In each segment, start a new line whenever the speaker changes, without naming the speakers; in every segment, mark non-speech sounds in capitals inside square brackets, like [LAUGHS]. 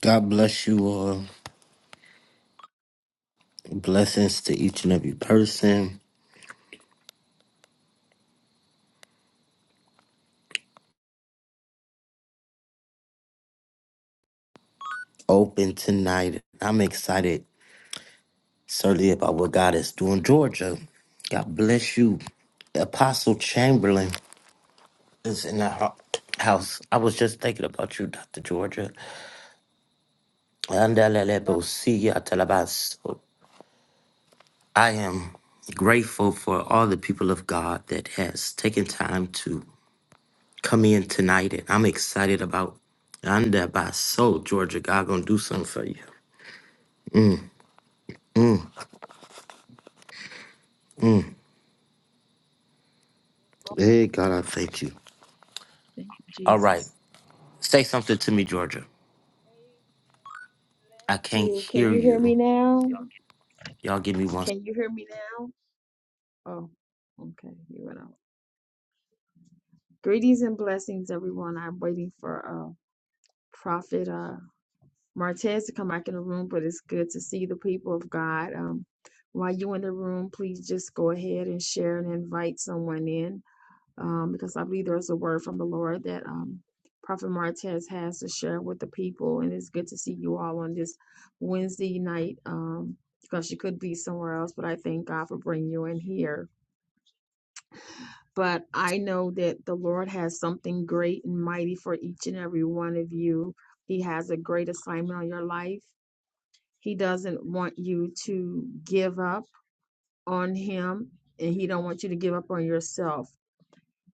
God bless you all. Blessings to each and every person. Open tonight. I'm excited, certainly, about what God is doing. Georgia, God bless you. Apostle Chamberlain is in the hou- house. I was just thinking about you, Dr. Georgia.
back, to
Andalelebosiyatalabaso. I am grateful for all the people of God that has taken time to come in tonight, and I'm excited about Andaleleboso, Georgia. God gonna do something for you. Hey, God, I thank you. All right.
Jesus.
Say something to me, Georgia. I
Amen.
can't
You can
hear
you hear
you.
me now?
Y'all give me one. s-
Can you hear me now? Oh, okay, you went out. Greetings and blessings, everyone. I'm waiting for uh Prophet uh Martez to come back in the room, but it's good to see the people of God. Um, while you in the room, please just go ahead and share and invite someone in. um, because I believe there's a word from the Lord that um, Prophet Martez has to share with the people. And it's good to see you all on this Wednesday night um, because you could be somewhere else, but I thank God for bringing you in here. But I know that the Lord has something great and mighty for each and every one of you. He has a great assignment on your life. He doesn't want you to give up on Him, and He don't want you to give up on yourself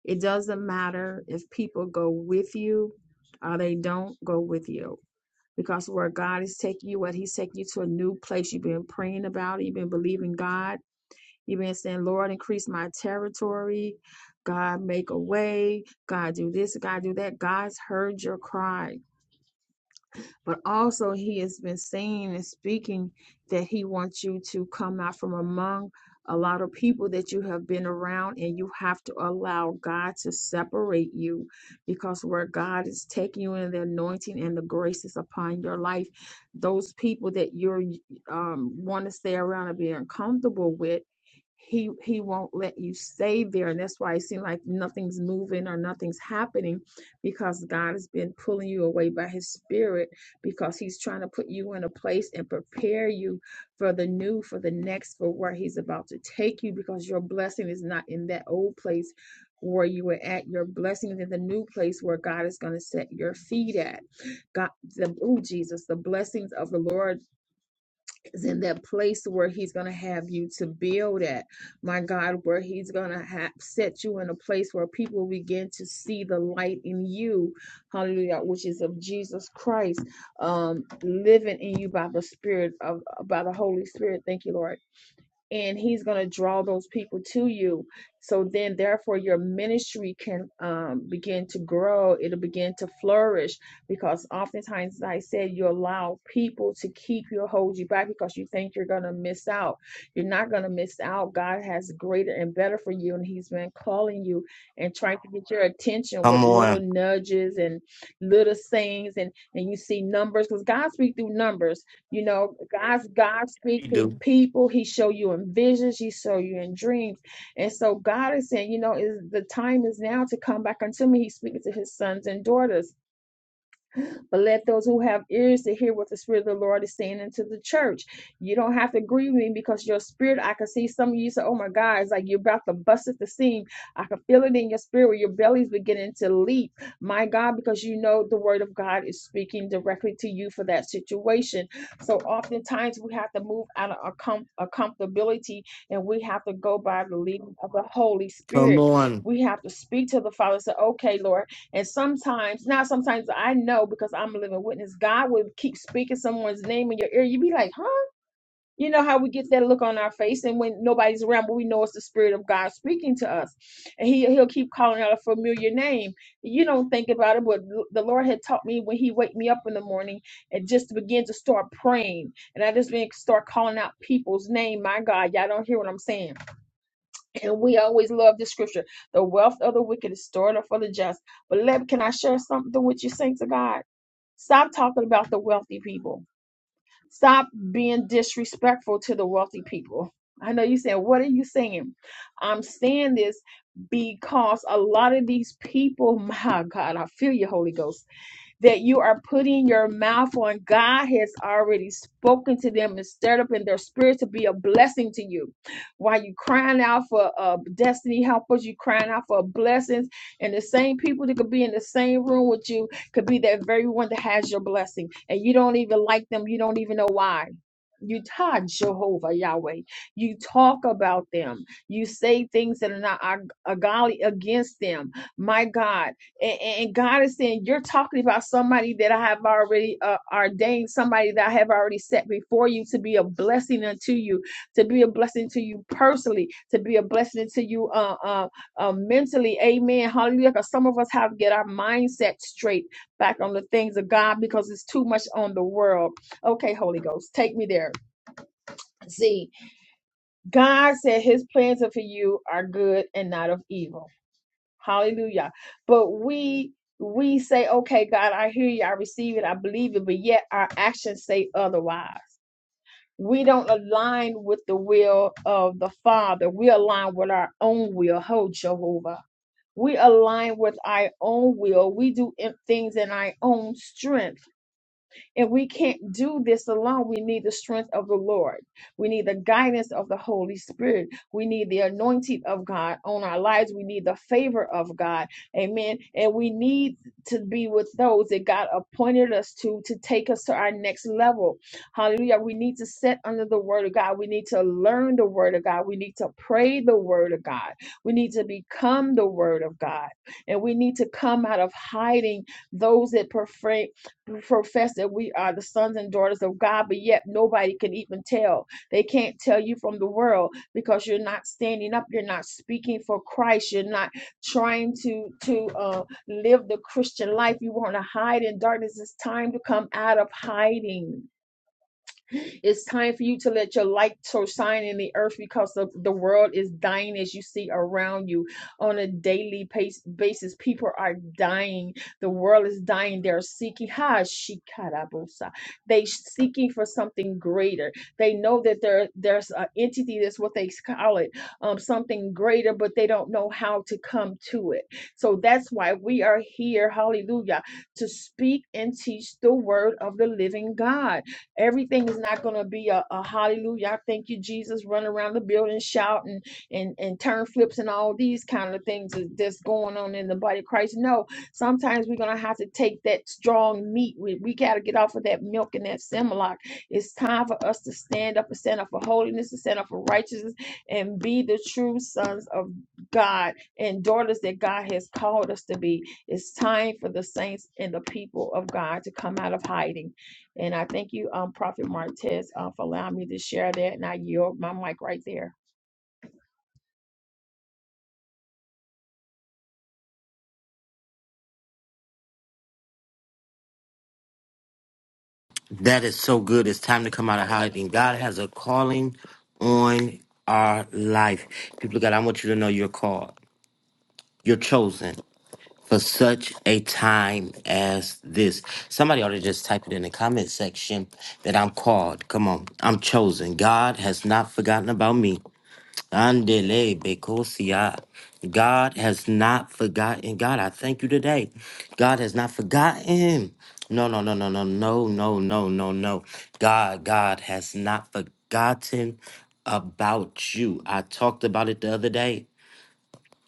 It doesn't matter if people go with you or they don't go with you. Because where God is taking you, what He's taking you to a new place. You've been praying about it, you've been believing God, you've been saying, Lord, increase my territory. God, make a way. God, do this. God, do that. God's heard your cry but also he has been saying and speaking that he wants you to come out from among a lot of people that you have been around and you have to allow God to separate you because where God is taking you in the anointing and the grace is upon your life those people that you're um, want to stay around and be uncomfortable with he he won't let you stay there and that's why it seems like nothing's moving or nothing's happening because god has been pulling you away by his spirit because he's trying to put you in a place and prepare you for the new, for the next, for where he's about to take you because your blessing is not in that old place where you were at. Your blessing is in the new place where God is going to set your feet at. God, the, oh, Jesus, the blessings of the Lord is in that place where he's going to have you to build at. My God, where he's going to ha- set you in a place where people begin to see the light in you. Hallelujah, which is of Jesus Christ um living in you by the spirit of by the Holy Spirit. Thank you, Lord and he's going to draw those people to you so then therefore your ministry can um, begin to grow it'll begin to flourish because oftentimes as i said you allow people to keep you hold you back because you think you're going to miss out you're not going to miss out god has greater and better for you and he's been calling you and trying to get your attention with
Come
little
on.
nudges and little sayings and and you see numbers because god speaks through numbers you know, God's God speak
You
through
do.
people. He show you in visions. He show you in dreams. And so God is saying, you know, is the time is now to come back unto me. He's speaking to his sons and daughters but let those who have ears to hear what the Spirit of the Lord is saying into the church. You don't have to agree with me because your spirit, I can see some of you say, Oh my God, it's like you're about to bust at the seam. I can feel it in your spirit where your belly's beginning to leap. My God, because you know the word of God is speaking directly to you for that situation. So oftentimes we have to move out of our, com- our comfortability and we have to go by the leading of the Holy
Come
Spirit.
on.
We have to speak to the Father, and say, Okay, Lord. And sometimes, now sometimes I know because I'm a living witness, God will keep speaking someone's name in your ear. you be like, huh? You know how we get that look on our face, and when nobody's around, but we know it's the spirit of God speaking to us, and He He'll keep calling out a familiar name. You don't think about it, but the Lord had taught me when He wake me up in the morning, and just to begin to start praying, and I just been start calling out people's name. My God, y'all don't hear what I'm saying and we always love this scripture. The wealth of the wicked is stored up for the just. But let can I share something with you, saints of God? Stop talking about the wealthy people. Stop being disrespectful to the wealthy people. I know you are saying, what are you saying? I'm saying this because a lot of these people, [LAUGHS] my God, I feel you, Holy Ghost that you are putting your mouth on. God has already spoken to them and stirred up in their spirit to be a blessing to you. While you crying out for uh, destiny helpers, you crying out for blessings, and the same people that could be in the same room with you could be that very one that has your blessing, and you don't even like them. You don't even know why. You talk Jehovah Yahweh. You talk about them. You say things that are not ag- godly against them. My God, and, and God is saying, You're talking about somebody that I have already uh, ordained, somebody that I have already set before you to be a blessing unto you, to be a blessing to you personally, to be a blessing to you uh, uh, uh, mentally. Amen. Hallelujah. Because some of us have to get our mindset straight back on the things of God because it's too much on the world. Okay, Holy Ghost, take me there. See, God said his plans are for you are good and not of evil. Hallelujah. But we we say, okay, God, I hear you, I receive it, I believe it, but yet our actions say otherwise. We don't align with the will of the Father. We align with our own will. Ho, Jehovah. We align with our own will. We do in- things in our own strength. And we can't do this alone. We need the strength of the Lord. We need the guidance of the Holy Spirit. We need the anointing of God on our lives. We need the favor of God. Amen. And we need to be with those that God appointed us to to take us to our next level. Hallelujah. We need to sit under the word of God. We need to learn the word of God. We need to pray the word of God. We need to become the word of God. And we need to come out of hiding those that prefer profess that we are the sons and daughters of God, but yet nobody can even tell. They can't tell you from the world because you're not standing up, you're not speaking for Christ, you're not trying to to uh, live the Christian life. You want to hide in darkness. It's time to come out of hiding. It's time for you to let your light so shine in the earth because the the world is dying as you see around you on a daily pace, basis. People are dying. The world is dying. They're seeking. Ha shikarabosa. They seeking for something greater. They know that there there's an entity. That's what they call it. Um, something greater, but they don't know how to come to it. So that's why we are here. Hallelujah! To speak and teach the word of the living God Everything is not going to be a, a hallelujah. I thank you, Jesus. Run around the building shouting and, and turn flips and all these kind of things that- that's going on in the body of Christ. No, sometimes we're going to have to take that strong meat. We, we got to get off of that milk and that Similac. It's time for us to stand up and stand up for holiness to stand up for righteousness and be the true sons of God and daughters that God has called us to be. It's time for the saints and the people of God to come out of hiding and I thank you, um, Prophet Martez, uh, for allowing me to share that. And I yield my mic right there.
That is so good. It's time to come out of hiding. God has a calling on our life. People, of God, I want you to know you're called. You're chosen for such a time as this. Somebody ought to just type it in the comment section that I'm called. Come on. I'm chosen. God has not forgotten about me. Andele Bekosia. God has not forgotten. God, I thank you today. God has not forgotten. No, no, no, no, no, no, no, no, no, no. God, God has not forgotten about you. I talked about it the other day.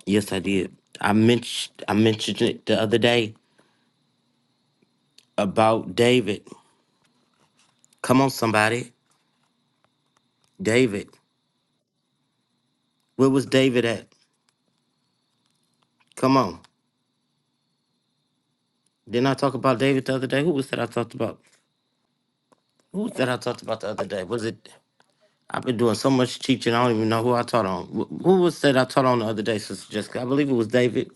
Yes, I did. I mentioned I mentioned it the other day about David. Come on, somebody. David. Where was David at? Come on. Didn't I talk about David the other day? Who was that I talked about? Who was that I talked about the other day? Was it? I've been doing so much teaching, I don't even know who I taught on. Wh- Who was that I taught on the other day, Sister Jessica? I believe it was David.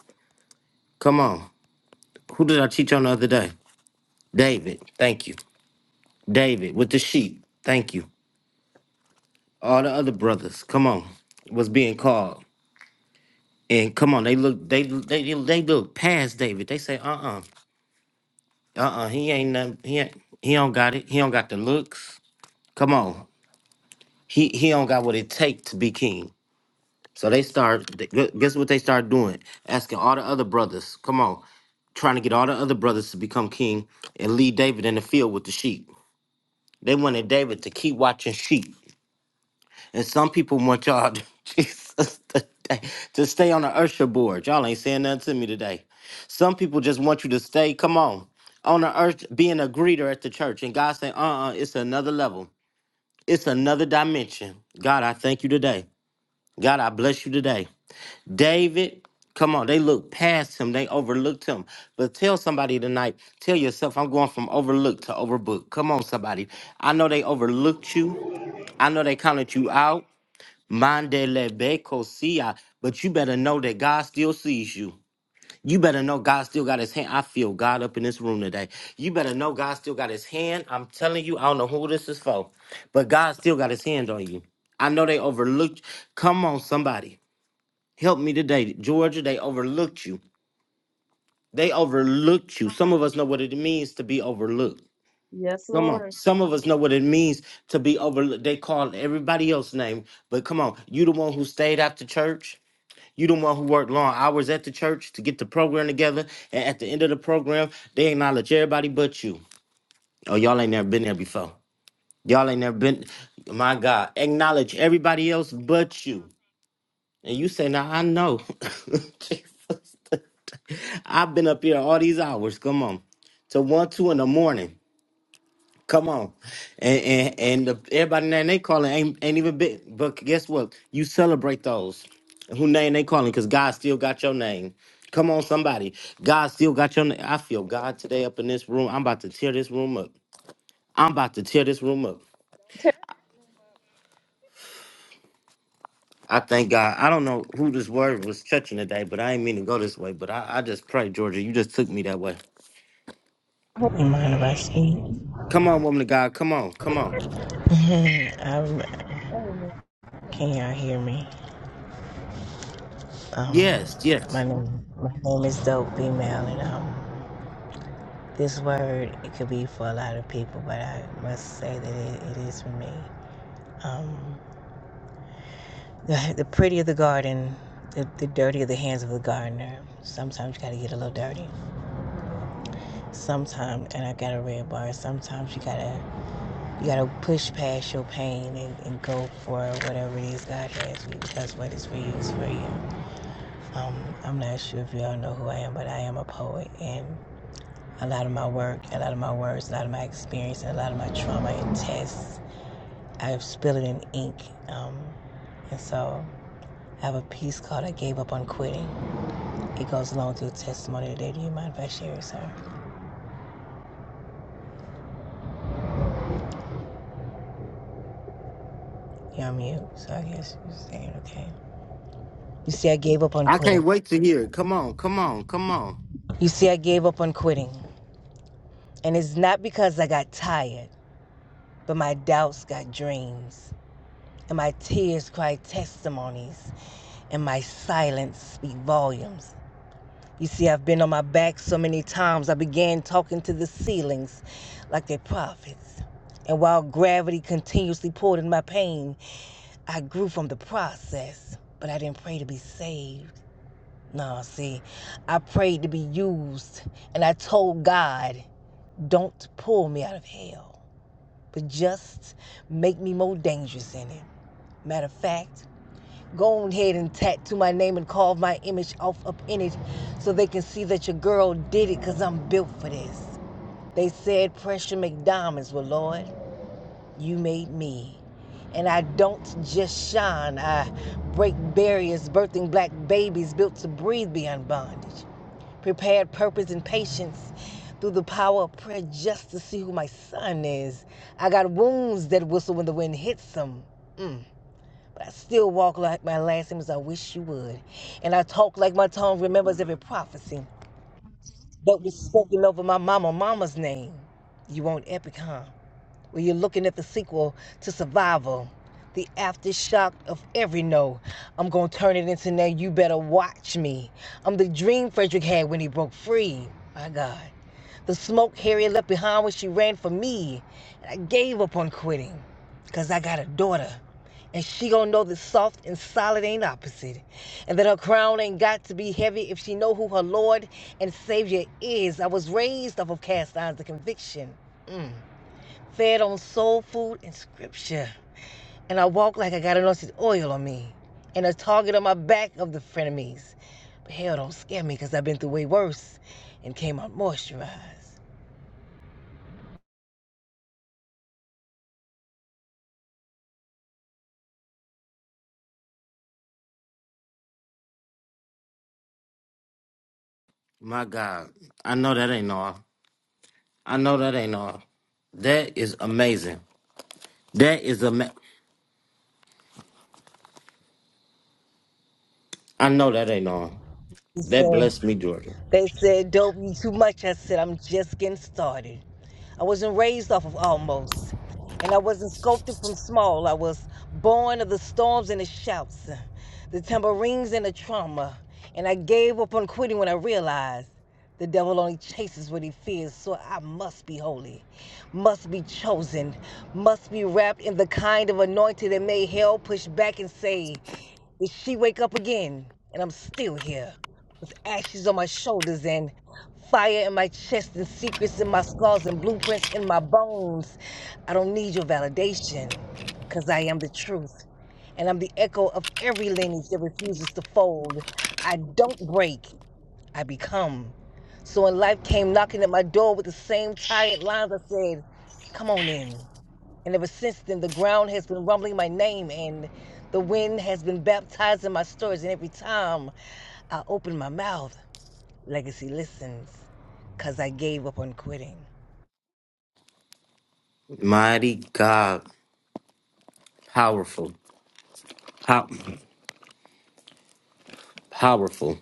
Come on. Who did I teach on the other day? David. Thank you. David with the sheep. Thank you. All the other brothers. Come on. Was being called. And come on, they look, they they they look past David. They say, uh-uh, uh-uh, uh, he ain't nothing, he ain't, he don't got it. He don't got the looks. Come on. He he don't got what it take to be king. So they start. they- gu- Guess what they start doing? Asking all the other brothers. Come on, trying to get all the other brothers to become king and lead David in the field with the sheep. They wanted David to keep watching sheep. And some people want y'all to, [LAUGHS] Jesus, to to stay on the Ursha board. Y'all ain't saying nothing to me today. Some people just want you to stay. Come on, on the earth, being a greeter at the church. And God saying, uh-uh, it's another level. It's another dimension. God, I thank you today. God, I bless you today. David, come on, they look past him, they overlooked him. But tell somebody tonight, tell yourself, I'm going from overlooked to overbooked. Come on, somebody. I know they overlooked you, I know they counted you out. Mandele beko sia, but you better know that God still sees you. You better know God still got his hand. I feel God up in this room today. You better know God still got his hand. I'm telling you, I don't know who this is for, but God still got his hand on you. I know they overlooked. Come on, somebody. Help me today, Georgia. They overlooked you. They overlooked you. Some of us know what it means to be overlooked.
Yes,
Come on.
Lord.
Some of us know what it means to be overlooked. They call everybody else's name, but come on. You the one who stayed after church. You the one who worked long hours at the church to get the program together. And at the end of the program, they acknowledge everybody but you. Oh, y'all ain't never been there before. Y'all ain't never been. My God, acknowledge everybody else but you. And you say, "Now I know." [LAUGHS] I've been up here all these hours. Come on, to one, two in the morning. Come on, and and and the, everybody name they calling ain't ain't even big. But guess what? You celebrate those who name they calling because God still got your name. Come on, somebody. God still got your name. I feel God today up in this room. I'm about to tear this room up. I'm about to tear this room up.
Tear this room up,
I thank God. I don't know who this word was touching today, but I ain't mean to go this way. But I, I just pray, Georgia, you just took me that way.
Holy
You mind if I
Spirit. You
speak?
Come on, woman of God. Come on. Come on.
[LAUGHS] I'm,
always blame me. Amen.
can y'all hear me? Um,
Yes, yes.
my name, my name is Dope B. Mel, and um, this word it could be for a lot of people, but I must say that it, it is for me. Um, [LAUGHS] the, the prettier the garden, the, the dirtier the hands of the gardener. Sometimes you gotta get a little dirty. Sometimes, and I got a red bar. Sometimes you gotta you gotta push past your pain and, and go for whatever it is God has for you. Because what is for you is for you. Um, I'm not sure if y'all know who I am, but I am a poet, and a lot of my work, a lot of my words, a lot of my experience, and a lot of my trauma and tests, I spill it in ink. Um, and so I have a piece called I Gave Up on Quitting. It goes along through your testimony today. Do you mind if I share it, sir? Yeah, I'm you. so I guess you're saying, okay. You see, I gave up on
I can't
quitting.
wait to hear it. Come on, come on, come on.
You see, I gave up on quitting. And it's not because I got tired, but my doubts got dreams, and my tears cried testimonies. and my silence speak volumes. You see, I've been on my back so many times, I began talking to the ceilings like they prophets. And while gravity continuously pulled in my pain, I grew from the process. But I didn't pray to be saved. No, see, I prayed to be used, and I told God, don't pull me out of hell, but just make me more dangerous in it. Matter of fact, Go ahead and tattoo my name and carve my image off up in it so they can see that your girl did it because I'm built for this. They said pressure make diamonds. Well, Lord, you made me. And I don't just shine, I break barriers, birthing black babies built to breathe beyond bondage. Prepared purpose and patience through the power of prayer just to see who my son is. I got wounds that whistle when the wind hits them Mm. But I still walk like my last name is I wish you would. And I talk like my tongue remembers every prophecy that was spoken over my mama mama's name. You want epic, huh? Well, you're looking at the sequel to Survival, the aftershock of every no. I'm going to turn it into now you better watch me. I'm the dream Frederick had when he broke free. My God. The smoke Harriet left behind when she ran for me. And I gave up on quitting because I got a daughter. And she gonna know that soft and solid ain't opposite. And that her crown ain't got to be heavy if she know who her Lord and Savior is. I was raised off of cast irons of conviction. Mm. Fed on soul food and scripture. And I walk like I got anointed oil on me. And a target on my back of the frenemies. But hell don't scare me because I've been through way worse and came out moisturized.
My God. I know that ain't all. I know that ain't all. That is amazing. That is ama- I know that ain't all.
You
That
say.
blessed me, Georgia.
They said, Don't be too much. I said, I'm just getting started. I wasn't raised off of almost. And I wasn't sculpted from small. I was born of the storms and the shouts, the tambourines and the trauma. And I gave up on quitting when I realized the devil only chases what he fears. So I must be holy, must be chosen, must be wrapped in the kind of anointing that made hell push back and say, Did she wake up again? And I'm still here with ashes on my shoulders and fire in my chest and secrets in my scars and blueprints in my bones. I don't need your validation because I am the truth and I'm the echo of every lineage that refuses to fold. I don't break, I become. So when life came knocking at my door with the same tired lines, I said, Come on in. And ever since then, the ground has been rumbling my name and the wind has been baptizing my stories. And every time I open my mouth, Legacy listens because I gave up on quitting.
Mighty God. Powerful. Pow- powerful.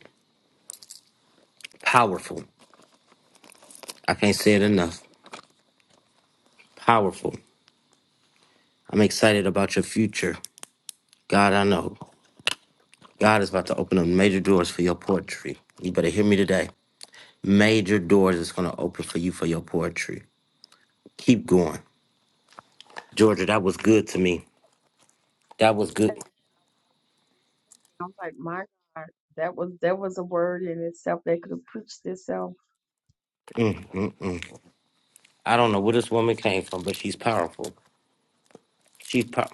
Powerful. I can't say it enough. Powerful. I'm excited about your future. God, I know. God is about to open up major doors for your poetry. You better hear me today. Major doors is going to open for you for your poetry. Keep going. Georgia, that was good to me. That was good.
I'm like, my God, that was that was a word in itself that could have preached itself.
I don't know where this woman came from, but she's powerful. She's pow-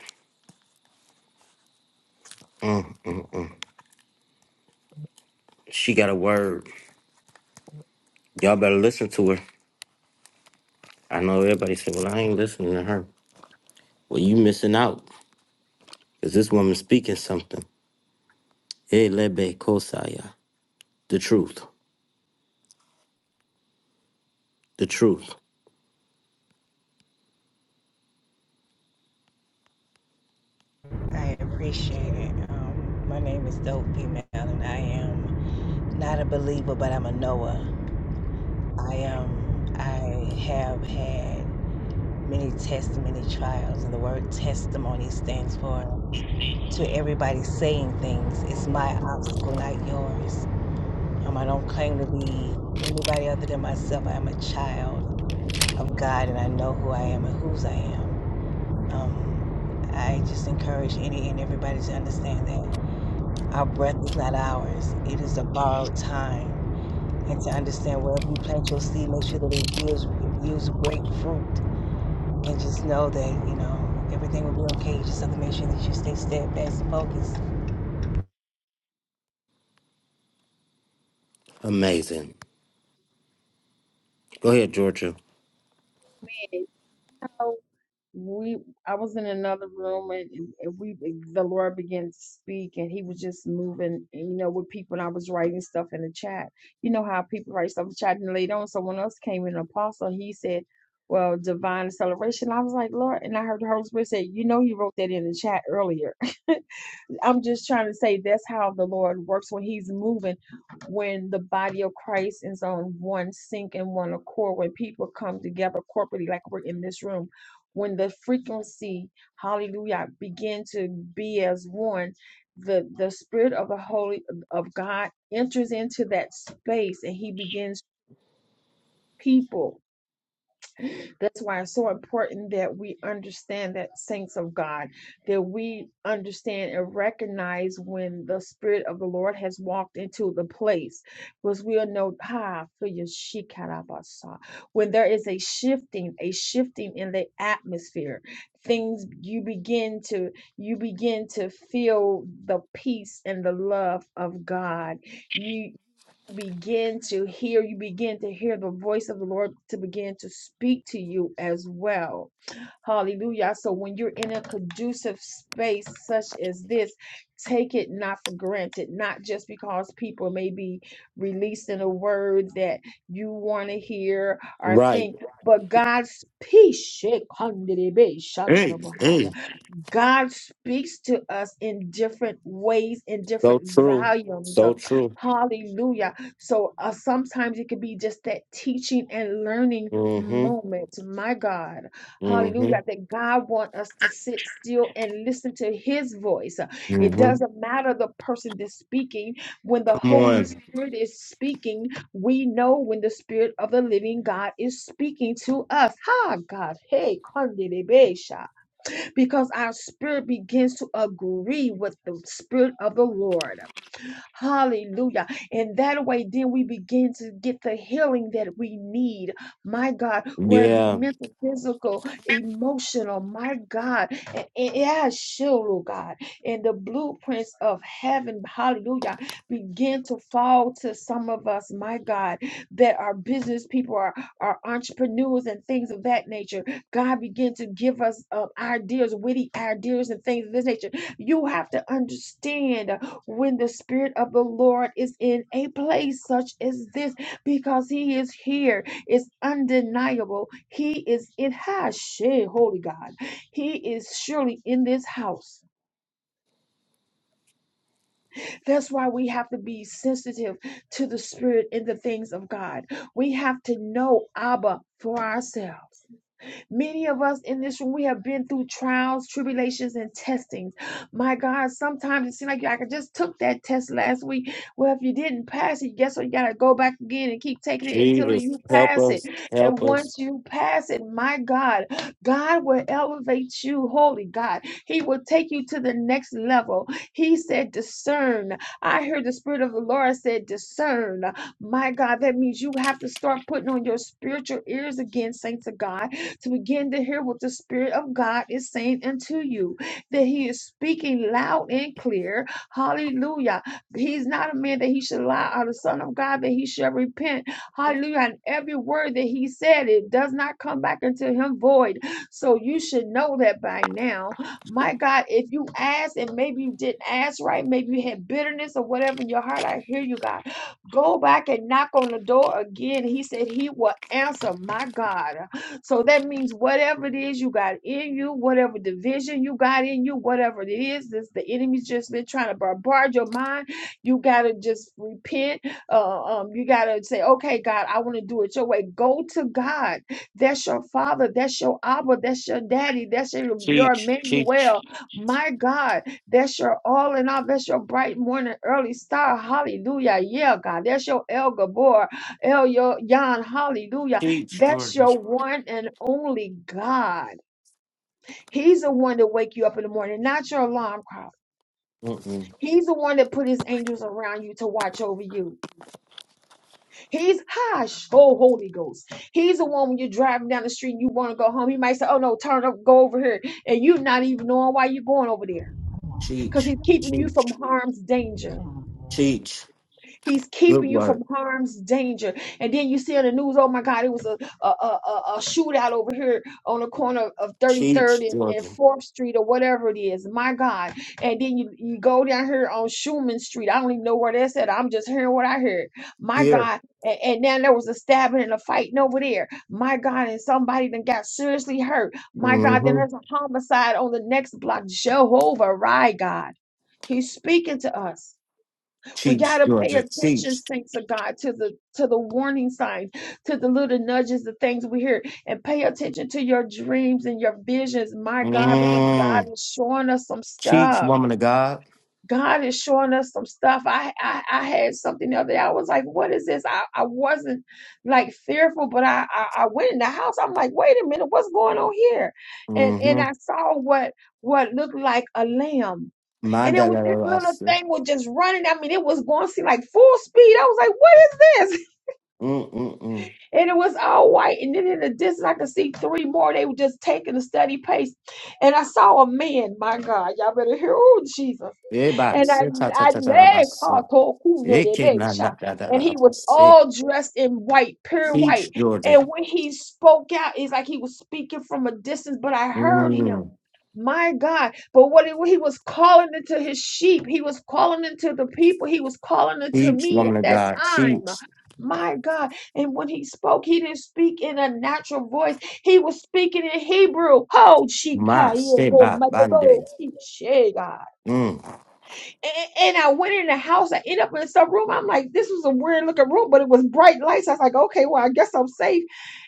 she got a word. Y'all better listen to her. I know everybody said, Well, I ain't listening to her. Well, you missing out. Because this woman's speaking something. Elebe Kosaya. The truth. The truth.
I appreciate it. Um, my name is Dope Female, and I am not a believer, but I'm a knower. I am. I have had many tests, many trials, and the word testimony stands for to everybody saying things. It's my obstacle, not yours. Um, I don't claim to be anybody other than myself. I am a child of God, and I know who I am and whose I am. Um, I just encourage any and everybody to understand that our breath is not ours, it is a borrowed time. And to understand wherever you plant your seed, make sure that it yields, it yields great fruit. And just know that, you know, everything will be okay. You just have to make sure that you stay steadfast and focused.
Amazing. Go ahead, Georgia.
And, you know, we I was in another room and, and we the Lord began to speak and he was just moving and, you know with people and I was writing stuff in the chat. You know how people write stuff in the chat and later on someone else came in an apostle he said, Well, divine acceleration. I was like, Lord and I heard the Holy Spirit say, You know you wrote that in the chat earlier. [LAUGHS] I'm just trying to say that's how the Lord works when He's moving, when the body of Christ is on one sync and one accord, when people come together corporately, like we're in this room, when the frequency, hallelujah, begin to be as one, the the spirit of the Holy of God enters into that space and He begins people. That's why it's so important that we understand that saints of God, that we understand and recognize when the Spirit of the Lord has walked into the place, because we'll know "Ah, for your shikarabasa." when there is a shifting, a shifting in the atmosphere. Things you begin to you begin to feel the peace and the love of God. You begin to hear, you begin to hear the voice of the Lord to begin to speak to you as well. Hallelujah. So when you're in a conducive space such as this, take it not for granted, not just because people may be releasing a word that you want to hear or
Right.
think, but God's peace.
Hey, hey.
God speaks to us in different ways, in
So
different
true.
volumes. Uh,
So true.
Hallelujah. So uh, sometimes it could be just that teaching and learning
Mm-hmm.
moment. My God. Hallelujah.
Mm-hmm.
That God wants us to sit still and listen to his voice. Uh, It
Mm-hmm.
doesn't matter the person that's speaking. When the
Come
Holy
on.
Spirit is speaking, we know when the Spirit of the living God is speaking to us. Ha, God. Hey, Kandidebesha because our spirit begins to agree with the spirit of the Lord. Hallelujah. And that way, then we begin to get the healing that we need. My God, where it be
Yeah.
mental, physical, emotional. My God. And, and yeah, sure, oh God. And the blueprints of heaven, hallelujah, begin to fall to some of us, my God, that are business people, are, are entrepreneurs, and things of that nature. God begin to give us uh, ideas, witty ideas, and things of this nature. You have to understand when the Spirit of the Lord is in a place such as this, because He is here. It's undeniable. He is in Hashem, Holy God. He is surely in this house. That's why we have to be sensitive to the Spirit and the things of God. We have to know Abba for ourselves. Many of us in this room, we have been through trials, tribulations, and testings. My God, sometimes it seems like I just took that test last week. Well, if you didn't pass it, guess what? You got to go back again and keep taking it until
Jesus,
you
help
pass it.
us,
And
help us.
once you pass it, my God, God will elevate you. Holy God, He will take you to the next level. He said, discern. I heard the Spirit of the Lord said, discern. My God, that means you have to start putting on your spiritual ears again, saints of God to begin to hear what the Spirit of God is saying unto you, that He is speaking loud and clear. Hallelujah. He's not a man that he should lie, or the Son of God that he should repent. Hallelujah. And every word that He said, it does not come back into Him void. So you should know that by now. My God, if you ask, and maybe you didn't ask right, maybe you had bitterness or whatever in your heart, I hear you, God. Go back and knock on the door again. He said He will answer, my God. So that means whatever it is you got in you, whatever division you got in you, whatever it is, this the enemy's just been trying to bombard your mind. You gotta just repent. Uh, um, you gotta say, okay, God, I want to do it your way. Go to God. That's your father. That's your Abba. That's your daddy. That's your, your
Cheech, cheech,
Emmanuel. My God, that's your all in all. That's your bright morning, early star. Hallelujah. Yeah, God, that's your El Gabor, El Yo- Yon. Hallelujah.
cheech,
That's
Jordan.
your one and only God. He's the one to wake you up in the morning, not your alarm clock.
Mm-mm.
He's the one that put his angels around you to watch over you. He's hush, oh Holy Ghost. He's the one when you're driving down the street and you want to go home. He might say, "Oh no, turn up, go over here," and you're not even knowing why you're going over there because
Cheech,
he's keeping you from
cheech,
harm's danger.
Come on, girl.
cheech.
He's
Good
keeping you
work.
from harm's danger. And then you see on the news, oh my God, it was a a, a, a a shootout over here on the corner of
Cheech,
33rd and, and
Jordan.
4th Street or whatever it is. My God. And then you, you go down here on Schumann Street. I don't even know where that's at. I'm just hearing what I heard. My
Here.
God. And, and then there was a stabbing and a fighting over there. My God. And somebody then got seriously hurt. My God. Then
Mm-hmm.
there's a homicide on the next block. Jehovah, right, God. He's speaking to us. We got
Cheech,
to pay
Jordan.
attention,
Cheech.
saints of God, to the to the warning signs, to the little nudges, the things we hear, and pay attention to your dreams and your visions, my God, because God
Mm.
is showing us some
Cheech,
stuff.
woman of God.
God is showing us some stuff. I I, I had something the other day. I was like, what is this? I, I wasn't like fearful, but I, I I went in the house. I'm like, wait a minute, what's going on here? And and
Mm-hmm.
I saw what what looked like a lamb and it was this
Mandala
little thing was just running. I mean, it was going to seem like full speed. I was like, what is this? [LAUGHS]
Mm-mm-mm.
And it was all white. And then in the distance, I could see three more. They were just taking a steady pace. And I saw a man, my God, y'all better hear, oh, Jesus
Everybody.
and I,
Say, ta ta
I
ta ta ta ba,
ne- ka
so.
to ku ne
It
de
came not not that
and he was
that
all dressed in white, pure
Cheech,
white.
Jordan.
And when he spoke out, it's like he was speaking from a distance, but I heard
Mm.
him. My God. But what he, what he was calling into his sheep, he was calling into the people, he was calling into
Cheech,
me at
woman of
that
God.
time.
Cheech.
My God. And when he spoke, he didn't speak in a natural voice. He was speaking in Hebrew. Ho,
My stay
shikaya, go,
by Bande.
madego,
Mm.
and, and I went in the house. I ended up in some room. I'm like, this was a weird looking room, but it was bright lights. I was like, okay, well, I guess I'm safe.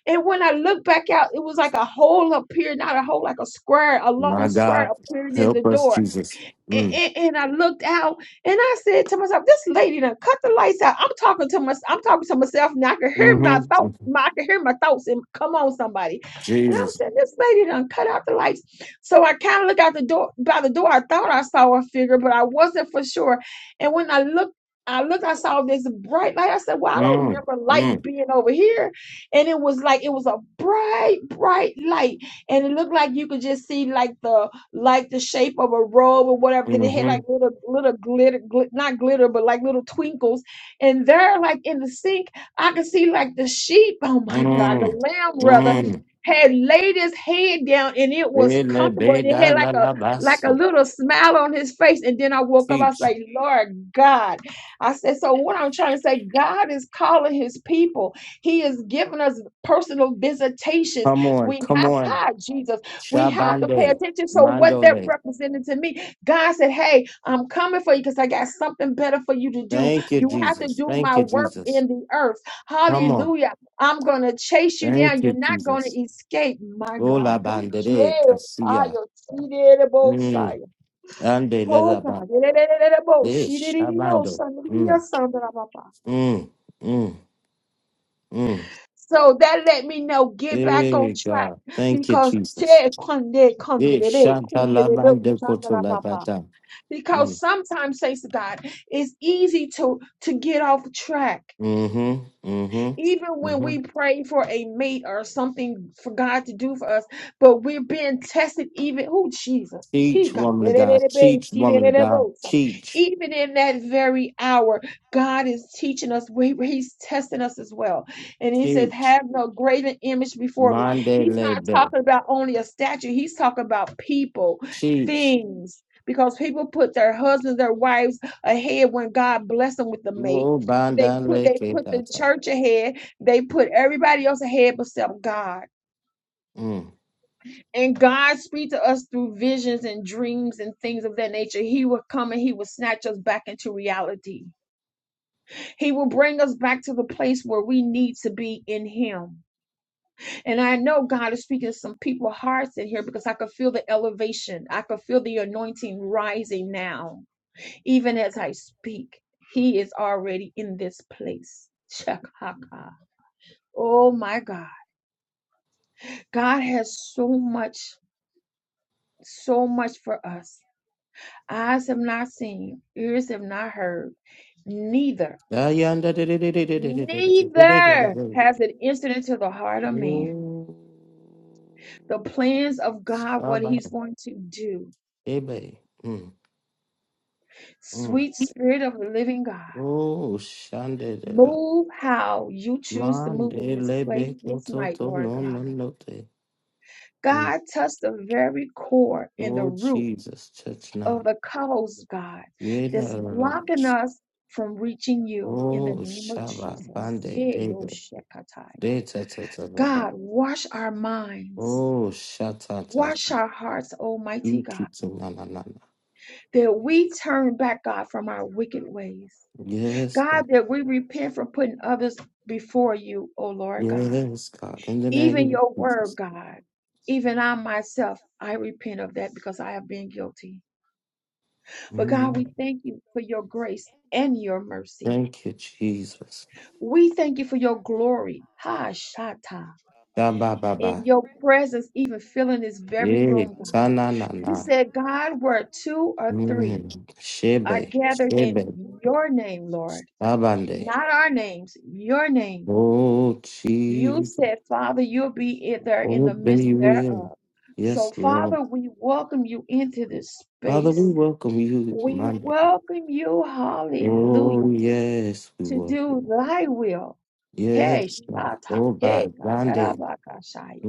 And when I looked back out, it was like a hole appeared, not a hole, like a square, a
My
long square
God,
appeared in the
help us,
door
Jesus.
and,
Mm.
and, and I looked out and I said to myself, this lady done cut the lights out. I'm talking to my, I'm talking to myself now. I can hear my
Mm-hmm.
thought,
Mhm.
my, I can hear my thoughts and come on somebody. And I'm
Jesus.
saying, this lady done cut out the lights. So I kind of look out the door by the door. I thought I saw a figure, but I wasn't for sure. And when I looked, I looked, I saw this bright light. I said, Well, I don't
Mm.
remember light
Mm.
being over here. And it was like, it was a bright, bright light. And it looked like you could just see like the like the shape of a robe or whatever. Then it had
Mm-hmm.
like little little glitter, glit, not glitter, but like little twinkles. And there, like in the sink, I could see like the sheep. Oh my God, the
Mm.
lamb rather
Mm.
had laid his head down and it was
Ele
comfortable and it
beda
had
la
like a
la
like a
baso.
little smile on his face. And then I woke up, I was
Teach.
like, Lord God. I said, so what I'm trying to say, God is calling his people. He is giving us personal visitations.
Come on,
We
come
have
on.
God, Jesus. We have to pay
Shabande.
attention. So what that
Mandole.
represented to me? God said, "Hey, I'm coming for you because I got something better for you to do.
Thank you,
You have to
Jesus.
do
Thank
my
you,
work
Jesus.
in the earth.
Come on.
Hallelujah! I'm gonna chase you down.
Thank
You're
you,
not gonna
Jesus.
escape, my
Ola
God." Oh,
bandere.
yeah. Ah,
Kasia.
yo, see there, the both
Mm.
side. Oh,
Ande
God. Yeah, yeah, yeah, yeah, yeah, both.
Eh,
She did it, you know,
Shabando.
son. Yeah,
Mm,
son, blah, blah, blah.
mm, mm, mm.
So that let me know, get back on
Hey,
track
God. Thank you,
because.
Jesus.
Che, kunde, kunde,
Eh,
de, be, kunde, de, be,
Shatalabande
son, blah, blah, blah.
Kotolabata.
because
Mm,
sometimes, saints of God, it's easy to to get off track.
mm-hmm,
Even
mm-hmm,
when
mm-hmm.
we pray for a mate or something for God to do for us, but we're being tested even, oh, Jesus. He
Teach,
got
woman of
even
God.
in
Teach, woman of God. Teach,
that very hour, God is teaching us, we- He's testing us as well. And He says,
teach.
Have no graven image before me.
Mande
He's not
lebe.
talking about only a statue, He's talking about people,
Teach.
things, because people put their husbands, their wives ahead when God blessed them with the mate.
Wo
They
banda
put they
leke
put the
tata.
church ahead. They put everybody else ahead except God.
Mm.
And God speaks to us through visions and dreams and things of that nature. He will come and he will snatch us back into reality. He will bring us back to the place where we need to be in him. And I know God is speaking to some people's hearts in here because I could feel the elevation. I could feel the anointing rising now. Even as I speak, he is already in this place. Chakaka. Oh my God. God has so much, so much for us. Eyes have not seen, ears have not heard, neither,
Ayanda de- de- de- de- de- de- de- de- de- de- de- de- de-
neither
de-
has it entered into the heart of man. The plans of God,
de-
what
de-
He's
de-
going to do.
Ebe. Mm. Mm.
Sweet Spirit of the living God,
Oh, shandela.
move how you choose to move in this
Mandele
place
beko
this night,
toto
Lord
no
God.
no no te. Mm.
God, touch the very core and the
Oh,
root
Jesus, touch
of
now.
the coast, God,
Yeda
that's
la la.
blocking us from reaching you in the
Oh,
name of
shaba
Jesus.
bande
Hey, Lo
debe.
Shekataya.
De ta ta ta la ba.
God, wash our minds.
Oh, shata ta
Wash
ta.
our hearts, Almighty God,
Ikitu na na na na.
that we turn back, God, from our wicked ways.
Yes,
God,
God,
God.
for
that we
you, oh
repent from putting others before you, O Lord God.
Yes, God. In the name
Even
of
your word,
Jesus.
God. Even I myself, I repent of that because I have been guilty. But God,
Mm.
we thank you for your grace and your mercy.
Thank
Thank you,
you
Jesus.
We thank you for your glory, Ha Shata,
for
Shaba ba
and
ba.
your presence even filling this very
Yeah.
room, God.
Sana na
You
na.
said, God, where two or three
Mm.
said. I
are
Shebe,
gathered
your name,
in
Shebe,
your name, Lord,
Abande.
not our names, your name.
Oh,
Lord.
You
Jesus,
said, Father, you'll be in there in the
obey
midst
you will.
thereof.
Yes,
So,
Lord.
Father, we welcome you into this
Father, we
space.
welcome you
We
Monday.
welcome you, hallelujah.
Oh, yes, we
to
welcome.
do thy will.
you.
Hey,
Yes, God.
Shata,
Oh, by
hey, God,
Monday.
Arabakashaya.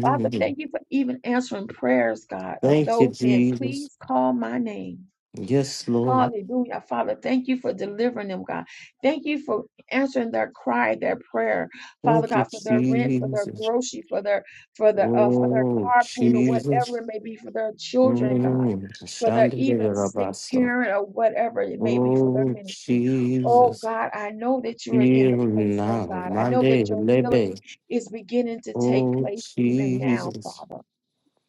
Father, thank you for even answering prayers, God, of
Thank you,
those saying,
Jesus.
please call my name.
Yes, Lord.
Hallelujah, Father. Thank you for delivering them, God. Thank you for answering their cry, their prayer, Father
Thank you,
God, for their rent, for their
Jesus.
grocery, for their for the uh, for their
Oh,
car payment, whatever
Jesus.
it may be, for their children, God,
Mm.
for their
Shandebe
even sick
Rabaso.
parent or whatever it may be for their
Oh,
ministry. Oh
Jesus.
God, I know that you're in
Heal
the place, oh
now,
God. I know
Monday,
that your healing
Lebe.
is beginning to take
Oh,
place even now,
Jesus.
Father.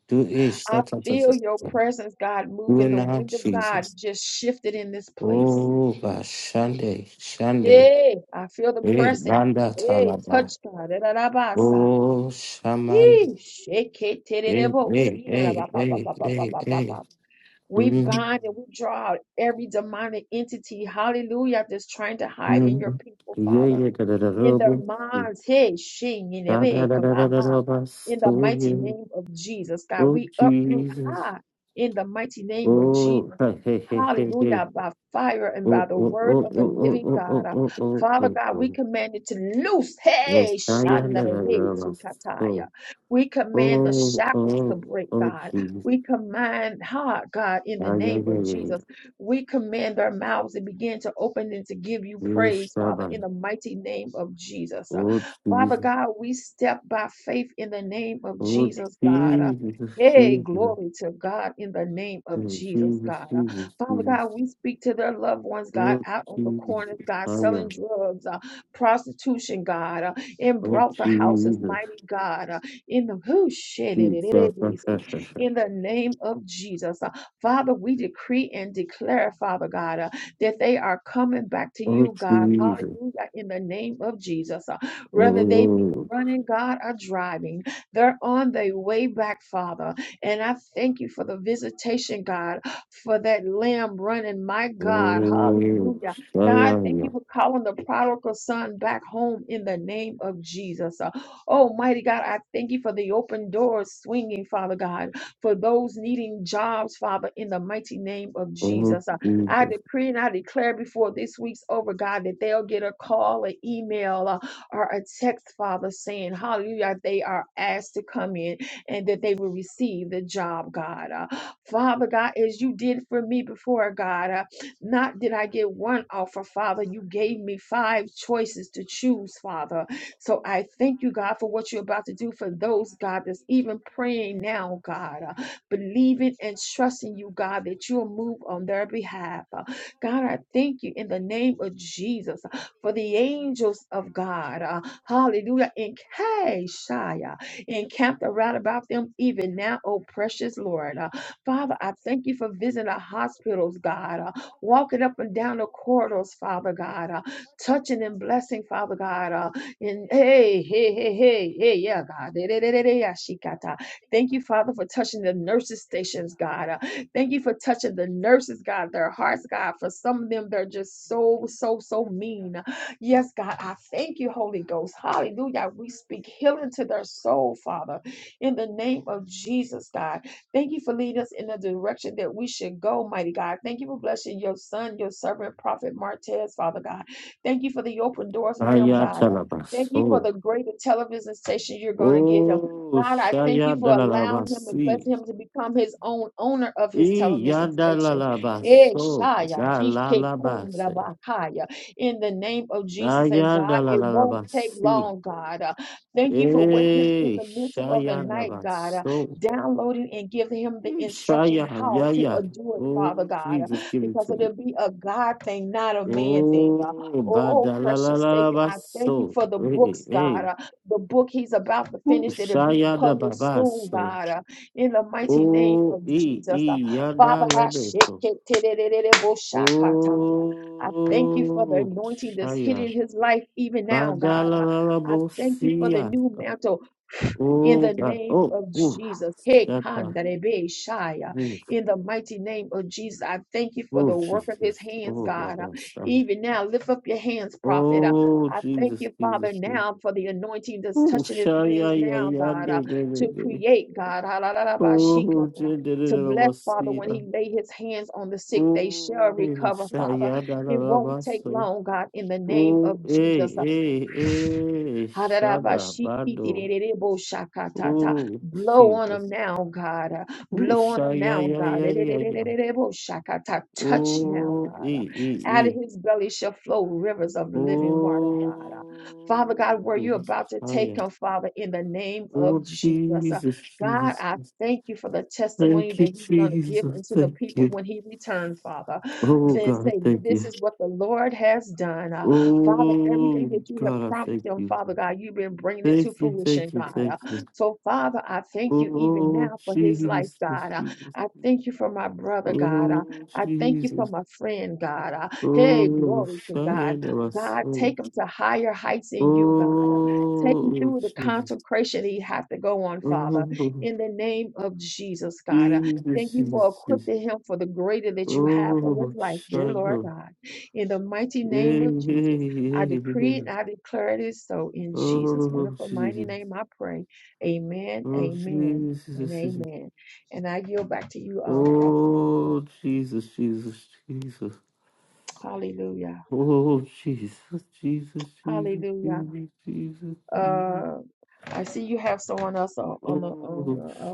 Do it, ta-
I
ta- ta- ta-
feel your
ta- ta.
presence, God,
Do it
moving. The
now,
wind of God
Jesus.
just shifted in this place.
Oh, bashande, Shande, Shande.
Hey, I feel the
Hey,
pressing.
Banda
Hey,
Talaba.
touch God. Da-da-da-ba-sa.
Oh, Shaman.
Ee, shake it, titty, de de
Hey,
bo
hey,
See,
hey, hey, hey, hey.
da-da-ba-ba-ba-ba-ba-ba-ba-ba. We
Mm,
bind and we draw out every demonic entity, hallelujah, that's trying to
mm.
hide in your
mm.
people,
Yeah,
Father.
yeah, da
in their minds. Hey, shing, in the
da da da da. Da da da da da da
aha.
da da.
In the
So,
mighty
yeah.
name of Jesus, God,
Oh,
we uproot
Jesus.
high in the mighty name of
Oh,
Jesus.
[LAUGHS] hey, hey, hey, hey.
Hallelujah, by fire and by
Oh
the
oh
word
oh
of
oh
the
oh
living
oh
God.
oh
Uh,
oh oh
Father
oh
God, we
oh.
command it to loose.
Oh,
Hey,
I am the
Shandarebe
dragon. Oh
Tikataya. We command the
oh
shackles to
oh
break,
oh
God.
Jesus.
We command, ha, God, in the
Yeah yeah
name
yeah
of
yeah
Jesus.
yeah.
We command our mouths and begin to open and to give you
Yes,
praise,
my
Father, in
baby.
the mighty name of Jesus. Uh,
Oh
Father
Jesus.
God, we step by faith in the name of
Oh
Jesus, God. Uh,
Jesus.
Hey,
Jesus.
glory to God in the name of
Jesus.
Jesus, God. Uh,
Jesus.
Father
Jesus.
God, we speak to their loved ones, God,
Oh
out on the corners,
Jesus.
God,
I am.
selling drugs, uh, prostitution, God, uh, in
Oh
brothel houses,
Jesus.
mighty God, uh, in the who shit it it
Shasha
it is
shasha shasha.
in the name of Jesus. Uh, Father, we decree and declare, Father God, uh, that they are coming back to
Oh
you, God.
Jesus.
Hallelujah. In the name of Jesus. Uh, whether they be
Oh
running, God, or driving, they're on their way back, Father. And I thank you for the visitation, God, for that lamb running. My
oh
God.
oh.
Hallelujah.
I
God, thank you
am.
for calling the prodigal son back home in the name of Jesus. Uh, Almighty God, I thank you for the open doors swinging, Father God for those needing jobs, Father, in the mighty name of
Oh
Jesus. Uh,
Jesus.
I decree and I declare before this week's over, God, that they'll get a call, an email, uh, or a text, Father, saying, Hallelujah, they are asked to come in and that they will receive the job, God. Uh, Father God, as you did for me before, God, uh, not did I
Not
get
did I
one
get one
offer,
off of
Father, you
Father, you
gave
gave
me
me five
five
choices to
choices to
choose,
choose,
Father.
Father.
So I
So I
thank you,
thank
God,
you,
for
God,
what
for
you're
what
about
you're
to
about
do
to
for
do for
those,
those,
God,
God,
that's
that's
even
even
praying
praying
now,
now,
God,
God, uh,
believing and
believing and
trusting,
trusting you,
God, that
God,
you
that
will
you'll
move on
move
their
on their
behalf.
behalf. Uh,
God, I
God, I
thank you
thank you
in
in
the
the
name of
name of
Jesus.
Jesus uh,
for the
for the
angels of
angels of
God, uh,
God. uh,
hallelujah,
hallelujah.
encamped,
In Shia, encamped
around
around
about them
about them
even
even
now,
now,
oh
oh
precious
precious
Lord.
Lord. Uh,
Uh, Father,
Father,
I
I
thank you
thank
for
you for
visiting our
visiting the
hospitals, God,
hospitals,
uh,
God, uh,
walking up
walking
and
up
down
and
the
down the
corridors,
corridors,
Father
Father
God,
God,
uh,
uh,
touching and
touching and
blessing,
blessing,
Father
Father
God.
God. uh,
Uh, and,
and
hey,
hey,
hey, hey,
hey,
hey,
hey, hey,
hey, yeah, yeah,
hey, yeah, God. Eh, eh,
yeah,
eh,
yeah,
eh, eh,
yeah,
yeah,
yeah, yeah.
shikata.
Thank you,
Thank you,
Father, for
Father, for
touching
touching
the
the
nurses'
nurses'
stations,
stations,
God.
God. Uh,
Uh, thank you
Thank
for
you for touching the
touching
nurses, God, their hearts, God. For some of them, they're just so,
the
so, so
nurses,
mean.
God
Yes, God, I thank you,
hard
Holy
God, but
Ghost.
some of them are just
Hallelujah.
so,
We
so,
speak
so
healing to
big.
their soul, Father, in the name of Jesus, God. Thank you for leading us in the direction that we should go, mighty God. Thank you for blessing your son, your servant, Prophet Martez, Father God. Thank you for the open doors for him, God. Thank you for
Ayatalabaso.
the greater television station you're going to give him.
Oh,
God, I thank you
Shaya
for allowing him and blessing
Dalalabasi.
him to become his own owner of his television station. Eh,
Iyadalalalabaso.
Shia, he can't come la
Jalalabase.
ba kaya. In the name of Jesus and God, it won't take
Ayadalalabasi.
long, God. Uh, Thank you for waking him in
Eh,
the middle of the
Shaya
night, God, uh,
Dabaso.
downloading and giving him the instruction
Shaya,
how to uh,
Yaya.
do it, Father
Oh,
God, uh,
Jesus, give it
because
to me.
it'll be a God thing, not a man thing. Uh,
Oh,
Oh, precious Savior, I thank you
Badalalabaso.
for the
Hey,
books, God.
hey.
Uh, the book he's about to
Ooh,
finish, it'll be
Shaya
published soon,
Dababaso.
God. Uh, in the mighty name
Oh,
of
E, E,
Jesus. Uh,
Yada
Father, I shake
Lebeko.
it, tededededebo-shakataya. I thank you
I
for the
thank you,
Oh,
Lord, that
anointing that's
Angie
Shaya.
hitting
just
his life
his
even
life
now,
even
God. Uh,
now.
I thank you for the
Badalalabosia.
new mantle in
Oh,
the
God.
name
Oh,
of
oh.
Jesus. Hey,
Shata.
Kandarebe Shaya.
Oh,
In the mighty name of Jesus, I thank you for
oh,
the work of his
Jesus.
hands,
Oh,
God. Uh,
Rabasa.
Even now, lift up your hands, prophet. Uh,
Oh,
I thank
Jesus,
you,
Jesus.
Father,
Jesus.
now for the anointing that's
Oh,
touching his hands
Shaya, ya,
now,
ya,
God,
de,
uh,
de,
to
de, de.
create, God. Halalabashika,
Oh,
uh, To bless, Father, when he
Jendelabosia.
lay his hands on the sick, they shall
Oh,
recover, Father.
Shaya,
It won't take
Dalabaso.
long, God, in the name
Oh,
of
eh,
Jesus.
eh, eh. Shada, Bado.
Ha-da-da-ba-shi-ki-di-di-di-di-bo-shaka-ta-ta.
Oh
Blow on them
Jesus.
now, God. Uh,
Oh
Blow on them
shaya,
now,
ya,
God.
ya, ya, ya.
Di-di-di-di-di-di-bo-shaka-ta. Touch now,
Ooh,
God. Uh,
e,
Out
e,
of
e.
his belly shall flow rivers of living water, God. Uh, Father God, where
Oh
you're about to
shaya.
take him, Father, in the name of
Oh,
Jesus.
Jesus,
God, I
Jesus.
thank you for the testimony
Thank
that
you,
He's going to give
Jesus.
unto the
Thank
people
you.
when He returns, Father.
Oh,
Then
God, I
say,
thank
This
you.
is what the Lord has done. Uh, Father, everything
Oh,
that you have
God, I
promised
thank
them,
you.
Father God, you've been bringing it to
Thank you,
fruition,
thank you,
God.
thank you.
Uh, so, Father, I thank you even
Oh,
now for his life,
Jesus,
God. Uh,
Jesus.
I thank you for my brother, God. Uh,
Oh,
I thank you for
Jesus.
my friend, God. Uh, hey,
Oh,
glory to
shaya,
God. God,
ya,
take him to higher heights in you, God. Uh, Take
Oh,
him through the
Jesus.
consecration he has to go on, Father
Oh,
in the name of Jesus, God. Uh, Thank
Jesus.
you for
Jesus.
equipping him for the greater that you have for
Oh,
his life, dear Lord
Shadow.
God. In the mighty
Yeah,
name of
yeah,
Jesus, I
yeah,
decree
yeah.
and I declare it is so. In Jesus'
Oh,
wonderful mighty
Jesus.
name, I pray. Amen,
Oh,
amen, and
Jesus.
amen. And I yield back to you, um, Prophet
Oh,
Martez.
Jesus, Jesus, Jesus.
Hallelujah.
Oh, Jesus, Jesus, Jesus,
Hallelujah.
Jesus, Jesus, Jesus.
Uh, I see you have someone else on, on the on.
Oh,
the, uh,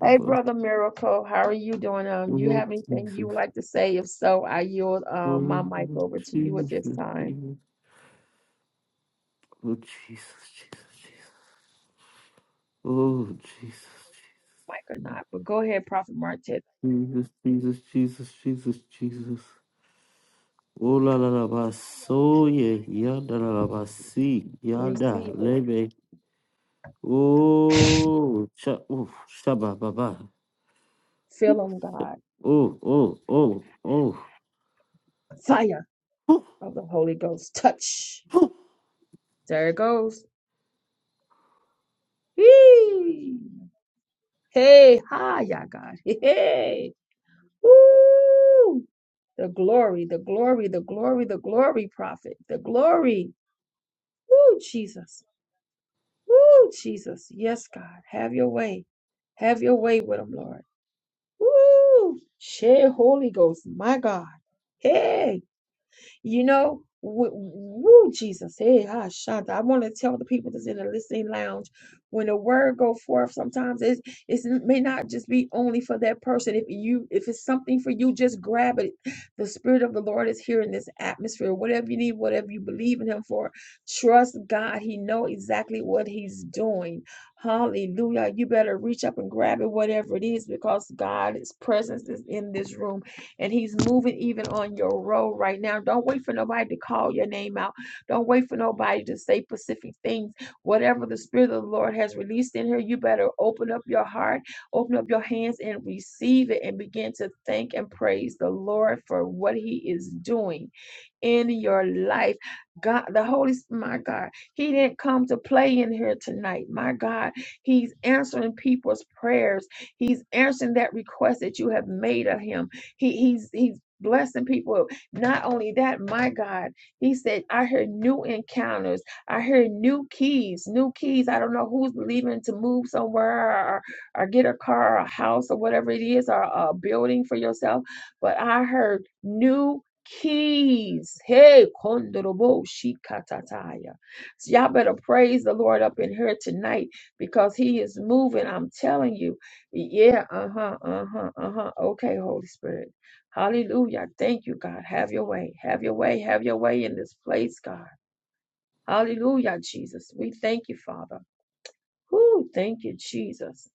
Hey, Brother Miracle, how are you doing? Um, you
Oh,
have anything you
Jesus.
would like to say? If so, I yield um my
Oh,
mic over to you at
Jesus.
this time,
Jesus. Oh, Jesus, Jesus, Jesus. Oh, Jesus,
mic or not. But go ahead, Prophet Martez.
Jesus, Jesus, Jesus, Jesus, Jesus. Oh, la, la, la, ba, so, ye, yada, la, la, ba, si, yada,
Receive it.
lebe. Oh, cha, oh, shaba, baba. Oh,
Fill on God.
oh, oh, oh.
Fire
Whew,
of the Holy Ghost. Touch.
whew.
There it goes. Hee. Hey, hi, y'all God. Hey. [LAUGHS] hey. Woo. The glory, the glory, the glory, the glory, prophet. The glory. Woo, Jesus. Woo, Jesus. Yes, God. Have your way. Have your way with them, Lord. Woo. Share Holy Ghost. My God. Hey. You know, wh- woo, Jesus, hey, ah, Shanta. I want to tell the people that's in the listening lounge when the word go forth. Sometimes it it's, it may not just be only for that person. If you if it's something for you, just grab it. The spirit of the Lord is here in this atmosphere. Whatever you need, whatever you believe in Him for, trust God. He know exactly what He's doing. Hallelujah! You better reach up and grab it, whatever it is, because God's presence is in this room and He's moving even on your road right now. Don't wait for nobody to call your name out. Don't wait for nobody to say specific things. Whatever the Spirit of the Lord has released in here, you better open up your heart, open up your hands, and receive it and begin to thank and praise the Lord for what He is doing in your life. God, the Holy, Spirit, my God, He didn't come to play in here tonight. My God, He's answering people's prayers. He's answering that request that you have made of Him. He, he's He's blessing people. Not only that, my God, He said, I hear new encounters. I hear new keys, new keys. I don't know who's believing to move somewhere or, or get a car or a house or whatever it is or a building for yourself, but I heard new keys. Hey, kondorobo shikatataya. So y'all better praise the Lord up in here tonight because He is moving. I'm telling you. Yeah, uh huh, uh huh, uh huh. Okay, Holy Spirit. Hallelujah. Thank you, God. Have your way. Have your way. Have your way in this place, God. Hallelujah, Jesus. We thank you, Father. Whoo, thank you, Jesus.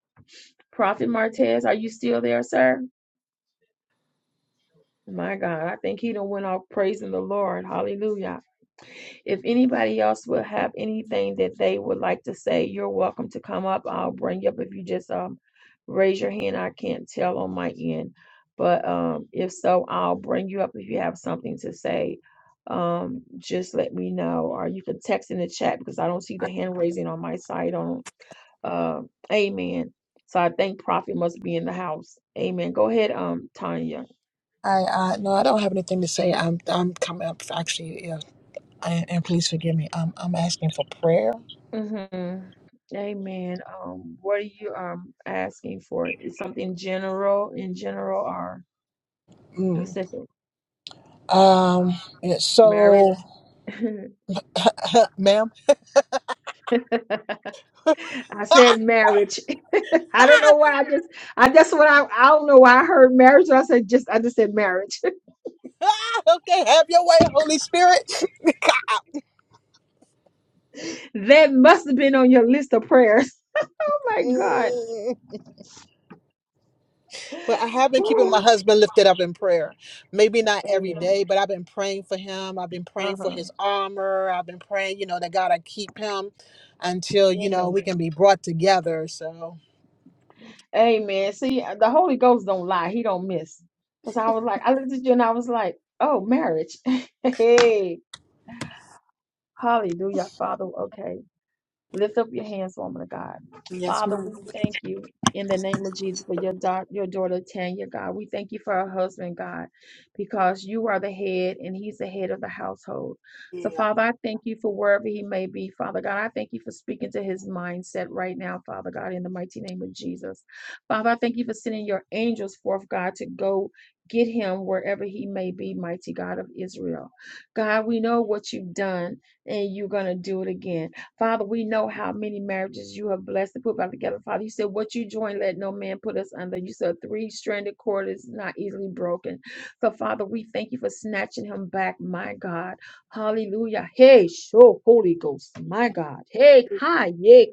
Prophet Martez, are you still there, sir? My God, I think he done went off praising the Lord. Hallelujah. If anybody else will have anything that they would like to say, you're welcome to come up. I'll bring you up if you just um raise your hand. I can't tell on my end, but um if so, I'll bring you up if you have something to say. Um, just let me know, or you can text in the chat because I don't see
I,
the hand raising on my side. On uh, Amen. So I think Prophet must be in the house. Amen. Go ahead, um, Tanya.
I no, I don't have anything to say. I'm I'm coming up actually. Yeah, I, and please forgive me. I'm I'm asking for prayer.
Mm-hmm. Amen. Um, what are you um asking for? Is something general, in general or
Mm.
specific?
Um. yeah,
Marriage.
So,
[LAUGHS]
[LAUGHS] ma'am.
I said marriage. [LAUGHS] I don't know why I just I that's what I I don't know why I heard marriage. But I said just I just said marriage. [LAUGHS]
[LAUGHS] okay, have your way, Holy Spirit. [LAUGHS]
That must have been on your list of prayers. [LAUGHS] Oh my God.
Mm. well, I have been keeping my
Woo.
husband lifted up in prayer. Maybe not every
Amen.
day, but I've been praying for him. I've been praying for
Uh-huh.
his armor. I've been praying, you know, that God I keep him until you know
Amen.
we can be brought together. So.
Amen. See, uh, the Holy Ghost don't lie. He don't miss. Because I was like, I looked at you and I was like, oh, marriage. [LAUGHS] hey, hallelujah, Father. Okay. Lift up your hands, woman of God.
Yes,
Father,
ma'am.
we thank you in the name of Jesus for your, da- your daughter Tanya, God. We thank you for her husband, God, because you are the head and he's the head of the household. So, Father, I thank you for wherever he may be, Father God. I thank you for speaking to his mindset right now, Father God, in the mighty name of Jesus. Father, I thank you for sending your angels forth, God, to go get him wherever he may be, mighty God of Israel. God, we know what you've done and you're going to do it again. Father, we know how many marriages you have blessed and put back together. Father, you said, What you join, let no man put us under. You said, Three stranded cord is not easily broken. So, Father, we thank you for snatching him back, my God. Hallelujah. Hey, show Holy Ghost, my God. Hey,
Glory,
hi, yeah,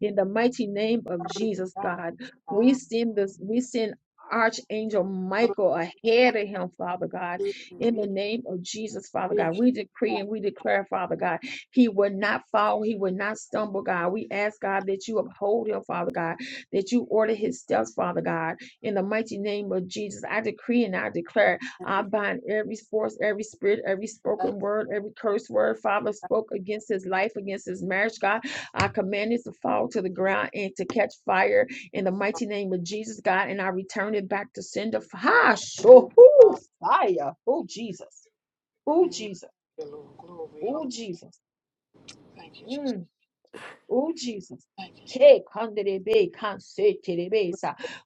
in the mighty name of Jesus, God, we send this, we send Archangel Michael ahead of him, Father God, in the name of Jesus, Father God. We decree and we declare, Father God, he will not fall, he will not stumble, God. We ask, God, that you uphold him, Father God, that you order his steps, Father God, in the mighty name of Jesus. I decree and I declare, I bind every force, every spirit, every spoken word, every curse word, Father, spoke against his life, against his marriage, God I command it to fall to the ground and to catch fire in the mighty name of Jesus, God. And I return it back to sender. F- Ha! Sure. Ooh, Fire. Oh, Jesus. Oh, Jesus. Oh,
hallelujah.
Jesus.
Thank you,
Mm.
Jesus.
Oh, Jesus.
Thank you, Jesus.
Take under the bay, can't
Thank
say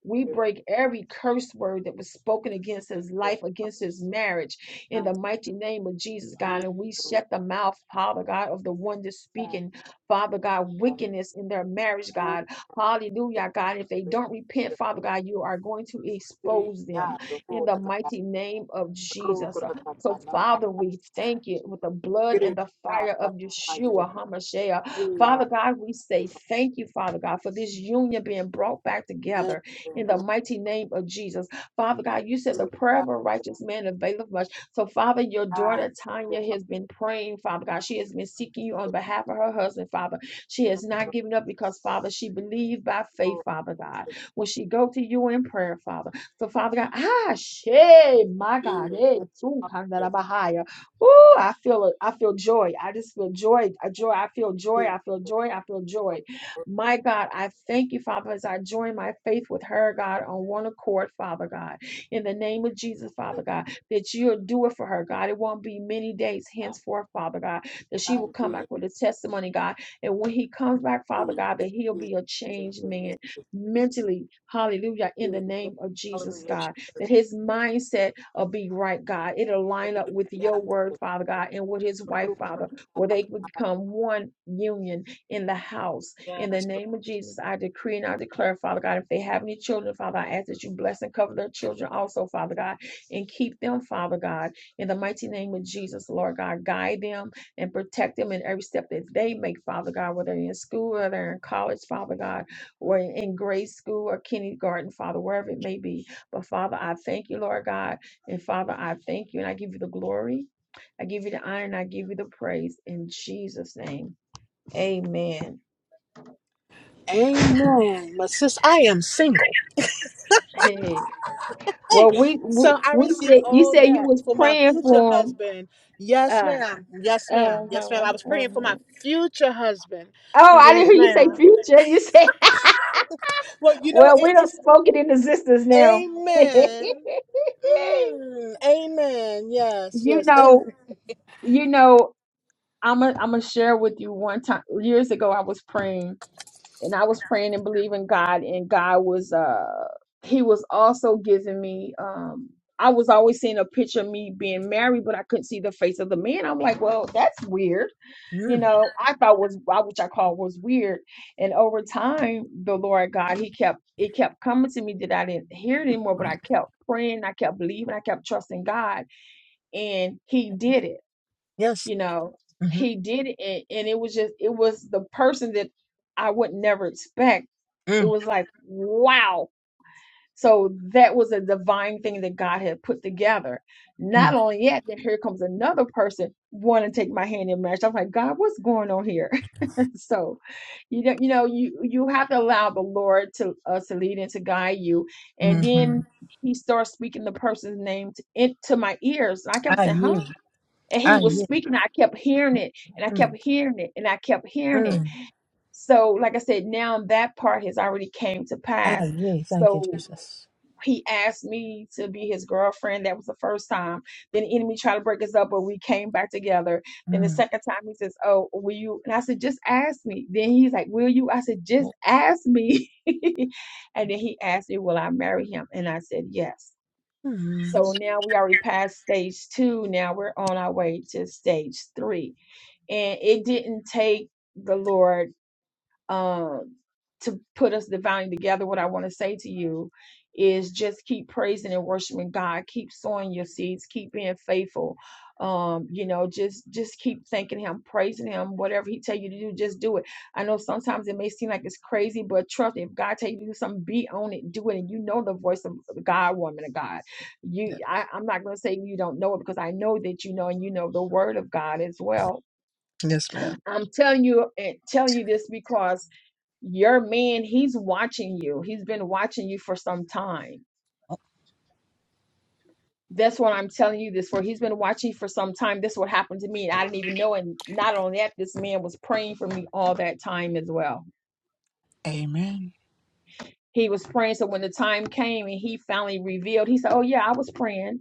We
you,
break every curse word that was spoken against his
Lord.
life, against his marriage, in
Thank
the
you,
mighty name of Jesus,
thank
God. And we
you, Lord.
shut the mouth, Father God, of the one that's
Thank
speaking, Father God,
you, Lord.
wickedness in their marriage,
Thank you, Lord.
God. Hallelujah, God. If they don't repent, Father God, you are going to expose them
Obrigado,
in the
outra
mighty name of Jesus.
procura da
So,
na
Father,
cana
we thank you with the blood and the fire
grelhada,
of
na
Yeshua, HaMashiach. Father
grelha,
God, we
de
say thank you, Father God, for this union being brought back together in the
fazendo,
mighty name of Jesus. Father God, you said the prayer of a
grelhada,
righteous man availeth much. So, Father, your daughter
de
Tanya has been praying, Father God. She has been seeking you on behalf of her husband, Father. She has not given up because, Father, she believed by faith, Father God. When she go to you in prayer, Father. So, Father God, ah, she, my God, eh, too, kind of a
fazendo,
high. Ooh, I feel it. I feel joy. I just feel joy. I joy. I feel joy. I feel joy. I feel joy. My God, I thank you, Father, as I join my faith with her, God, on one accord, Father God. In the name of Jesus, Father God, that you'll do it for her, God. It won't be many days henceforth, Father God, that she
I
will come
agree,
back with a testimony, God. And when he comes back, Father
agree,
God, that he'll
agree,
be a
agree,
changed
agree,
man mentally. Hallelujah. In
agree,
the
agree.
name of Jesus,
Hallelujah, Jesus.
God that his mindset will be right, God. It'll line up with your word, Father God, and with his wife, Father, where they become one union in the house. In the
Yes.
name of Jesus, I decree and I declare, Father God, if they have any children, Father, I ask that you bless and cover their children also, Father God, and keep them, Father God, in the mighty name of Jesus, Lord God. Guide them and protect them in every step that they make, Father God, whether they're in school, or they're in college, Father God, or in grade school or kindergarten, Father, wherever it may be. But Father, I thank you, Lord God. And Father, I thank you and I give you the glory. I give you the honor and I give you the praise in Jesus' name. Amen.
Amen. My sis, I am single.
Hey,
Hey,
well, we we,
so I
we
receive
said you
all
said you
that
was
for my
praying
future
for him.
husband. Yes,
Uh,
ma'am. Yes, ma'am. Yes, ma'am.
uh-huh,
I was praying for my
uh-huh.
future husband.
Oh, I
Yes,
didn't hear you say
ma'am.
future. You said, [LAUGHS]
Well, you know,
well,
it,
we don't
it's
spoke it in existence now. [LAUGHS]
amen. Mm, amen. Yes,
you
yes. Amen.
know, you know, I'm gonna I'm gonna share with you one time years ago. I was praying and I was praying and believing God, and God was uh He was also giving me um I was always seeing a picture of me being married, but I couldn't see the face of the man. I'm like, well, that's weird. You
Mm,
know, I thought was I- which I call was weird. And over time, the Lord God, He kept it kept coming to me that I didn't hear it anymore, but I kept praying, I kept believing, I kept trusting God, and He did it
yes.
you know he did it and it was just it was the person that i would never expect it
hmm
was like wow so that was a divine thing that god had put together not only yet then here comes another person wanting to take my hand in marriage i'm like god what's going on here [LAUGHS] so you know you know you you have to allow the lord to us to lead and to guide you and
Mm-hmm.
then he starts speaking the person's name to, into my ears and i kept
Ah,
saying huh
yeah.
and
Ah,
he was
yeah.
speaking. I kept hearing it and I
Mm,
kept hearing it and I kept hearing it.
mm.
So, like I said, now that part has already came to
Ah,
pass.
yeah. Thank you,
So
Jesus.
he asked me to be his girlfriend. That was the first time. Then the enemy tried to break us up, but we came back together. Then the
Mm.
second time he says, Oh, will you? And I said, just ask me. Then he's like, Will you? I said, just
Oh,
ask me. [LAUGHS] and then he asked me, Will I marry him? And I said, Yes.
hmm
So now we already passed stage two. Now we're on our way to stage three. And it didn't take the Lord um, to put us divinely together, what I want to say to you is just keep praising and worshiping God. Keep sowing your seeds. Keep being faithful. Um, you know, just just keep thanking Him, praising Him. Whatever He tell you to do, just do it. I know sometimes it may seem like it's crazy, but trust me, if God tell you to do something, be on it, do it, and you know the voice of God, woman of God.
yeah.
You, I, I'm not going to say you don't know it because I know that you know, and you know the Word of God as well.
Yes, ma'am.
I'm telling you and telling you this because your man, he's watching you. He's been watching you for some time. That's what I'm telling you this for. He's been watching you for some time. This is what happened to me, and I didn't even know. And not only that, this man was praying for me all that time as well.
Amen.
He was praying. So when the time came and he finally revealed, he said, "Oh yeah, I was praying."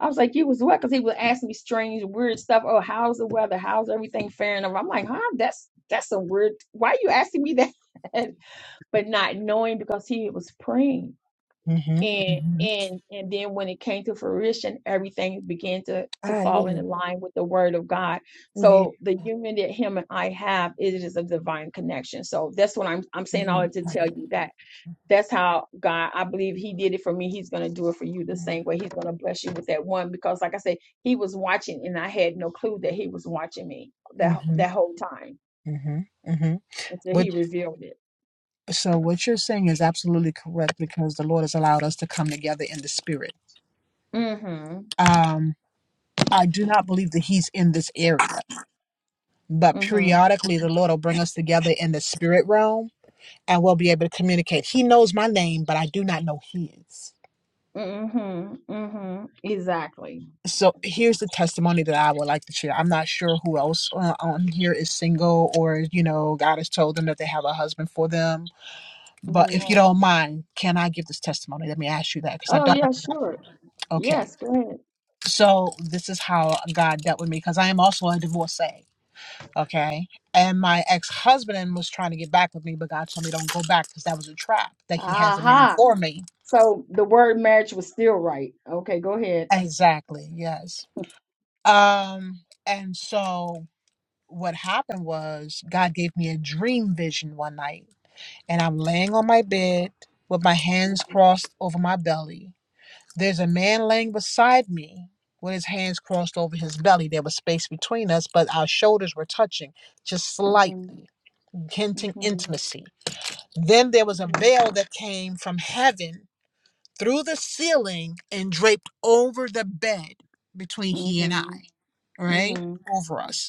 I was like, "You was what?" Because he was asking me strange, weird stuff. Oh, how's the weather? How's everything faring? I'm like, "Huh? That's that's a weird. Why are you asking me that?" [LAUGHS] but not knowing because he was praying.
Mm-hmm.
and
Mm-hmm.
and and then when it came to fruition everything began to to
Ah,
fall in
yeah.
line with the word of god
Yeah.
so the union that him and i have it is a divine connection so that's what i'm i'm saying all
Yeah.
that to
Ah,
tell
yeah.
you that that's how god i believe he did it for me he's going to do it for you the
Mm-hmm.
same way he's going to bless you with that one because like i said he was watching and i had no clue that he was watching me that
Mm-hmm.
that whole time
Mm-hmm.
until
But
he revealed it
so what you're saying is absolutely correct because the Lord has allowed us to come together in the spirit.
mhm
Um, I do not believe that He's in this area, but
mhm
periodically the Lord will bring us together in the spirit realm and we'll be able to communicate. He knows my name, but I do not know his.
mhm mhm exactly
So here's the testimony that I would like to share. I'm not sure who else uh, on here is single or, you know, God has told them that they have a husband for them. But
hmm.
if you don't mind, can I give this testimony? Let me ask you that because I
Oh,
don't.
yeah, sure.
Okay.
Yes, go ahead.
So this is how God dealt with me because I am also a divorcee. Okay. And my ex husband was trying to get back with me, but God told me don't go back because that was a trap, that he has a man
Aha.
for me.
So the word marriage was still right. Okay, go ahead.
Exactly. Yes. Um, and so what happened was God gave me a dream vision one night, and I'm laying on my bed with my hands crossed over my belly. There's a man laying beside me with his hands crossed over his belly. There was space between us, but our shoulders were touching just
Mhm,
slightly,
mhm,
hinting
mhm,
intimacy. Then there was a
mhm,
veil that came from heaven through the ceiling and draped over the bed between he and I, right?
mhm,
Over us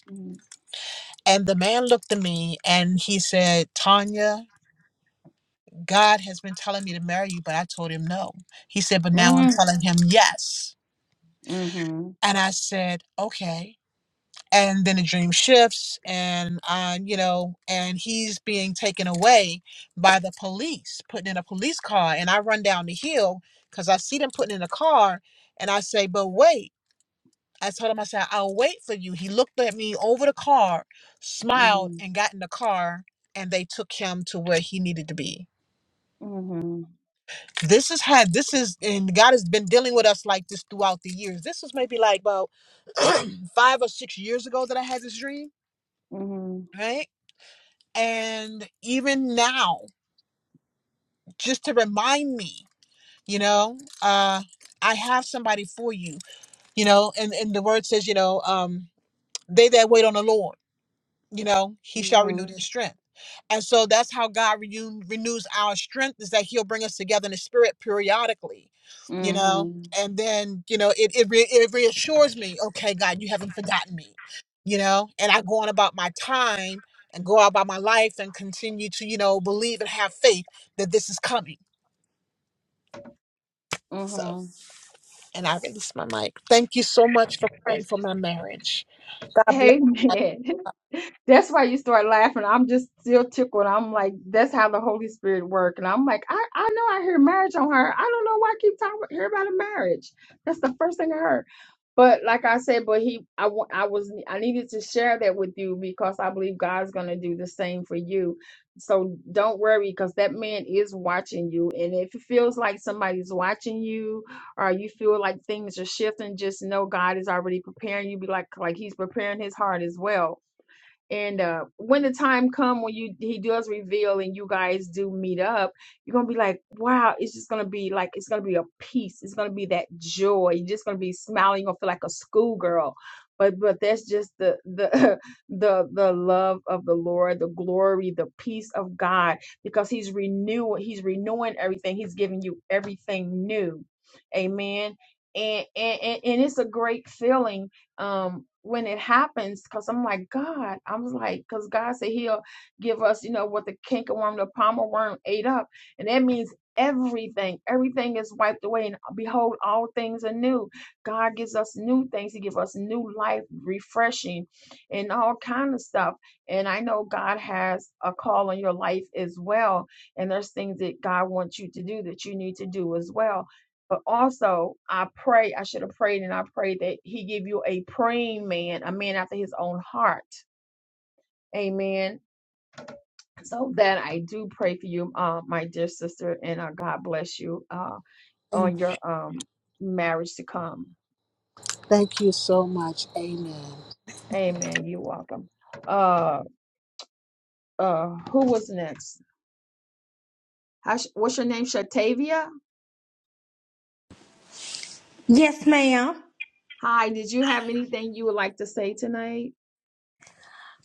And the man looked at me and he said, Tanya, God has been telling me to marry you, but I told him no. He said, But now I'm
mhm,
telling him yes.
mhm, mhm,
And I said, Okay. And then the dream shifts, and uh, you know, and he's being taken away by the police, putting in a police car. And I run down the hill because I see them putting in a car, and I say, "But wait!" I told him, I said, I'll wait for you. He looked at me over the car,
mhm,
smiled, and got in the car, and they took him to where he needed to be.
mhm,
This is had this is and God has been dealing with us like this throughout the years. This was maybe like about [CLEARS THROAT] five or six years ago that I had this dream,
mhm,
right? And even now, just to remind me, you know, uh, I have somebody for you, you know, and, and the word says, you know, um, they that wait on the Lord. you know he shall renew
mhm,
their strength and so that's how god renew, renews our strength is that he'll bring us together in the spirit periodically you know
mhm, mhm.
and then you know it it, re- it reassures me okay god you haven't forgotten me you know and i go on about my time and go out about my life and continue to you know believe and have faith that this is coming so
mhm.
and i release my mic thank you so much for praying for my marriage god bless
Amen. [LAUGHS] That's why you start laughing. I'm just still tickled. I'm like, that's how the Holy Spirit work. And I'm like, I, I know I hear marriage on her. I don't know why I keep talking about, hear about a marriage. That's the first thing I heard. But like I said, but he, I, wa- I was, I needed to share that with you because I believe God's going to do the same for you. So don't worry because that man is watching you. And if it feels like somebody's watching you or you feel like things are shifting, just know God is already preparing you. Be like, like he's preparing his heart as well and uh, when the time come when you he does reveal and you guys do meet up, you're gonna be like, wow, it's just gonna be like it's gonna be a peace. It's gonna be that joy. You're just gonna be smiling. You're gonna feel like a schoolgirl. But but that's just the the [LAUGHS] the the love of the Lord, the glory, the peace of God, because He's renewing, He's renewing everything. He's giving you everything new. Amen. And and and and it's a great feeling um when it happens because i'm like god i was like because god said he'll give us you know what the cankerworm the palmer worm ate up and that means everything everything is wiped away and behold all things are new god gives us new things he gives us new life refreshing and all kind of stuff and i know god has a call on your life as well and there's things that god wants you to do that you need to do as well but also, I pray, I should have prayed, and I pray that he give you a praying man, a man after his own heart. Amen. So that I do pray for you, uh, my dear sister, and uh, God bless you uh,
And
on your um, marriage to come.
thank you so much. Amen.
Amen. You're welcome. Uh, uh, who was next? How sh- what's your name? Shatavia?
Yes, ma'am.
Hi, did you have anything you would like to say tonight?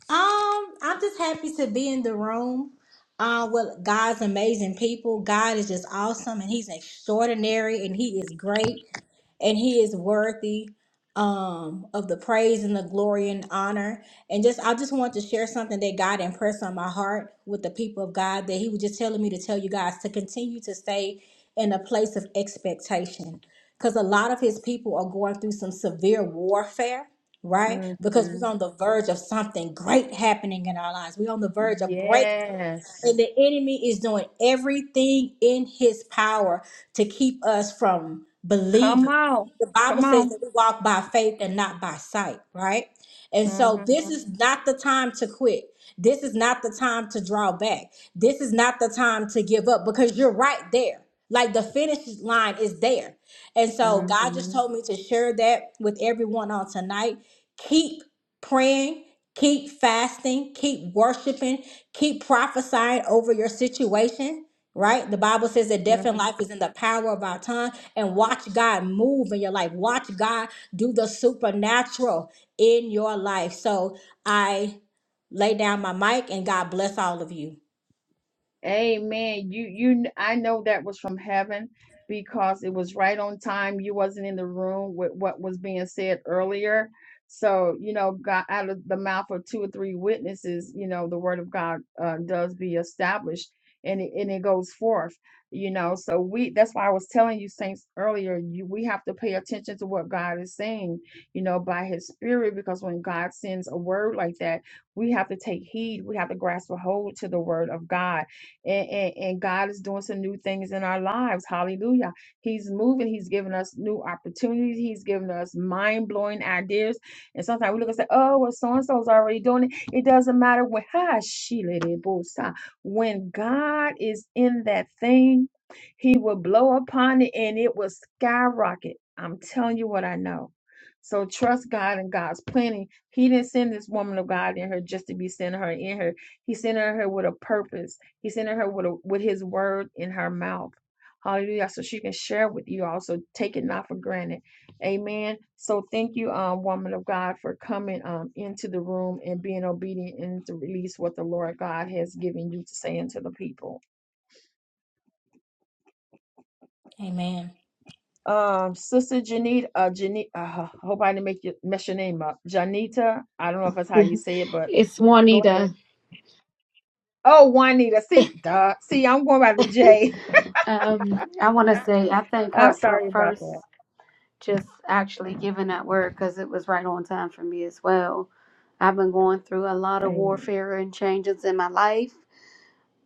Um, I'm just happy to be in the room. Uh, with God's amazing people. God is just awesome, and He's extraordinary, and He is great, and He is worthy um of the praise and the glory and honor. And just I just want to share something that God impressed on my heart with the people of God that He was just telling me to tell you guys to continue to stay in a place of expectation, because a lot of His people are going through some severe warfare right? Because
hmm
we're on the verge of something great happening in our lives. We're on the verge of breakthrough. And
Yes.
the enemy is doing everything in his power to keep us from
Come
believing.
on.
The Bible
Come
says
on.
that we walk by faith and not by sight, right? And so this
Mhm,
is not the time to quit. This is not the time to draw back. This is not the time to give up because you're right there. Like the finish line is there. And so God just
mhm,
told me to share that with everyone on tonight. Keep praying, keep fasting, keep worshiping, keep prophesying over your situation, right? The Bible says that death and
mhm.
life is in the power of our tongue, and watch God move in your life. Watch God do the supernatural in your life. So I lay down my mic, and God bless all of you.
Amen. You you I know that was from heaven because it was right on time. You wasn't in the room with what was being said earlier. So, you know, God out of the mouth of two or three witnesses, you know, the word of God uh, does be established and it, and it goes forth, you know. So we that's why I was telling you saints earlier, you, we have to pay attention to what God is saying, you know, by his spirit because when God sends a word like that, we have to take heed. We have to grasp a hold to the word of God and, and, and God is doing some new things in our lives. Hallelujah. He's moving. He's giving us new opportunities. He's giving us mind blowing ideas. And sometimes we look and say, oh, well, so and so's already doing it. It doesn't matter when, ha, shele de bosa. when God is in that thing, he will blow upon it and it will skyrocket. I'm telling you what I know. So trust God and God's planning. He didn't send this woman of God in her just to be sending her in her. He sent her here with a purpose. He's sending her with, a, with his word in her mouth. Hallelujah. So she can share with you all. So take it not for granted. Amen. So thank you, um, woman of God, for coming um into the room and being obedient and to release what the Lord God has given you to say unto the people.
Amen.
Um, Sister Janita, uh, Janita, uh, [SIGHS] hope I didn't make you mess your name up. Janita, I don't know if that's how you say it, but
It's
go
Juanita.
ahead. Oh, Juanita. See, duh. See, I'm going by the J.
Um, I want to say I thank
[LAUGHS]
her
I'm
for
sorry about
first
that.
just actually giving that word because it was right on time for me as well. I've been going through a lot of
Amen.
warfare and changes in my life,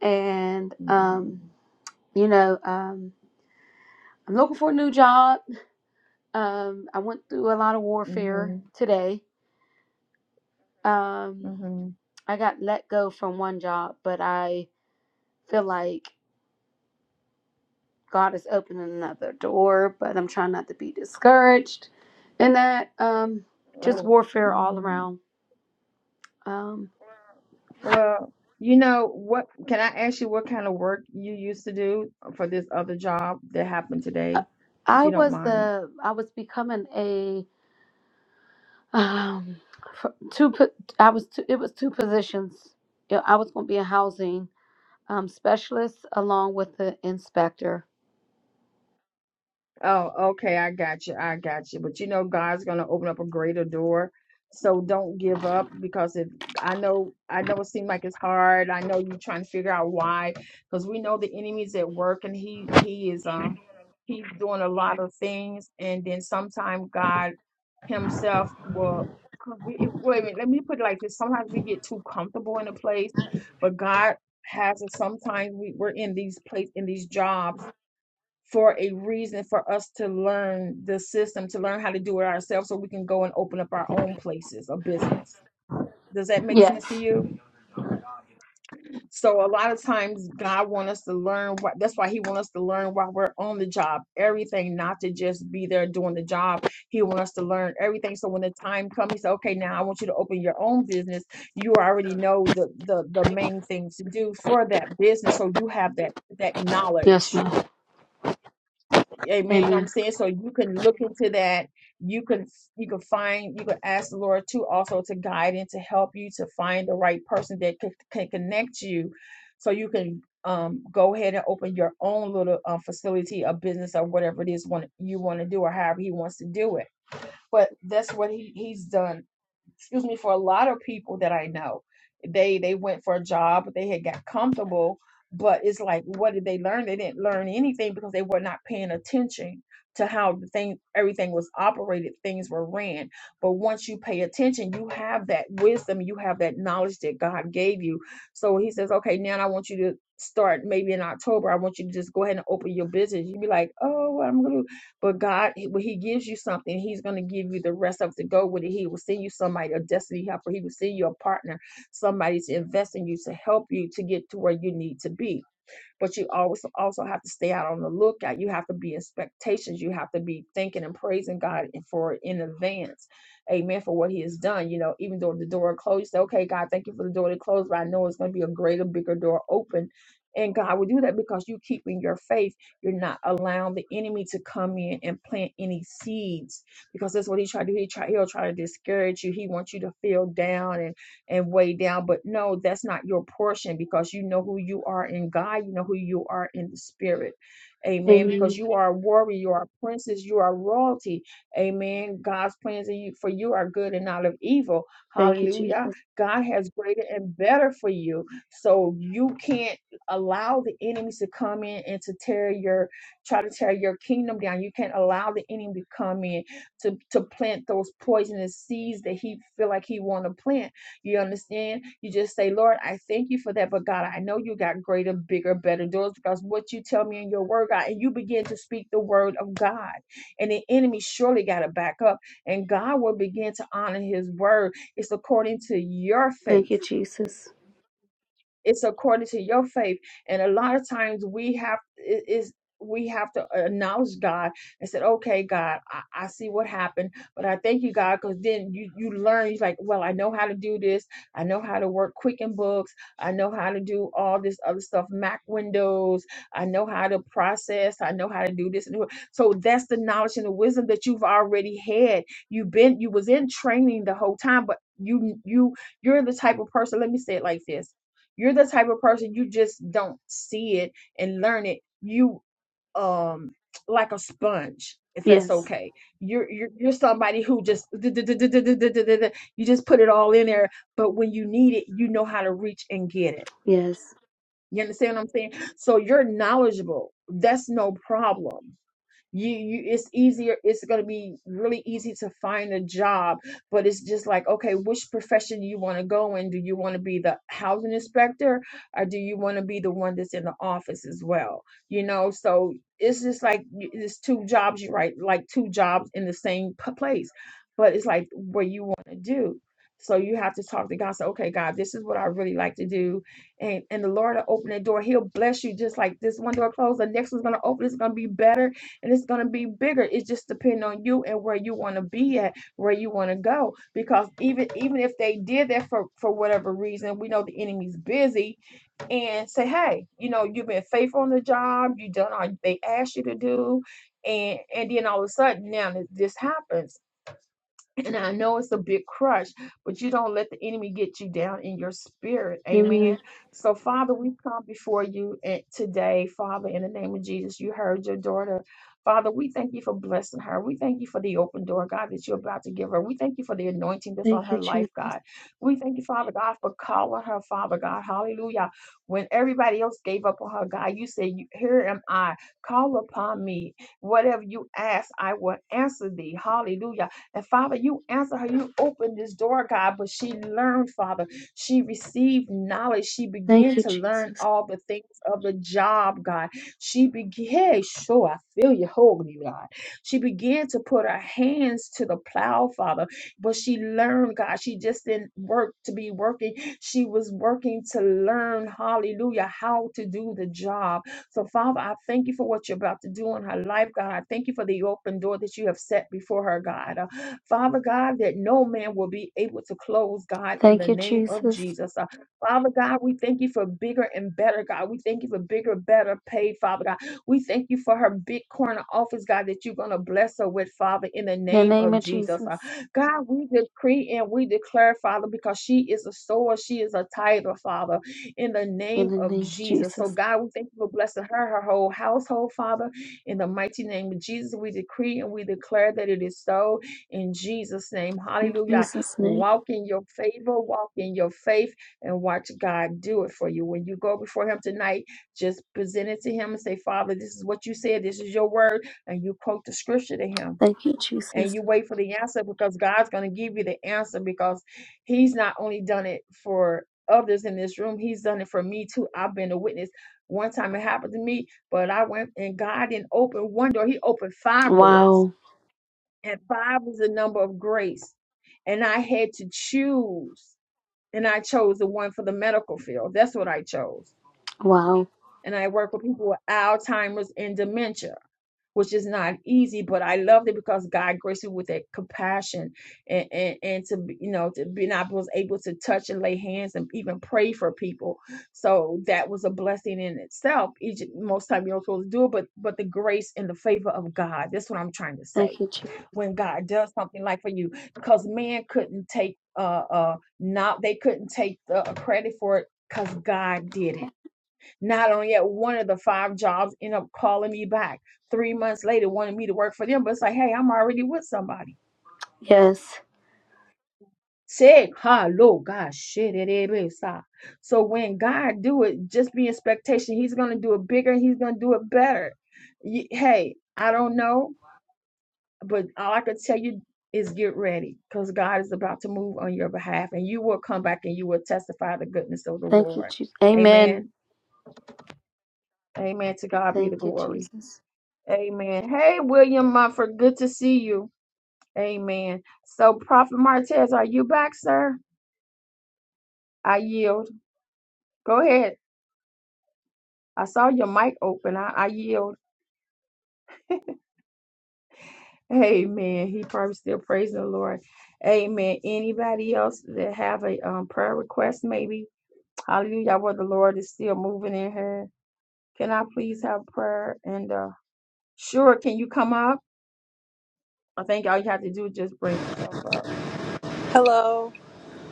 and
Mhm.
um, you know, um, I'm looking for a new job. Um, I went through a lot of warfare
Mhm,
today. Um,
mhm.
I got let go from one job, but I feel like God is opening another door, but I'm trying not to be discouraged. And that um, just
Oh,
warfare all
mhm.
around. Um,
Well, you know what? Can I ask you what kind of work you used to do for this other job that happened
I
today, if
I
you don't
was
mind?
the I was becoming a um, f- two. po- I was two, it was two positions. Yeah, I was going to be a housing um, specialist along with the inspector.
Oh, okay. I got you. I got you. But you know, God's going to open up a greater door. So don't give up because if I know, I know it seems like it's hard. I know you're trying to figure out why, because we know the enemy's at work and he, he is, um, he's doing a lot of things. And then sometimes God himself will, 'cause we, if- wait a minute, let me put it like this. Sometimes we get too comfortable in a place, but God has us sometimes we, we're in these place in these jobs for a reason for us to learn the system, to learn how to do it ourselves so we can go and open up our own places of business. Does that make
Yes.
sense to you? So a lot of times God wants us to learn what that's why he wants us to learn while we're on the job. Everything, not to just be there doing the job. He wants us to learn everything. So when the time comes, he said, okay, now I want you to open your own business. You already know the the the main thing to do for that business. So you have that that
Yes,
knowledge
ma'am.
Amen. You know what I'm
Amen.
saying? So you can look into that. You can you can find you can ask the Lord too also to guide and to help you to find the right person that can, can connect you so you can um go ahead and open your own little uh, facility or business or whatever it is want you want to do or however he wants to do it. But that's what he, he's done excuse me for a lot of people that i know they they went for a job they had got comfortable but it's like what did they learn they didn't learn anything because they were not paying attention to how the thing everything was operated things were ran but once you pay attention you have that wisdom you have that knowledge that god gave you so he says okay now i want you to start maybe in october i want you to just go ahead and open your business you'd be like oh i'm gonna but God, when He gives you something, He's going to give you the rest of it to go with it. He will send you somebody, a destiny helper. He will send you a partner, somebody to invest in you, to help you to get to where you need to be but you always also have to stay out on the lookout. You have to be in expectations. You have to be thinking and praising God for it in advance. Amen. For what He has done. You know, even though the door closed, you say, okay, God, thank you for the door that closed, but I know it's going to be a greater, bigger door open. And God will do that because you keeping your faith. You're not allowing the enemy to come in and plant any seeds because that's what he tried to do. He try, he'll try to discourage you. He wants you to feel down and and way down. But no, that's not your portion because you know who you are in God, you know who you are in the spirit. Amen.
Amen.
Because you are a warrior, you are a princess, you are royalty. Amen. God's plans in you- for you are good and not of evil.
Thank you,
Hallelujah.
Jesus.
God has greater and better for you. So you can't allow the enemies to come in and to tear your try to tear your kingdom down. You can't allow the enemy to come in to, to plant those poisonous seeds that he feel like he want to plant you understand? You just say, Lord, I thank you for that. But God, I know you got greater, bigger, better doors because what you tell me in your word, God, and you begin to speak the word of God. And the enemy surely got to back up. And God will begin to honor his word. It's according to your faith
Thank you, Jesus.
it's according to your faith and a lot of times we have i- is we have to acknowledge God and said, "Okay, God, I, I see what happened, but I thank you, God, because then you you learn. You're like, well, I know how to do this. I know how to work Quicken Books. I know how to do all this other stuff, Mac Windows. I know how to process. I know how to do this and do so. That's the knowledge and the wisdom that you've already had. You've been you was in training the whole time, but you you you're the type of person. Let me say it like this: you're the type of person you just don't see it and learn it. You um like a sponge, if that's
Yes.
okay. You're you're you're somebody who just [LAUGHS] you just put it all in there, but when you need it, you know how to reach and get it.
Yes.
You understand what I'm saying? So you're knowledgeable. That's no problem you, you it's easier it's going to be really easy to find a job but it's just like okay which profession do you want to go in do you want to be the housing inspector or do you want to be the one that's in the office as well you know so it's just like y- it's two jobs you right like two jobs in the same p- place but it's like what you want to do so you have to talk to god say okay god this is what i really like to do and and the lord will open that door he'll bless you just like this one door closed the next one's going to open it's going to be better and it's going to be bigger it's just depending on you and where you want to be at where you want to go because even even if they did that for for whatever reason we know the enemy's busy and say hey you know you've been faithful on the job you done all they asked you to do and and then all of a sudden now this happens and I know it's a big crush, but you don't let the enemy get you down in your spirit. Amen.
Amen.
So, Father, we come before you and today, Father, in the name of Jesus. You heard your daughter. Father, we thank you for blessing her. We thank you for the open door, God, that you're about to give her. We thank you for the anointing that's on
Thank you,
her life,
Jesus.
God. We thank you, Father God, for calling her, Father God. Hallelujah. When everybody else gave up on her, God, you said, "You- Here am I. Call upon me. Whatever you ask, I will answer thee. Hallelujah. And Father, you answer her. You open this door, God. But she learned, Father. She received knowledge. She
Thank
began
you,
to learn
Jesus.
all the things of the job, God. She began, hey, sure, I feel you, holy God. She began to put her hands to the plow, Father. But she learned, God. She just didn't work to be working. She was working to learn, hallelujah, how to do the job. So, Father, I thank you for what you're about to do in her life, God. I thank you for the open door that you have set before her, God. Father God, that no man will be able to close, God, in
Thank
the
you,
name of
Jesus.
Jesus. Uh, Father God, we thank you for bigger and better, God. We thank you for bigger, better paid. Father God. We thank you for her big corner office, God, that you're going to bless her with, Father, in the
In the
name
name
of
of
Jesus.
Jesus.
Uh, God, we decree and we declare, Father, because she is a sower, she is a tither, Father, in the
In
name
the
of
name of
Jesus. So,
Jesus.
God, we thank you for blessing her, her whole household, Father, in the mighty name of Jesus. We decree and we declare that it is so in Jesus' name.
In
Hallelujah.
Jesus' name.
Walk in your favor, walk in your faith, and watch God do it for you. When you go before Him tonight, just present it to Him and say, Father, this is what you said, this is your word, and you quote the scripture to Him.
Thank you,
And
Jesus.
you wait for the answer because God's going to give you the answer because He's not only done it for others in this room, He's done it for me too. I've been a witness. One time it happened to me, but I went and God didn't open one door, He opened five doors
Wow.
and five was the number of grace. And I had to choose, and I chose the one for the medical field. That's what I chose.
Wow.
And I work with people with Alzheimer's and dementia, which is not easy, but I loved it because God graced me with that compassion and, and, and to, be- you know, to be and I was able to touch and lay hands and even pray for people. So that was a blessing in itself. Each, most time you are not supposed to do it, but, but the grace and the favor of God, that's what I'm trying to say
Thank you, Jesus.
when God does something like for you because men couldn't take uh uh not they couldn't take the uh, credit for it because God did it. Not only at one of the five jobs end up calling me back three months later, wanting me to work for them, but it's like, hey, I'm already with somebody.
Yes.
Say hello, God shit it is. ah. So when God do it, just be expectation. He's gonna do it bigger. He's gonna do it better. Ye- Hey, I don't know But all I could tell you is get ready because God is about to move on your behalf and you will come back and you will testify the goodness of the
Thank you,
Lord.
Jesus. Amen.
Amen. Amen. To God be the
Thank you,
glory.
Jesus.
Amen. Hey, William Mumford, good to see you. Amen. So, Prophet Martez, are you back, sir? I yield. Go ahead. I saw your mic open. I, I yield. Amen. He probably still praising the Lord. Amen. Anybody else that have a um, prayer request, maybe? Hallelujah. Where the Lord is still moving in her. Can I please have prayer? And uh sure, can you come up? I think all you have to do is just bring yourself up.
Hello.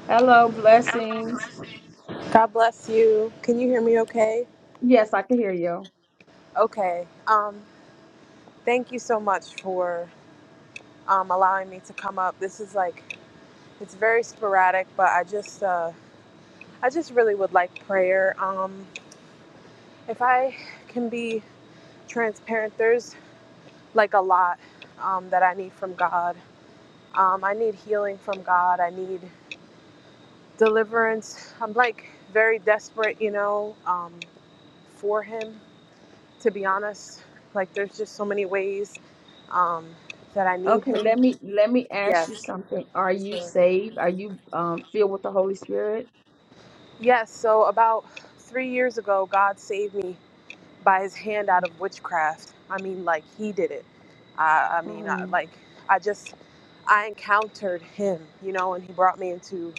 Hello, blessings.
God bless you. Can you hear me okay?
Yes, I can hear you.
Okay. Um thank you so much for um allowing me to come up. This is like it's very sporadic, but I just uh I just really would like prayer. Um if I can be transparent, there's like a lot um that I need from God. Um I need healing from God. I need deliverance. I'm like very desperate, you know, um for him. to be honest. Like there's just so many ways um, that I need
Okay,
him.
let me let me ask
Yes.
you something. Are you
So-
saved? Are you um filled with the Holy Spirit?
Yes. So about three years ago, God saved me by His hand out of witchcraft. I mean, like He did it. I, I mean, I,
Mm-hmm.
like I just I encountered Him, you know, and He brought me into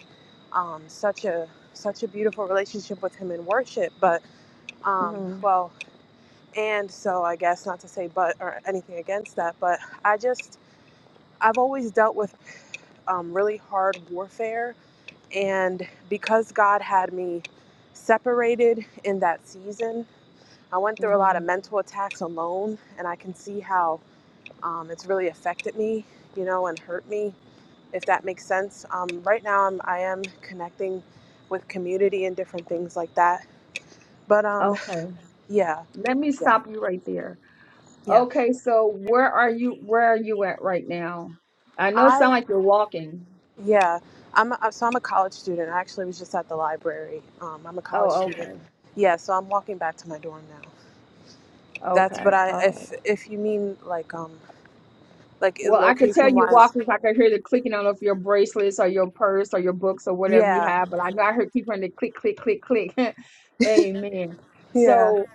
um, such a such a beautiful relationship with Him in worship. But um,
Mm-hmm.
well, and so I guess not to say but or anything against that, but I just I've always dealt with um, really hard warfare. And because God had me separated in that season, I went through a lot
Mm-hmm.
of mental attacks alone, and I can see how um, it's really affected me, you know, and hurt me, if that makes sense. Um, right now, I'm, I am connecting with community and different things like that. But um,
Okay.
yeah,
Let me
yeah,
stop you right there.
yeah.
Okay, so where are you where are you at right now? I know it
I
sound like you're walking.
Yeah, I'm a, so I'm a college student. I actually was just at the library. Um, I'm a college
Oh, okay.
student. Yeah, so I'm walking back to my dorm now. That's
Okay.
but I
All right.
if if you mean like um like
Well, I could tell
location
you
wise,
walking. 'cause I could hear the clicking. I don't know if your bracelets or your purse or your books or whatever you
yeah,
have, but I know I heard keep hearing the click, click, click, click. [LAUGHS] Amen.
yeah.
So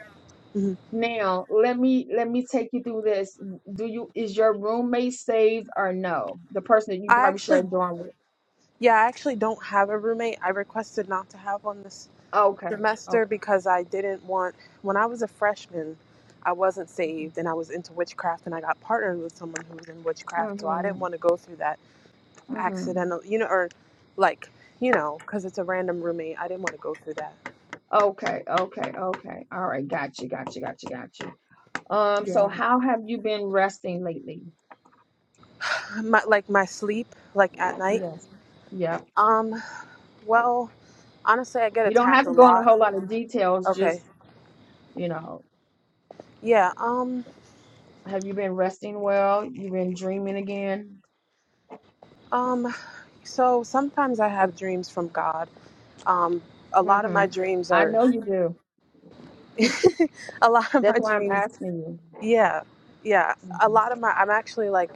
hmm
now let me let me take you through this. Do you is your roommate saved or no? The person that you
I
probably share a
actually
dorm with.
yeah I actually don't have a roommate. I requested not to have one this
Okay.
semester
Okay.
because I didn't want when I was a freshman. I wasn't saved and I was into witchcraft and I got partnered with someone who was in witchcraft, so I didn't
Mhm.
want to go through that
Mhm.
accidental, you know, or like, you know, because it's a random roommate. I didn't want to go through that.
Okay. Okay. Okay. All right. Gotcha. Gotcha. Gotcha. Gotcha. Um. So
Yeah.
how have you been resting lately?
My, like my sleep, like at night.
Yes. Yep.
Um, well, honestly, I get
You don't
attacked
have
a
to go into a
lot.
whole lot of details.
Okay.
Just, you know,
Yeah. Um,
have you been resting well? you been dreaming again?
um, so sometimes I have dreams from God. Um, a lot of
hmm
my dreams
I
are,
know you do.
[LAUGHS] a lot of my
That's why I'm
dreams.
asking you.
Yeah. Yeah. A
Mhm.
lot of my, I'm actually like,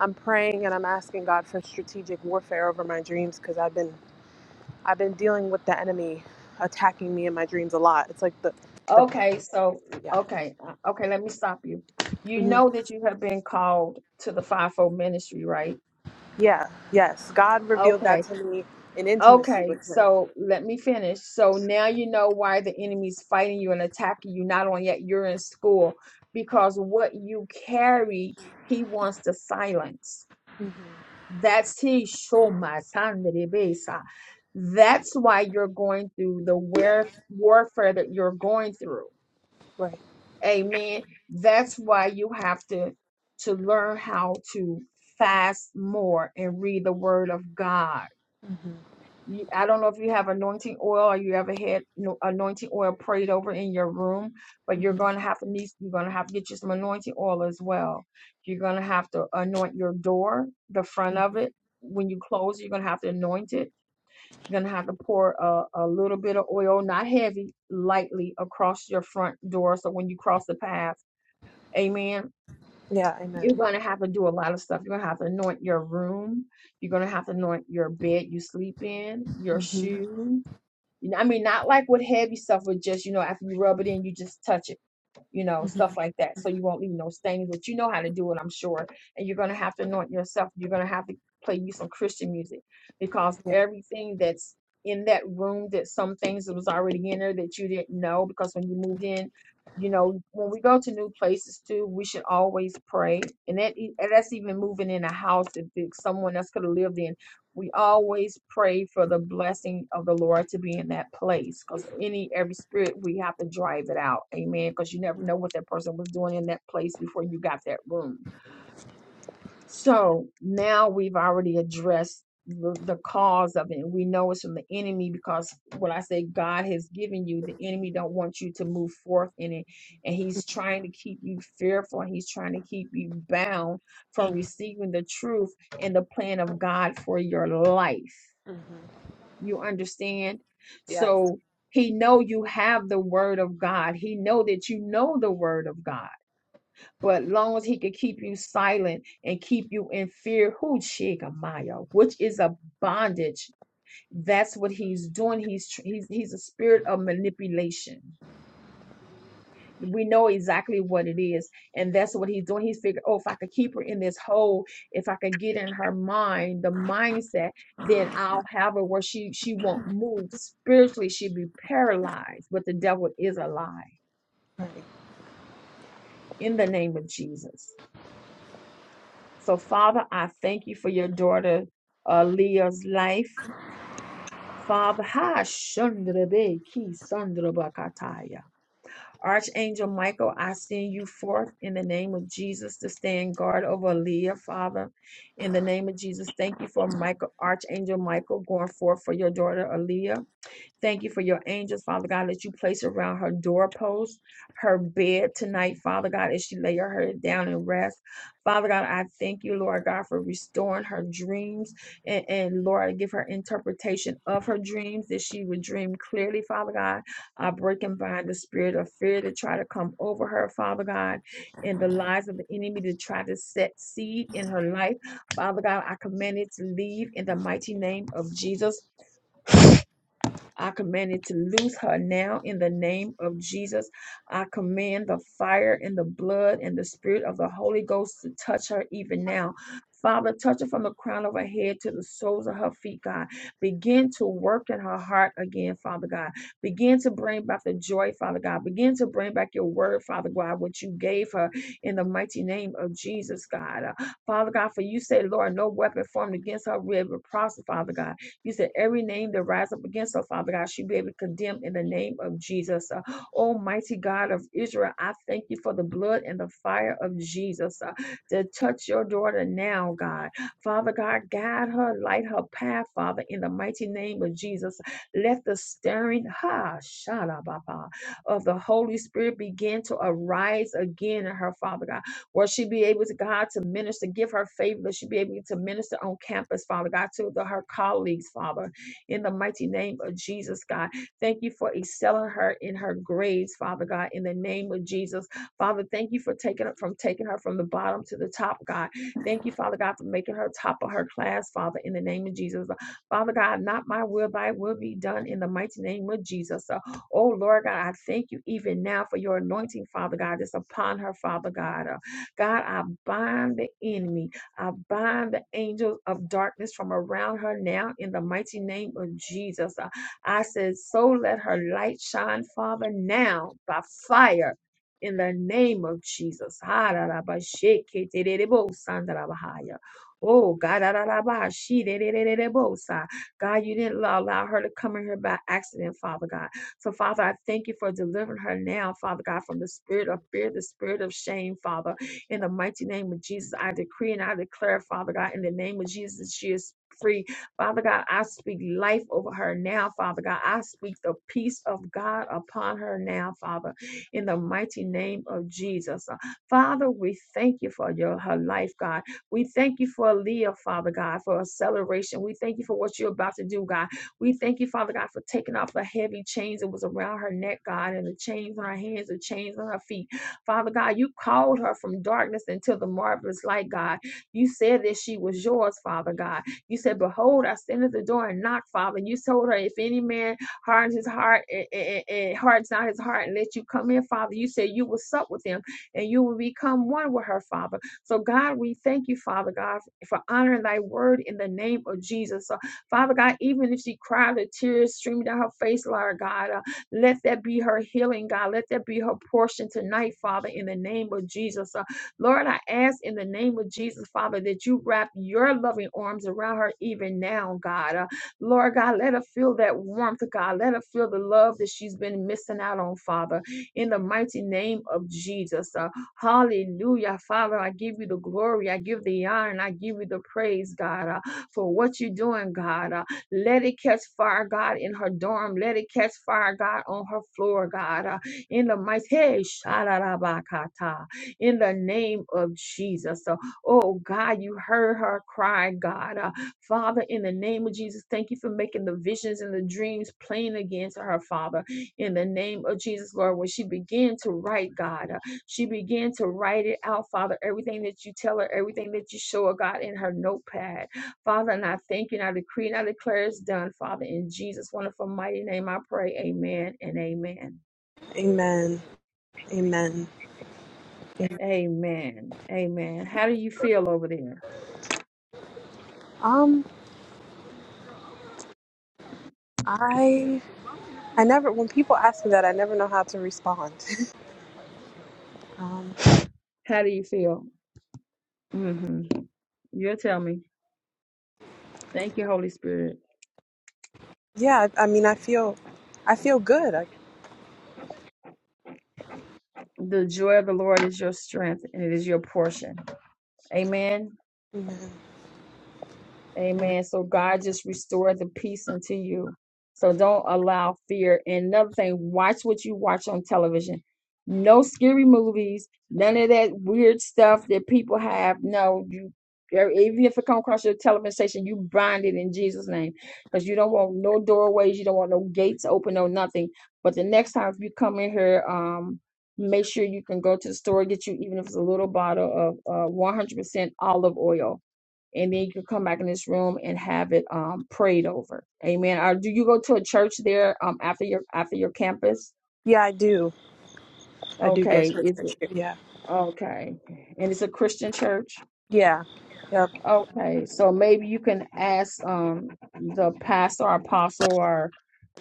I'm praying and I'm asking God for strategic warfare over my dreams because I've been I've been dealing with the enemy attacking me in my dreams a lot. It's like the, the
Okay, so,
yeah,
okay, uh, okay, let me stop you. You
hmm
know that you have been called to the fivefold ministry, right?
yeah, yes. God revealed that
Okay,
to me in intimacy
okay,
with Him.
so let me finish. So now you know why the enemy's fighting you and attacking you, not only that, you're in school, because what you carry, he wants to silence.
hmm
That's he besa. That's why you're going through the warf- warfare that you're going through.
Right.
Amen. That's why you have to to learn how to fast more and read the word of God you, I don't know if you have anointing oil or you ever had no, anointing oil prayed over in your room, but you're going to have to need, you're going to have to get you some anointing oil as well. You're going to have to anoint your door, the front of it. When you close, you're going to have to anoint it. You're going to have to pour a, a little bit of oil, not heavy, lightly across your front door. So when you cross the path, amen.
Yeah. Amen.
You're going to have to do a lot of stuff. You're going to have to anoint your room. You're going to have to anoint your bed you sleep in, your
hmm
shoes you know, I mean, not like with heavy stuff, with just you know, after you rub it in, you just touch it, you know, stuff like that, so you won't leave no stains. But you know how to do it, I'm sure. And you're gonna have to anoint yourself. You're gonna have to play you some Christian music because
Yeah.
everything that's in that room, that some things that was already in there that you didn't know, because when you moved in, you know, when we go to new places too, we should always pray, and that e- and that's even moving in a house that that someone else could have lived in we always pray for the blessing of the Lord to be in that place because any every spirit we have to drive it out. Amen. Because you never know what that person was doing in that place before you got that room. So now we've already addressed the, the cause of it. And We know it's from the enemy because when I say God has given you, the enemy don't want you to move forth in it. And he's trying to keep you fearful. and He's trying to keep you bound from receiving the truth and the plan of God for your life.
hmm
You understand?
Yes.
So he know you have the word of God. He know that you know the word of God. But long as he could keep you silent and keep you in fear, who Shigamaya, which is a bondage. That's what he's doing. He's tr- he's he's a spirit of manipulation we know exactly what it is and that's what he's doing he's figured oh if i could keep her in this hole if i could get in her mind the mindset then i'll have her where she she won't move spiritually she'll be paralyzed but the devil is a lie in the name of jesus so father i thank you for your daughter uh, leah's life father ha shandra be ki sandra bakataya. Archangel Michael, I send you forth in the name of Jesus to stand guard over Leah, Father. In the name of Jesus, thank you for Michael, Archangel Michael going forth for your daughter Aaliyah. Thank you for your angels, Father God, that you place around her doorpost, her bed tonight, Father God, as she lay her head down and rest. Father God, I thank you, Lord God, for restoring her dreams and, and Lord, give her interpretation of her dreams that she would dream clearly, Father God. I break and bind the spirit of fear that try to come over her, Father God, and the lies of the enemy to try to set seed in her life. Father God, I command it to leave in the mighty name of Jesus. I command it to loose her now in the name of Jesus. I command the fire and the blood and the spirit of the Holy Ghost to touch her even now. Father, touch her from the crown of her head to the soles of her feet, God. Begin to work in her heart again, Father God. Begin to bring back the joy, Father God. Begin to bring back your word, Father God, what you gave her in the mighty name of Jesus, God. Uh, Father God, for you say, Lord, no weapon formed against her will be prosper, Father God. You said every name that rise up against her, Father God, she'll be able to condemn in the name of Jesus. Uh, Almighty God of Israel, I thank you for the blood and the fire of Jesus uh, to touch your daughter now, God. Father God, guide her, light her path, Father, in the mighty name of Jesus. Let the stirring, ha, shala shalababa, of the Holy Spirit begin to arise again in her, Father God. Will she be able to, God, to minister, give her favor that she be able to minister on campus, Father God, to the, her colleagues, Father, in the mighty name of Jesus, God. Thank you for excelling her in her grades, Father God, in the name of Jesus. Father, thank you for taking her from taking her from the bottom to the top, God. Thank you, Father God, for making her top of her class, Father, in the name of Jesus. Father God, not my will, thy will be done in the mighty name of Jesus. So, oh Lord God, I thank you even now for your anointing, Father God, that's upon her, Father God. God, I bind the enemy. I bind the angels of darkness from around her now in the mighty name of Jesus. Uh, I said, so let her light shine, Father, now by fire. In the name of Jesus. Ha, da, da, ba, she, ke, te, de, de, bo, san, da, da, ba, ha, ya. Oh, God, da, da, da, ba, she, de, de, de, de, de, bo, sa. God, you didn't allow allow her to come in here by accident, Father God. So, Father, I thank you for delivering her now, Father God, from the spirit of fear, the spirit of shame, Father. In the mighty name of Jesus, I decree and I declare, Father God, in the name of Jesus, she is free. Father God, I speak life over her now, Father God. I speak the peace of God upon her now, Father, in the mighty name of Jesus. Uh, Father, we thank you for your her life, God. We thank you for Leah, Father God, for acceleration. We thank you for what you're about to do, God. We thank you, Father God, for taking off the heavy chains that was around her neck, God, and the chains on her hands, the chains on her feet. Father God, you called her from darkness into the marvelous light, God. You said that she was yours, Father God. You said, Behold, I stand at the door and knock, Father. And You told her, If any man hardens his heart and, and, and hardens not his heart and lets you come in, Father, you said you will sup with him and you will become one with her, Father. So, God, we thank you, Father God, for honoring thy word in the name of Jesus. So, Father God, even if she cried the tears streaming down her face, Lord God, let that be her healing, God. Let that be her portion tonight, Father, in the name of Jesus. Uh, Lord, I ask in the name of Jesus, Father, that you wrap your loving arms around her even now, God. Uh, Lord God, let her feel that warmth, God. Let her feel the love that she's been missing out on, Father, in the mighty name of Jesus. Uh, hallelujah, Father. I give you the glory. I give the honor and I give you the praise, God, uh, for what you're doing, God. Uh, let it catch fire, God, in her dorm. Let it catch fire, God, on her floor, God. Uh, in the mighty, hey, shalalabakata, in the name of Jesus. Uh, oh, God, you heard her cry, God. Uh, Father, in the name of Jesus, thank you for making the visions and the dreams plain again to her, Father. In the name of Jesus, Lord, when she began to write, God, uh, she began to write it out, Father, everything that you tell her, everything that you show her, God, in her notepad Father, and I thank you and I decree and I declare it's done, Father. In Jesus' wonderful mighty name, I pray. Amen and amen.
Amen. Amen. Amen.
Amen. Amen. How do you feel over there?
Um, I I never when people ask me that I never know how to respond. [LAUGHS] Um,
How do you feel? Mm-hmm. You'll tell me. Thank you, Holy Spirit.
yeah, I, I mean I feel I feel good. I,
The joy of the Lord is your strength and it is your portion. Amen.
amen. Amen.
Amen. So God just restore the peace unto you. So don't allow fear. And another thing, watch what you watch on television. No scary movies, none of that weird stuff that people have. No, you er, even if it come across your television station, you bind it in Jesus' name. Because you don't want no doorways, you don't want no gates open or nothing. But the next time if you come in here, um, make sure you can go to the store, get you even if it's a little bottle of uh, 100% olive oil and then you can come back in this room and have it um prayed over. Amen. Or do you go to a church there um after your after your campus?
yeah, I do. I do go
Okay,
to a
is
church.
it
Yeah.
okay? And it's a Christian church.
Yeah. Yep.
Okay, so maybe you can ask um the pastor or apostle or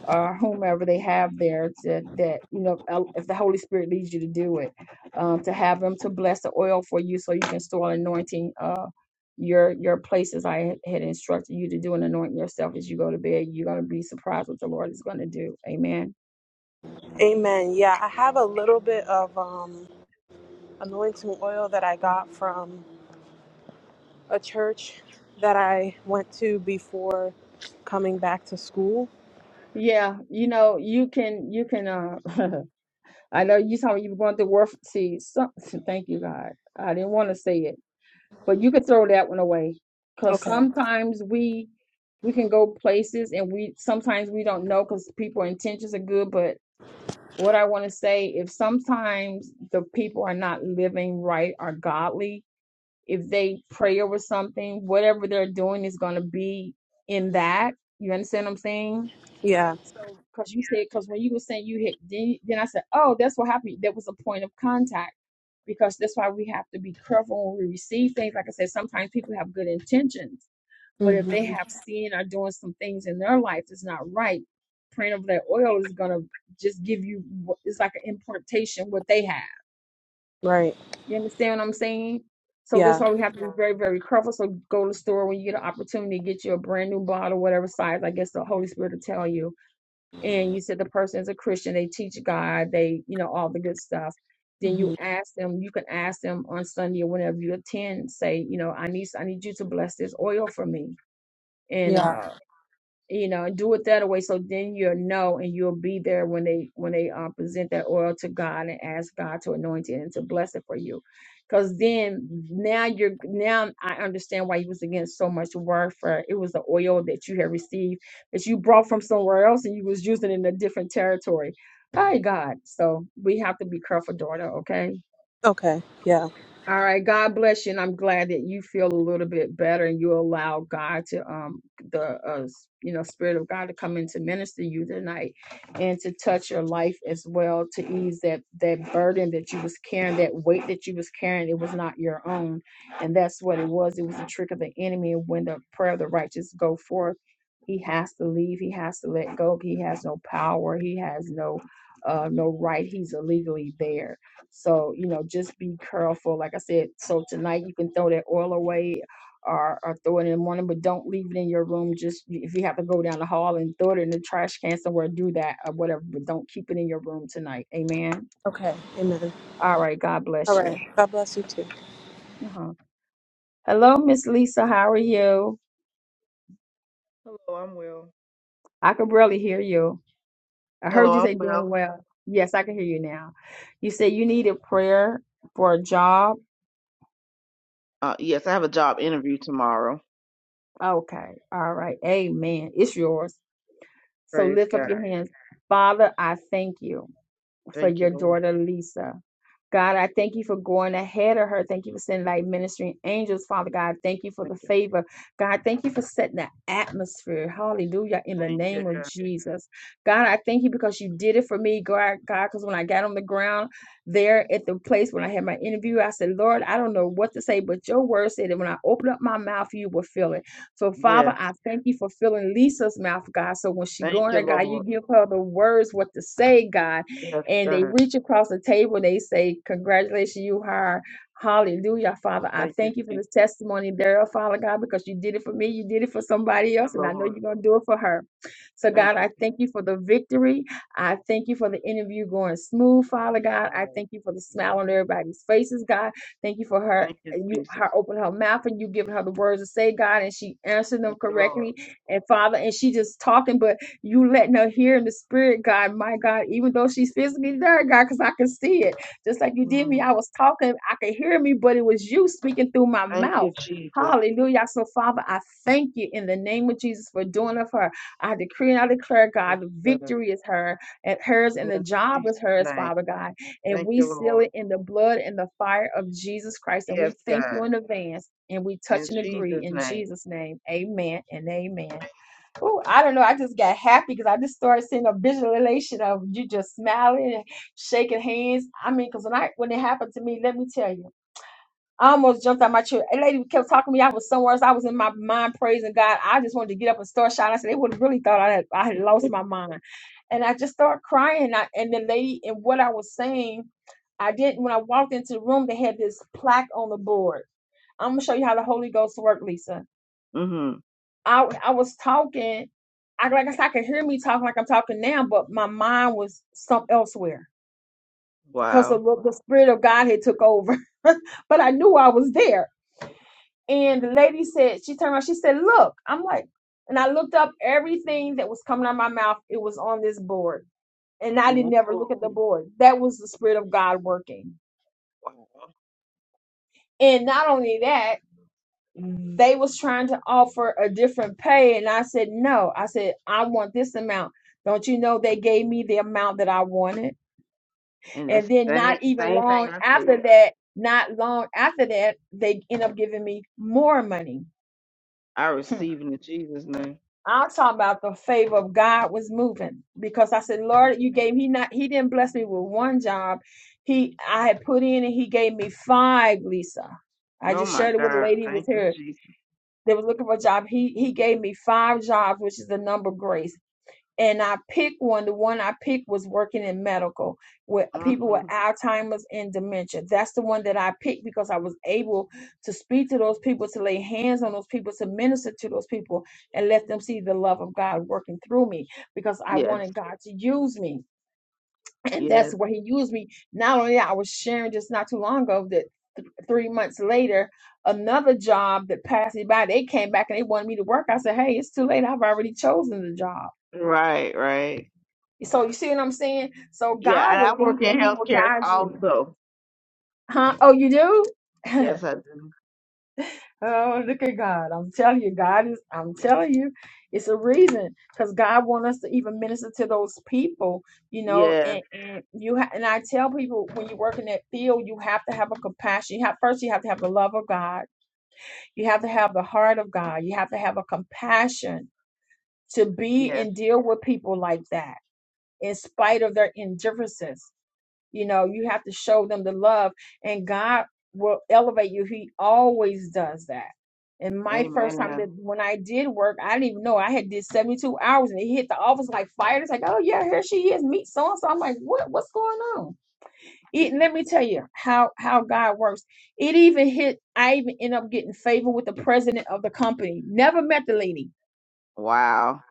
or whomever they have there to that you know if the holy spirit leads you to do it um to have them to bless the oil for you so you can store anointing uh your your places i had had instructed you to do and anoint yourself as you go to bed you're going to be surprised what the lord is going to do amen
Amen. Yeah, I have a little bit of um, anointing oil that I got from a church that I went to before coming back to school.
yeah you know you can you can uh [LAUGHS] I know you told me you were going through worth. See, some, [LAUGHS] thank you, God. I didn't want to say it, but you could throw that one away because
Okay.
sometimes we we can go places and we sometimes we don't know because people intentions are good. But what I want to say, if sometimes the people are not living right or godly, if they pray over something, whatever they're doing is going to be in that. You understand what I'm saying?
Yeah.
So, because you said, because when you were saying you hit, then, then I said, oh, that's what happened. There was a point of contact because that's why we have to be careful when we receive things. Like I said, sometimes people have good intentions, but if they
hmm
have seen or doing some things in their life that's not right, praying over that oil is going to just give you, what- it's like an importation what they have.
Right.
You understand what I'm saying? So that's
Yeah.
why we have to be Yeah. very, very careful. So go to the store when you get an opportunity to get you a brand new bottle, whatever size. I guess the Holy Spirit will tell you and you said the person is a Christian, they teach God, they, you know, all the good stuff, then you
hmm
ask them, you can ask them on Sunday or whenever you attend, say, you know, I need I need you to bless this oil for me. And.
Yeah.
uh, you know do it that way so then you'll know and you'll be there when they when they um, present that oil to god and ask god to anoint it and to bless it for you because then now you're now i understand why you was against so much warfare it was the oil that you had received that you brought from somewhere else and you was using it in a different territory by god so we have to be careful daughter okay
Okay. Yeah.
all right. God bless you. And I'm glad that you feel a little bit better and you allow God to, um, the, uh, s- you know, Spirit of God to come in to minister you tonight and to touch your life as well, to ease that, that burden that you was carrying, that weight that you was carrying. It was not your own. And that's what it was. It was a trick of the enemy. And when the prayer of the righteous go forth, he has to leave. He has to let go. He has no power. He has no, uh, no right. He's illegally there. So, you know, just be careful. Like I said, so tonight you can throw that oil away or, or throw it in the morning, but don't leave it in your room. Just if you have to go down the hall and throw it in the trash can somewhere, do that or whatever, but don't keep it in your room tonight. Amen.
Okay. Amen.
All right. God
All
bless
right.
you.
God bless you too.
Uh-huh. Hello, Miss Lisa. How are you?
Hello, I'm well.
I could barely hear you. I
Hello,
heard you
I'm
say
well.
doing well. Yes, I can hear you now. You said you needed prayer for a job.
Uh, yes, I have a job interview tomorrow.
Okay. All right. Amen. It's yours. So
Praise
lift up
God.
your hands. Father, I thank you for
Thank you,
your
Lord.
daughter Lisa. God, I thank you for going ahead of her. Thank you for sending like ministering angels, Father God. Thank you for
Thank
the
you.
favor. God, thank you for setting the atmosphere. Hallelujah. In the
Thank you,
name of
God.
Jesus. God, I thank you because you did it for me, God, God, because when I got on the ground there at the place when I had my interview, I said, Lord, I don't know what to say, but your word said that when I open up my mouth, you will fill it. So,
Yes.
Father, I thank you for filling Lisa's mouth, God. So when she
Thank
go in
you,
there, God, you
Lord.
give her the words what to say, God
Yes,
and they
God.
reach across the table they say, Congratulations, you hired. Hallelujah, Father. I
Thank you,
thank you for
Jesus.
this testimony there, Father God, because you did it for me, you did it for
Thank
somebody
you,
else, and I know
Lord.
you're going to do it for her. So,
Thank
God,
you,
I
Jesus.
thank you for the victory. I thank you for the interview going smooth,
Thank
Father
you,
God. I
God.
thank you for the
Amen.
smile on everybody's faces, God. Thank you for her.
Thank you,
You
Jesus.
her open her mouth and you giving her the words to say, God, and she answered them
Thank you, Lord.
correctly. And Father, and she just talking, but you letting her hear in the spirit, God, my God, even though she's physically there, God, because I can see it. Just like you did
Mm.
me, I was talking, I could hear me, but it was you speaking through my
Thank
mouth.
you, Jesus.
Hallelujah. So, Father, I thank you in the name of Jesus for doing it for her. I decree and I declare,
Yes,
God, the
God.
victory is her and hers, and
Yes,
the
In
job
Jesus'
is hers,
name.
Father God. And
Thank
we
you,
seal
Lord.
it in the blood and the fire of Jesus Christ. And
Yes,
we thank you
God.
in advance. And we touch
In
and agree
Jesus'
in
name.
Jesus' name. Amen and amen. Ooh, I don't know. I just got happy because I just started seeing a visualization of you just smiling and shaking hands. I mean, because when I when it happened to me, let me tell you, I almost jumped out my chair. A lady kept talking to me. I was somewhere else. I was in my mind praising God. I just wanted to get up and start shouting. I said, they would have really thought I had I had lost my mind. And I just started crying. And I, and the lady and what I was saying, I didn't when I walked into the room, they had this plaque on the board. I'm gonna show you how the Holy Ghost worked, Lisa
Mm-hmm.
I I was talking. I like I said, I could hear me talking like I'm talking now, but my mind was some elsewhere because
Wow.
the the spirit of God had took over. [LAUGHS] but I knew I was there. And the lady said, she turned around, she said, "Look." I'm like, and I looked up everything that was coming out of my mouth. It was on this board, and I didn't
Whoa.
ever look at the board. That was the spirit of God working.
Wow.
And not only that. they was trying to offer a different pay and i said no i said i want this amount don't you know they gave me the amount that i wanted
And that's
and then
the
not
same,
even
same thing
long
I
after
said.
that not long after that they end up giving me more money
I
Hmm.
receive it in Jesus' name.
i'll talk about the favor of god was moving because i said lord you gave he
Amen.
not he didn't bless me with one job he i had put in and he gave me five lisa i
Oh
just
my
shared it with a
God.
lady who was
Thank you,
here
Jesus.
that was looking for a job. He he gave me five jobs, which is the number grace. And I picked one. The one I picked was working in medical with people with
hmm
Alzheimer's and dementia. That's the one that I picked because I was able to speak to those people, to lay hands on those people, to minister to those people, and let them see the love of God working through me because I
Yes.
wanted God to use me and that's
Yes.
where he used me. Not only that, I was sharing just not too long ago that th- three months later, another job that passed me by, they came back and they wanted me to work. I said, "Hey, it's too late. I've already chosen the job."
Right, right.
So you see what I'm saying? So
Yeah,
God
and
will
I
lead
work
you
in
and He will
healthcare
guide you.
also.
Huh? Oh, you do? [LAUGHS]
Yes, I do.
Oh, look at God. I'm telling you, God is, I'm telling you, it's a reason because God wants us to even minister to those people, you know.
Yes.
And, and you, ha- and I tell people when you work in that field, you have to have a compassion. You have, first, you have to have the love of God, you have to have the heart of God, you have to have a compassion to be
Yes.
and deal with people like that in spite of their indifferences. You know, you have to show them the love, and God will elevate you. He always does that. And my first time
Amen.
that when I did work, I didn't even know I had did 72 hours and it hit the office like fire. It's like, oh yeah, here she is, meet so and so. I'm like, what what's going on? It, let me tell you how how God works. It even hit I even end up getting favor with the president of the company. Never met the lady.
Wow.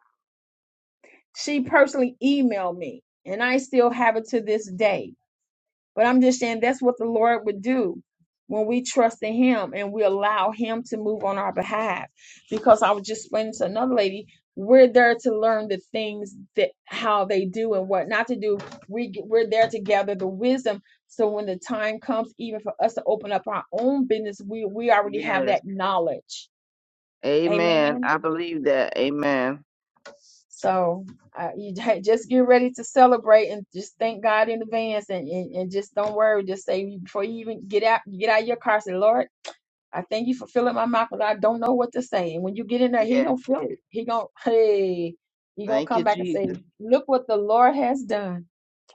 She personally emailed me, and I still have it to this day But I'm just saying that's what the Lord would do when we trust in Him and we allow Him to move on our behalf. Because I was just explaining to another lady, we're there to learn the things that how they do and what not to do. We g- we're there to gather the wisdom. So when the time comes, even for us to open up our own business, we we already have
Yes.
that knowledge.
Amen.
Amen.
I believe that. Amen.
So uh, you [LAUGHS] j- just get ready to celebrate and just thank God in advance and, and, and just don't worry. Just say before you even get out, get out of your car, say, Lord, I thank you for filling my mouth because I don't know what to say. And when you get in there, he
Yes.
gonna feel it. He gonna hey, he gonna
Thank you,
come back and say,
Jesus.
look what the Lord has done.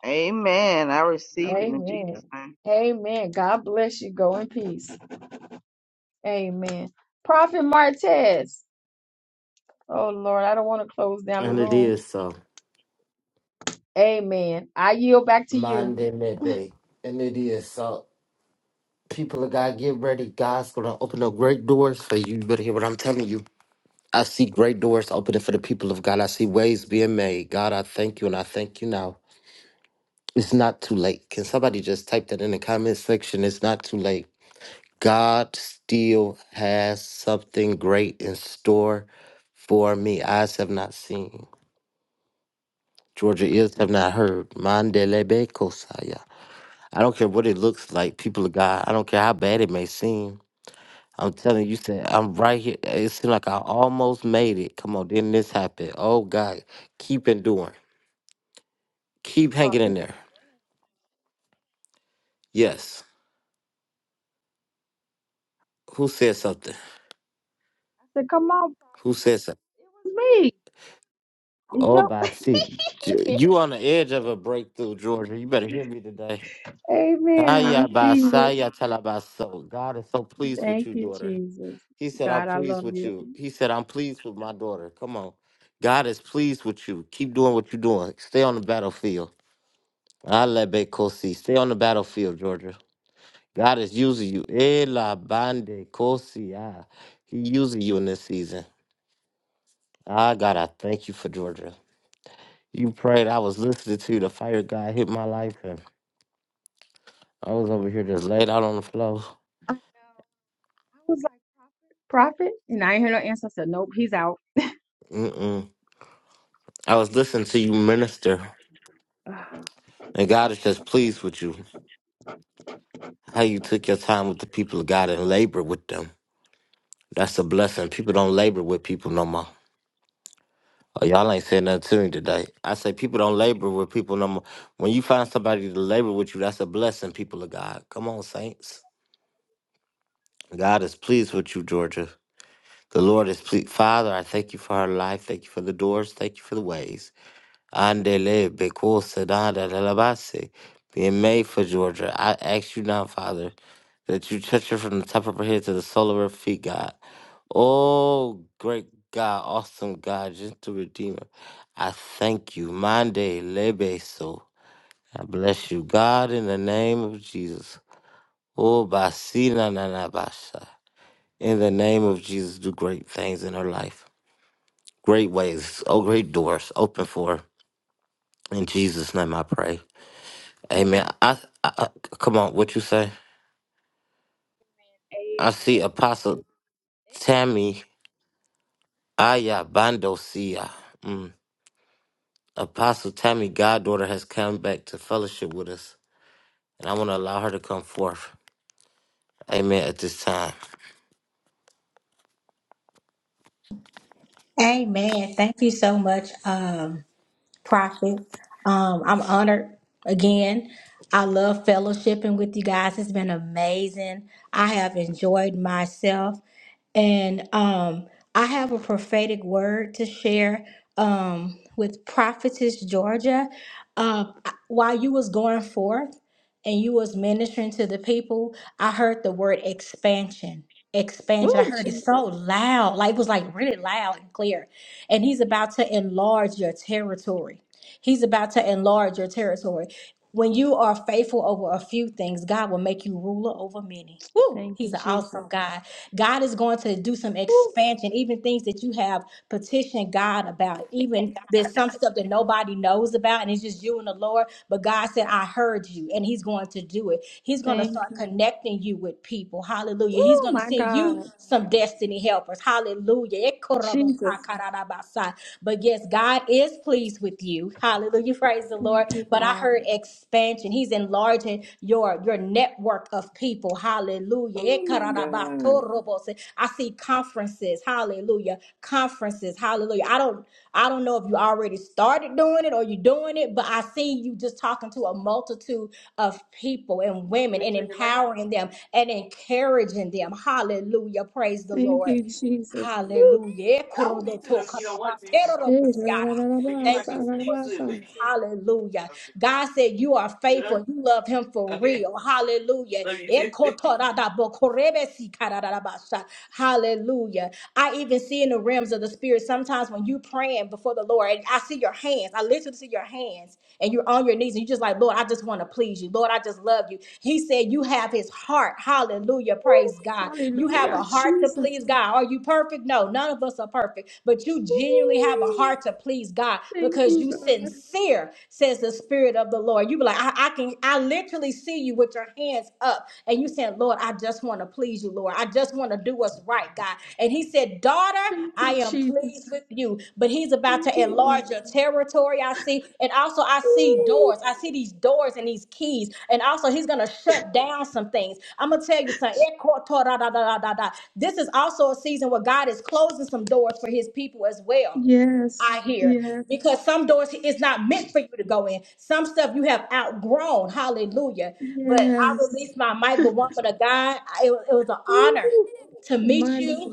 Amen. I receive it in
Amen.
Jesus' name.
Amen. God bless you. Go in peace. Amen. Prophet Martez. Oh Lord, I don't want to close down the
And it
room.
is so.
Amen. I yield back to you.
Monday, maybe. And it is so. People of God, get ready. God's going to open up great doors for you. You better hear what I'm telling you. I see great doors opening for the people of God. I see ways being made. God, I thank you and I thank you now. It's not too late. Can somebody just type that in the comment section? It's not too late. God still has something great in store for me. Eyes have not seen. Georgia ears have not heard. Mandelebe kosaya. I don't care what it looks like, people of God. I don't care how bad it may seem. I'm telling you, you said I'm right here. It seemed like I almost made it. Come on, then this happened. Oh God, keep enduring, keep hanging
Prophet.
in there. Yes. Who said something?
said, Come on,
Who said something?
it was me. It's
Oh, by
your-
see, J- you on the edge of a breakthrough, Georgia. You better hear me today.
[LAUGHS] Amen. I
Aya
receive it.
basaya talabaso. God is so pleased with
Thank
you,
you,
daughter.
Jesus.
He said, I'm
God, I
pleased
love
with
you.
you. He said, I'm pleased with my daughter. Come on. God is pleased with you. Keep doing what you're doing. Stay on the battlefield. I let Kosi stay on the battlefield, Georgia. God is using you. Ela bande Kosi. ah. He using you in this season. Ah, God, I thank you for Georgia. You prayed. I was listening to you. The fire God hit my life, and I was over here just laid out on the floor.
I know. I was like, Prophet? Prophet? And I ain't hear no answer. I said, Nope, he's out.
Mm-mm. I was listening to you minister,
[SIGHS] Ugh.
and God is just pleased with you. How you took your time with the people of God and labor with them. That's a blessing. People don't labor with people no more. Oh, y'all ain't said nothing to me today. I say people don't labor with people no more. When you find somebody to labor with you, that's a blessing, people of God. Come on, saints. God is pleased with you, Georgia. The Lord is pleased. Father, I thank you for her life. Thank you for the doors. Thank you for the ways. Andele Bekul Sadada Dalabase, being made for Georgia. I ask you now, Father, that you touch her from the top of her head to the sole of her feet, God. Oh, great God, awesome God, gentle Redeemer. I thank you. Mande Lebeso. I bless you, God, in the name of Jesus. Oh, Basina Nanabasha. In the name of Jesus, do great things in her life. Great ways, oh, great doors open for her. In Jesus' name I pray. Amen. I, I, I come on, what you say? I
Amen.
see Apostle Tammy Ayabandosia. Mm. Apostle Tammy, goddaughter, has come back to fellowship with us, and I want to allow her to come forth. Amen. At this time,
Amen. Thank you so much. um, Prophet. Um, I'm honored again. I love fellowshipping with you guys. It's been amazing. I have enjoyed myself. And um, I have a prophetic word to share um, with Prophetess Georgia. Uh, while you was going forth, and you was ministering to the people, I heard the word expansion. Expansion. I
Ooh,
heard it
Jesus.
so loud, like it was like really loud and clear. And he's about to enlarge your territory. He's about to enlarge your territory. When you are faithful over a few things, God will make you ruler over many. Woo,
Thank
he's
you,
an
Jesus.
awesome God. God is going to do some
Ooh,
expansion, even things that you have petitioned God about. Even there's some stuff that nobody knows about, and it's just you and the Lord. But God said, I heard you, and He's going to do it. He's going to
thank
start
you.
connecting you with people. Hallelujah. He's
Oh,
going to
my
send you
God.
some
Want
destiny helpers. Hallelujah.
Jesus.
Ekorabosakarabasan. But yes, God is pleased with you. Hallelujah you praise the
Thank
Lord.
you,
But I
God.
heard expansion. He's enlarging your your network of people. Hallelujah.
Oh, my God.
I see conferences. Hallelujah. Conferences. Hallelujah. I don't I don't know if you already started doing it or you're doing it, but I see you just talking to a multitude of people and women
me
and
turn your light off?
empowering them and encouraging them. Hallelujah. Praise the
Thank you,
Lord.
Jesus.
Hallelujah.
I don't need to if you don't want to,
Hey, da, da, da,
Ekorodotokarabaterorobosiara.
da, da,
but you
ba,
Thank
might
sa,
be
you,
da, da,
asleep
Lord
ba, sa.
Jesus.
soon. [LAUGHS]
Hallelujah.
Okay.
God said you are
Leave it
faithful.
on?
You love him for
Okay.
real. Hallelujah.
Love you too. [LAUGHS]
Ekotoradabokorebesikarabasha. Hallelujah. I even see in the realms of the spirit sometimes when you praying before the Lord, I see your hands. I literally see your hands hands and you're on your knees and you're just like, Lord, I just want to please you. Lord, I just love you. He said, You have his heart. Hallelujah.
Ooh,
Praise God. You have
Hallelujah,
a heart to
Jesus.
please God. Are you perfect? No, none of us are perfect, but you genuinely have a
Ooh,
heart to please God
Thank
because
you,
you
God.
sincere, says the Spirit of the Lord. You be like, I, I can, I literally see you with your hands up and you saying, Lord, I just just want to please you, Lord. I just want to do what's right, God. And he said, Daughter,
Thank
I
you,
am pleased
Jesus.
with you. But he's about
Thank
to
you, Lord.
enlarge your territory, I see. And also, I see
Ooh,
doors. I see these doors and these keys. And also, he's going to shut down some things. I'm going to tell you something. This is also a season where God is closing some doors for his people as well.
Yes,
I hear
yes,
because some doors is not meant for you to go in. Some stuff you have outgrown. Hallelujah. But I
yes.
released my mic, but woman of God, I- it was, it was an
Ooh,
honor to meet
My
you.
God,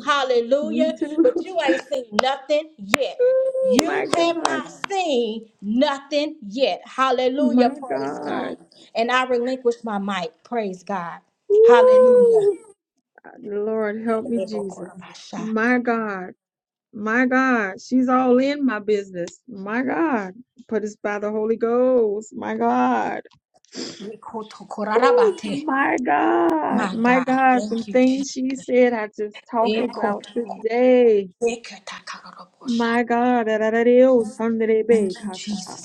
you
Hallelujah. But
too.
you ain't seen nothing yet.
[LAUGHS]
You have
God,
not seen nothing yet. Hallelujah.
my
Praise God.
God.
And I relinquish my mic. Praise God. Hallelujah.
Ooh, Lord, help me, Jesus. My God. My God, she's all in my business. My God, put us by the Holy Ghost. My God, Woo. my God,
My
my
God.
God, some
Thank you, Jesus.
things she said I just talked about today.
Ekotakotekatakarabosa.
My God, ararareo,
Thank
sanderebe,
you,
kasata.
Jesus.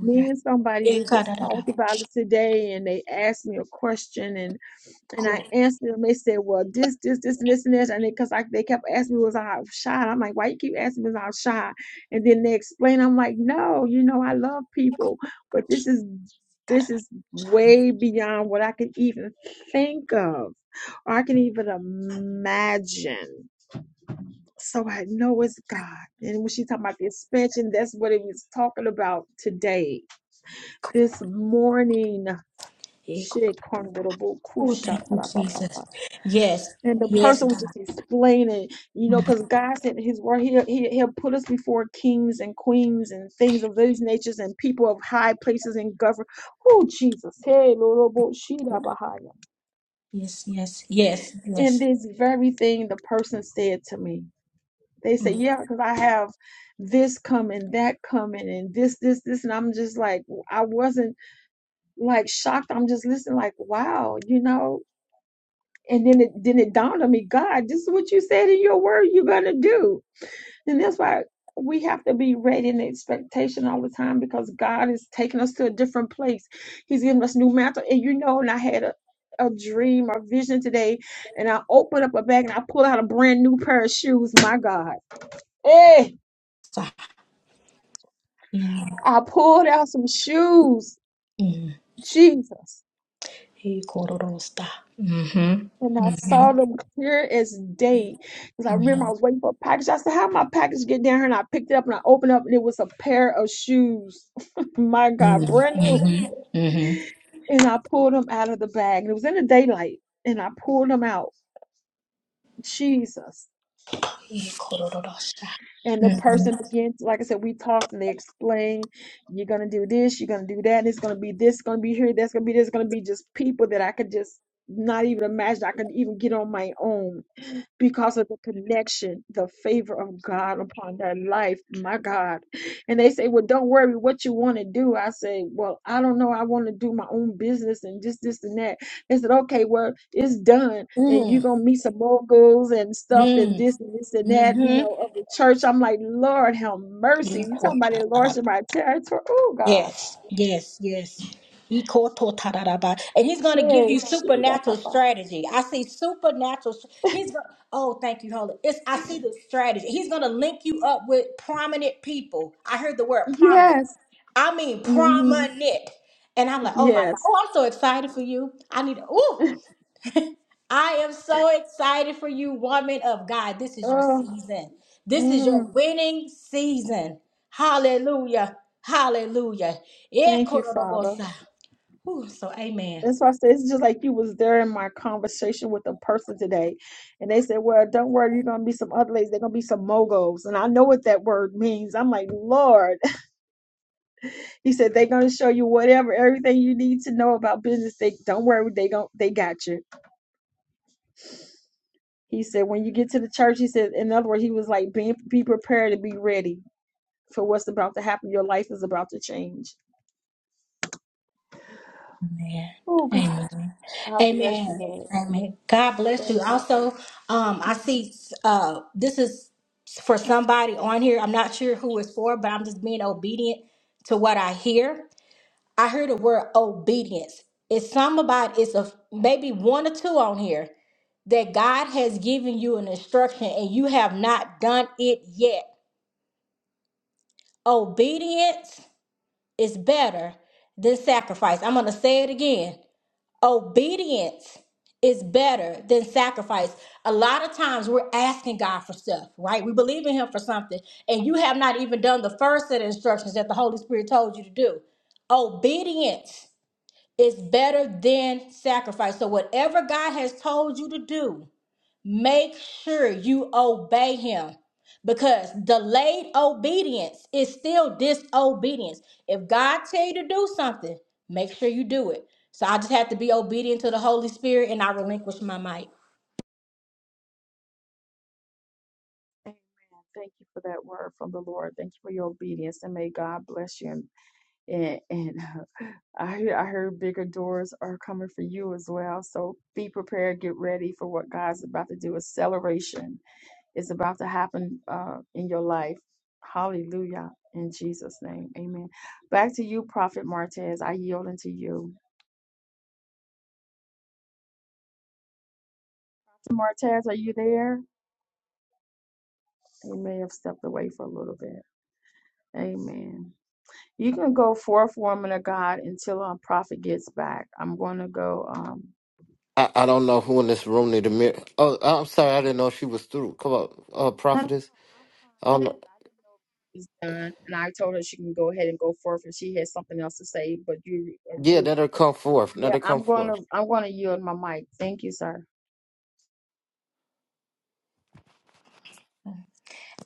me and somebody we just talked
Ekadadadako.
about it today, and they asked me a question, and. And I answered them. They said, "Well, this, this, this, and this, and this." And because I, they kept asking me, "Was I shy?" And I'm like, "Why you keep asking me? Was I shy?" And then they explained. I'm like, "No, you know, I love people, but this is this
Kadadada.
is way beyond what I can even think of or I can even imagine." So I know it's God. And when she talking about the expansion, that's what it was talking about today, this morning.
Eko-
Shit, corn little boo, Cool
Oh, thank you,
shot.
Jesus. Yes,
And the
yes,
person was
God.
just explaining, you know,
Mhm.
because God said in His word, he'll, he, He'll put us before kings and queens and things of those natures and people of high places and government. Oh, Jesus. Hey, Lord, oh, Shida
Koda-
Bahaya.
Yes, yes, yes,
And
yes.
this very thing the person said to me. They said,
Mhm.
yeah, because I have this coming, that coming, and this, this, this. And I'm just like, I wasn't like shocked. I'm just listening, like, wow, you know. And then it then it dawned on me, God, this is what you said in your word you're gonna do And that's why we have to be ready in expectation all the time because God is taking us to a different place. He's giving us new mantle. And you know, and I had a, a dream or vision today, and I opened up a bag and I pulled out a brand new pair of shoes. My God. Hey,
Sa- Mm,
I pulled out some shoes.
mm.
Jesus.
Ekororosta. Mhm.
And I saw
Mhm.
them clear as day. Because I remember
Mhm.
I was waiting for a package. I said, How my package get down here? And I picked it up and I opened up and it was a pair of shoes. [LAUGHS] My God,
Mhm.
brand new.
Mhm. Mhm.
and I pulled him out of the bag. And it was in the daylight, and I pulled him out. Jesus.
Ekorororosta.
And the
Mhm.
person begins, like I said, we talked and they explained, you're going to do this, you're going to do that, and it's going to be this, going to be here, that's going to be this, going to be just people that I could just not even imagine I could even get on my own because of the connection, the favor of God upon their life. My God. And they say, Well, don't worry what you want to do. I say, Well, I don't know. I want to do my own business and just this and that. They said, Okay, well, it's done. And
Mhm.
you're going to meet some moguls and stuff and
Mhm.
this and this and that, you
Mhm.
know, of the church. I'm like, Lord, have mercy. you talking about the
Ekotarara.
Lord's in my territory. Oh, God.
Yes, yes, yes. Ikototararaba. And he's going to give
Say,
you
she, da, pa,
supernatural
pa.
strategy. I see supernatural. str- He's going. Oh, thank you, Holy. It's I see the strategy. He's going to link you up with prominent people. I heard the word prominent.
Yes.
I mean
hmm
prominent. And I'm like, oh my god.
Yes.
Oh, I'm so excited for you. I need. Oh. I am so excited for you, woman of God. This is your
Oh,
season. This is your
hmm
winning season. Hallelujah. Hallelujah. Yeah,
thank you, Father.
Kororobosa. Ooh, so amen.
That's why I said it's just like you was there in my conversation with a person today, and they said, "Well, don't worry, you're gonna be some other ladies. They're gonna be some moguls." And I know what that word means. I'm like, Lord. [LAUGHS] He said they're gonna show you whatever, everything you need to know about business. They don't worry, they gon' they got you. He said when you get to the church, he said, in other words, he was like, be be prepared and be ready for what's about to happen. Your life is about to change.
Amen.
Oh God,
Amen.
I bless you,
Amen.
Lord.
Amen. God bless you.
Thank
Also, um, I
you.
see uh this is for somebody on here. I'm not sure who it's for, but I'm just being obedient to what I hear. I heard the word obedience. It's some about it's a maybe one or two on here that God has given you an instruction and you have not done it yet. Obedience is better than sacrifice. I'm going to say it again. Obedience is better than sacrifice. A lot of times we're asking God for stuff, right? We believe in Him for something, and you have not even done the first set of instructions that the Holy Spirit told you to do. Obedience is better than sacrifice. So, whatever God has told you to do, make sure you obey Him because delayed obedience is still disobedience. If God tell you to do something, make sure you do it. So, I just have to be obedient to the Holy Spirit and I relinquish my might.
Amen. Thank you for that word from the Lord. Thank you for your obedience, and may God bless you. And and, and [LAUGHS] I hear- I heard bigger doors are coming for you as well. So be prepared, get ready for what God's about to do. Acceleration. is about to happen uh, in your life. Hallelujah. In Jesus' name. Amen. Back to you, Prophet Martez. I yield unto you. Martez, are you there? He may have stepped away for a little bit. Amen. You can go forth, woman of God, until our prophet gets back. I'm going to go. Um,
I, I don't know who in this room need a mirror. Oh, I'm sorry, I didn't know she was through. Come on, uh,
no, no, no,
prophetess.
I'm fine,
Um,
prophet. I didn't know if he's done. And I told her she can go ahead and go forth if she has something else to say. But you, uh,
yeah,
you
let her come forth. Let
yeah,
her come
I'm going to,
forth.
I'm going to yield my mic. Thank you, sir.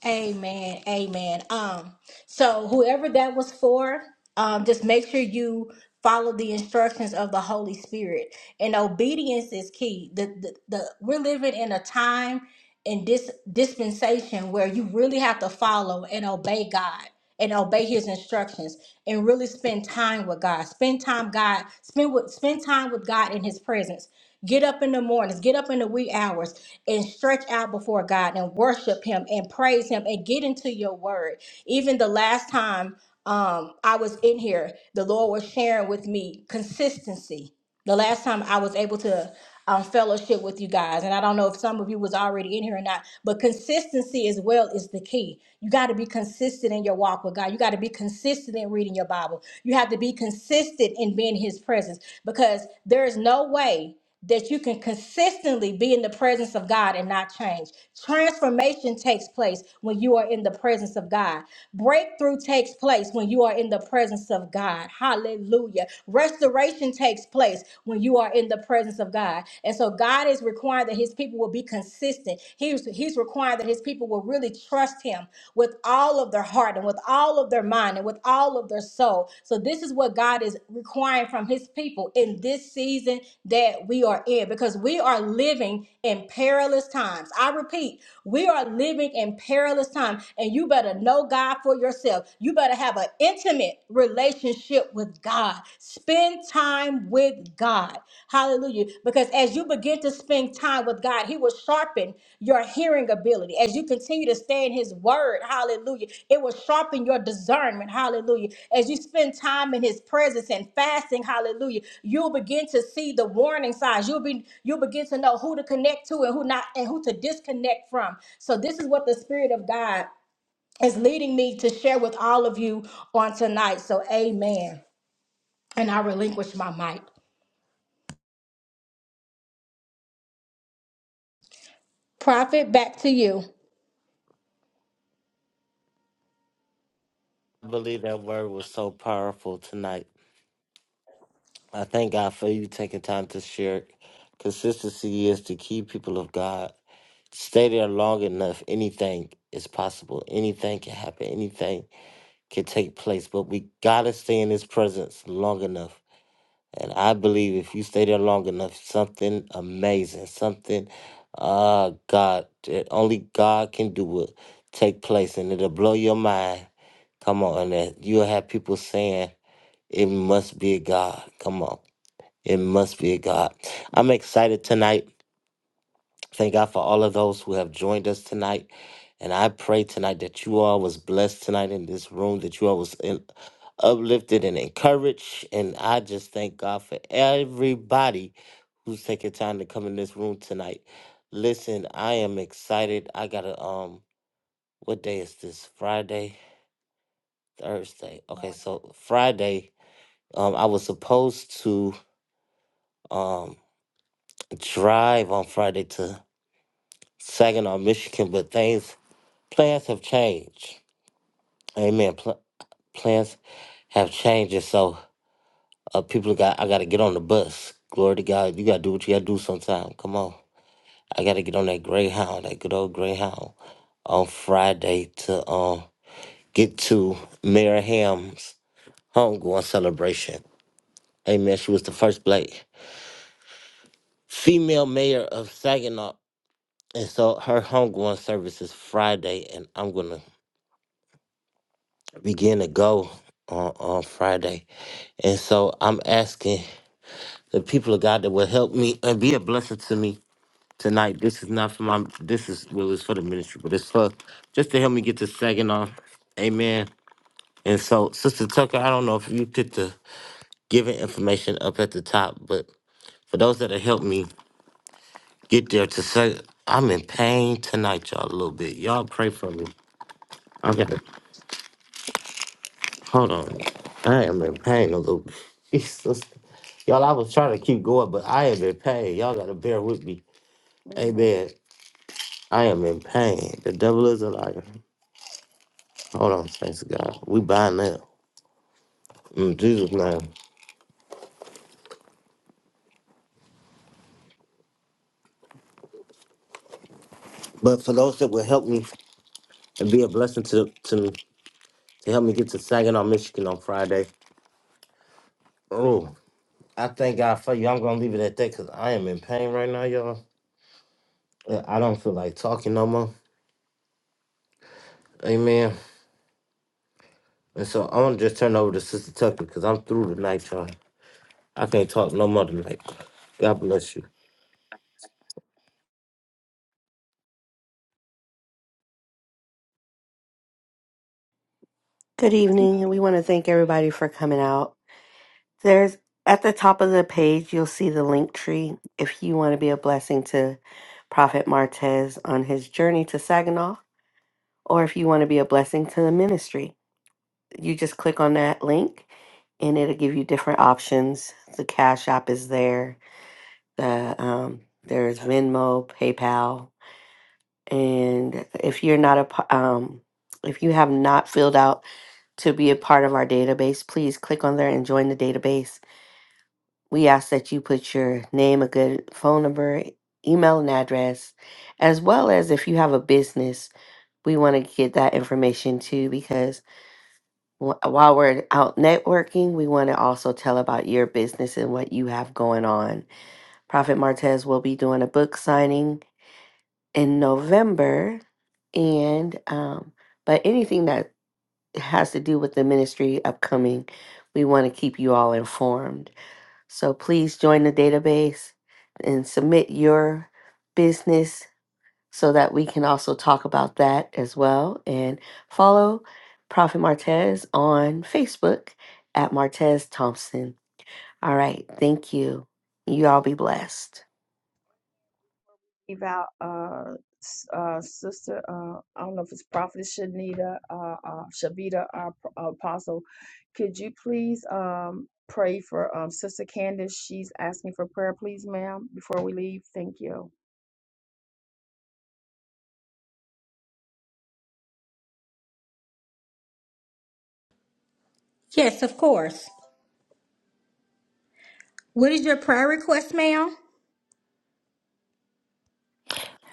Amen. Amen. Um, so whoever that was for, um, just make sure you follow the instructions of the Holy Spirit. And obedience is key. The the, the we're living in a time and this dispensation where you really have to follow and obey God and obey his instructions and really spend time with God. Spend time God, spend with spend time with God in his presence. Get up in the mornings, get up in the wee hours and stretch out before God and worship him and praise him and get into your word. Even the last time um I was in here, the Lord was sharing with me consistency the last time I was able to um, fellowship with you guys, and I don't know if some of you was already in here or not, but consistency as well is the key. You got to be consistent in your walk with God. You got to be consistent in reading your Bible. You have to be consistent in being in His presence because there is no way that you can consistently be in the presence of God and not change. Transformation takes place when you are in the presence of God. Breakthrough takes place when you are in the presence of God. Hallelujah. Restoration takes place when you are in the presence of God. And so God is requiring that his people will be consistent. He's, he's requiring that his people will really trust him with all all of their heart and with all of their mind and with all of their soul. So, this is what God is requiring from His people in this season that we are in because we are living in perilous times. I repeat, we are living in perilous times, and you better know God for yourself. You better have an intimate relationship with God, spend time with God. Hallelujah. Because as you begin to spend time with God, He will sharpen your hearing ability. As you continue to stay in His word, hallelujah, it will sharpen your discernment, hallelujah. As you spend time in His presence and fasting, hallelujah, you'll begin to see the warning signs. You'll be you'll begin to know who to connect to and who not and who to disconnect from. So this is what the Spirit of God is leading me to share with all of you on tonight. So amen. And I relinquish my mic. Prophet, back to you.
I believe that word was so powerful tonight. I thank God for you taking time to share. Consistency is the key, people of God. Stay there long enough, anything is possible. Anything can happen. Anything can take place. But we gotta stay in His presence long enough. And I believe if you stay there long enough, something amazing, something, uh, God, that only God can do will take place, and it'll blow your mind. Come on, and that you'll have people saying, "It must be God." Come on. It must be a God. I'm excited tonight. Thank God for all of those who have joined us tonight. And I pray tonight that you all was blessed tonight in this room, that you all was in, uplifted and encouraged. And I just thank God for everybody who's taking time to come in this room tonight. Listen, I am excited. I gotta um what day is this? Friday? Thursday. Okay, so Friday, um I was supposed to um drive on Friday to Saginaw, Michigan, but things, plans have changed. Amen. Pl- plans have changed. And so uh, people got, I got to get on the bus. Glory to God. You got to do what you got to do sometime. Come on. I got to get on that Greyhound, that good old Greyhound on Friday to um, get to Mary Ham's homegoing celebration. Amen. She was the first black female mayor of Saginaw. And so her homegoing service is Friday, and I'm going to begin to go on, on Friday. And so I'm asking the people of God that will help me and be a blessing to me tonight. This is not for my this is well it's for the ministry, but it's for just to help me get this second on. Amen. And so Sister Tucker, I don't know if you put the giving information up at the top, but for those that have helped me get there to say I'm in pain tonight, y'all a little bit. Y'all pray for me. Hold on. I am in pain a little bit. [LAUGHS] Jesus. Y'all, I was trying to keep going, but I am in pain. Y'all got to bear with me. Amen. I am in pain. The devil is a liar. Hold on, thanks to God. We bind that in Jesus' name. But for those that will help me and be a blessing to to me, to help me get to Saginaw, Michigan on Friday. Oh, I thank God for you. I'm gonna leave it at that because I am in pain right now, y'all. Uh, I don't feel like talking no more. Amen. And so I'm gonna just turn over to Sister Tucker because I'm through tonight, y'all. I can't talk no more tonight. God bless you.
Good
She was asleep.
evening. and We want to
Somebody
thank
need to
everybody for coming out. There's at the top of the page, you'll see the link tree if you want to be a blessing to Prophet Martez on his journey to Saginaw, or if you want to be a blessing to the ministry. You just click on that link and it'll give you different options. The Cash App is there, um, there's Venmo, um, if you're out to be a part of our database, please click on there and join the database. We ask that you put your name, a good phone number, email, and address, as well as if you have a business, we want to get that information too because wh- while we're out networking, we want to also tell about your business and what you have going on. Prophet Martez will be doing a book signing in November, and um, but anything that's has to do with the ministry upcoming. We want to keep you all informed. So please join the database and submit your business so that we can also talk about that as well. And follow Prophet Martez on Facebook at Martez Thompson. All right. Thank you. You all be blessed.
leave out uh s- uh sister uh I don't know if it's Prophet Shanita uh uh Shavita uh, P- uh, Apostle. Could you please um pray for um Sister Candace? She's asking for prayer, please, ma'am, before we leave. Thank you.
Yes, of course. What is your prayer request, ma'am?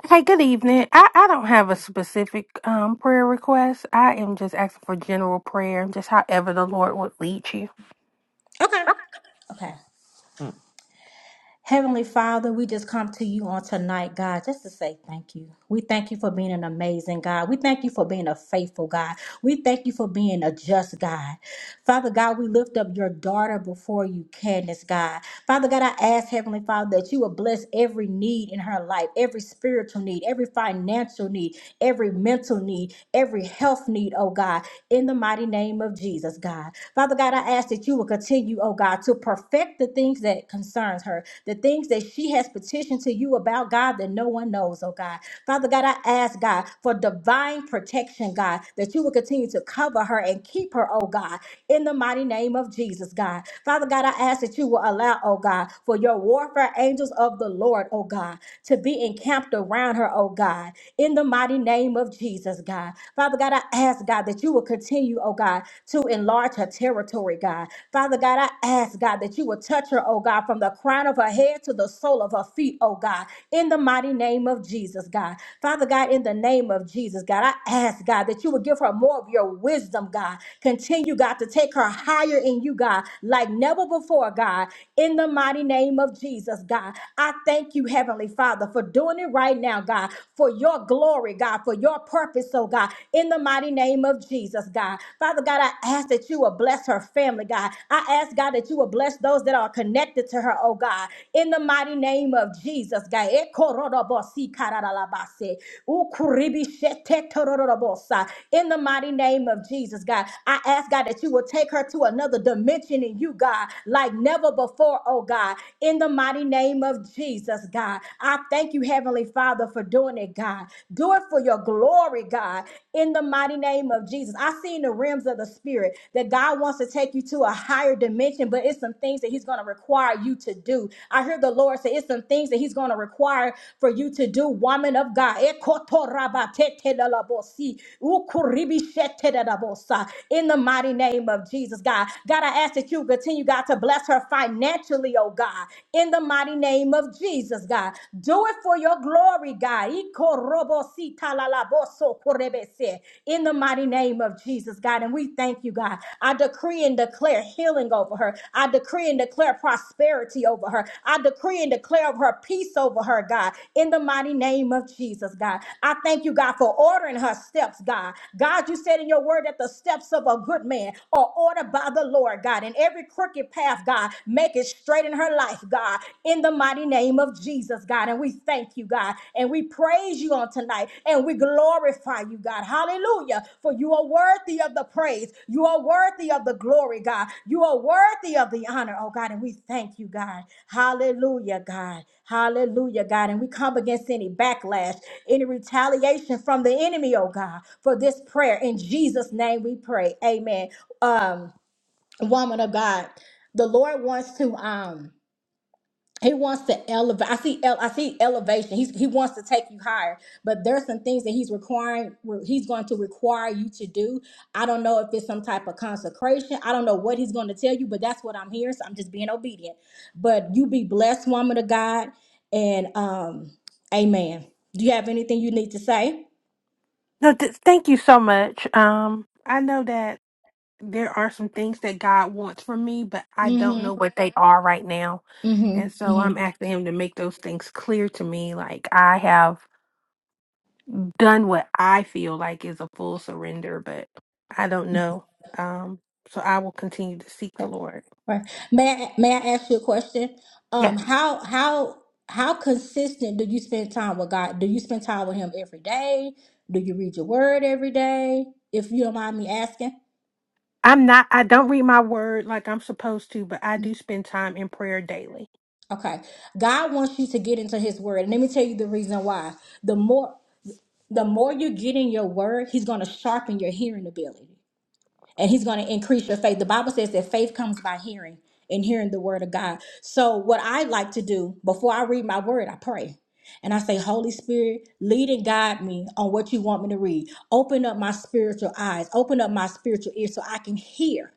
Hey, good evening. I, I don't have a specific um prayer request. I am just asking for general prayer, just however the Lord would lead you.
Okay. Okay. Heavenly Father, we just come to you on tonight, God, just to say thank you. We thank you for being an amazing God. We thank you for being a faithful God. We thank you for being a just God. Father God, we lift up your daughter before you, Candace, God. Father God, I ask, Heavenly Father, that you will bless every need in her life, every spiritual need, every financial need, every mental need, every health need, oh God, in the mighty name of Jesus, God. Father God, I ask that you will continue, oh oh God, to perfect the things that concerns her, the things that she has petitioned to you about, God, that no one knows, oh God. Father God, I ask God for divine protection, God, that you will continue to cover her and keep her, oh God, in the mighty name of Jesus, God. Father God, I ask that you will allow, oh God, for your warfare angels of the Lord, oh God, to be encamped around her, oh God, in the mighty name of Jesus, God. Father God, I ask, God, that you will continue, oh God, to enlarge her territory, God. Father God, I ask, God, that you would touch her, oh God, from the crown of her head to the sole of her feet, oh God, in the mighty name of Jesus, God. Father God, in the name of Jesus, God, I ask, God, that you would give her more of your wisdom, God. Continue, God, to take her higher in you, God, like never before, God, in the mighty name of Jesus, God. I thank you, Heavenly Father, for doing it right now, God, for your glory, God, for your purpose, oh God, God, in the mighty name of Jesus, God. Father God, I ask that you will bless her family, God. I ask, God, that you will bless those that are connected to her, oh God, in the mighty name of Jesus, God. Ekorodobosi kararalabase, ukuribishetetorororobosa. In the mighty name of Jesus, God, I ask, God, that you will take her to another dimension in you, God, like never before, oh God, in the mighty name of Jesus, God. I thank you, Heavenly Father, for doing doing it, God. Do it for your glory, God, in the mighty name of Jesus. I see in the realms of the spirit that God wants to take you to a higher dimension, but it's some things that He's going to require you to do. I hear the Lord say it's some things that He's going to require for you to do, woman of God. In the mighty name of Jesus, God. God, I ask that you continue, God, to bless her financially, oh God. In the mighty name of Jesus. Jesus, God. Do it for your glory, God. Ikorobositalalabosokhorebese. In the mighty name of Jesus, God. And we thank you, God. I decree and declare healing over her. I decree and declare prosperity over her. I decree and declare of her peace over her, God. In the mighty name of Jesus, God. I thank you, God, for ordering her steps, God. God, you said in your word that the steps of a good man are ordered by the Lord, God. And every crooked path, God, Make it straight in her life, God, in the mighty name of Jesus, God. And we thank you, God, and we praise you on tonight, and we glorify you, God. Hallelujah. For you are worthy of the praise, you are worthy of the glory, God. You are worthy of the honor, oh God. And we thank you, God. Hallelujah, God. Hallelujah, God. And we come against any backlash, any retaliation from the enemy, oh God, for this prayer. In Jesus' name we pray. Amen. Um, woman of God, the Lord wants to um he wants to elevate. I see ele- I see elevation. He's, he wants to take you higher, but there's some things that he's requiring where he's going to require you to do. I don't know if it's some type of consecration. I don't know what he's going to tell you, but that's what I'm here. So I'm just being obedient. But you be blessed, woman of God, and um, Amen. Do you have anything you need to say?
No, th- thank you so much. Um, I know that there are some things that God wants from me, but I don't know
Mm-hmm.
what they are right now. And
Mm-hmm.
so I'm
Mm-hmm.
asking him to make those things clear to me. Like I have done what I feel like is a full surrender, but I don't know. Um, so I will continue to seek the Lord.
Right. May I may I ask you a question?
Yes.
Um, how how how consistent do you spend time with God? Do you spend time with Him every day? Do you read your Word every day? If you don't mind me asking.
I'm not, I don't read my word like I'm supposed to, but I do spend time in prayer daily.
Okay. God wants you to get into His Word, and let me tell you the reason why. The more the more you get in your Word, He's going to sharpen your hearing ability. and he's going to increase your faith. The Bible says that faith comes by hearing and hearing the word of God. So, what I like to do before I read my word, I pray. And I say, Holy Spirit, lead and guide me on what you want me to read. Open up my spiritual eyes, open up my spiritual ears so I can hear.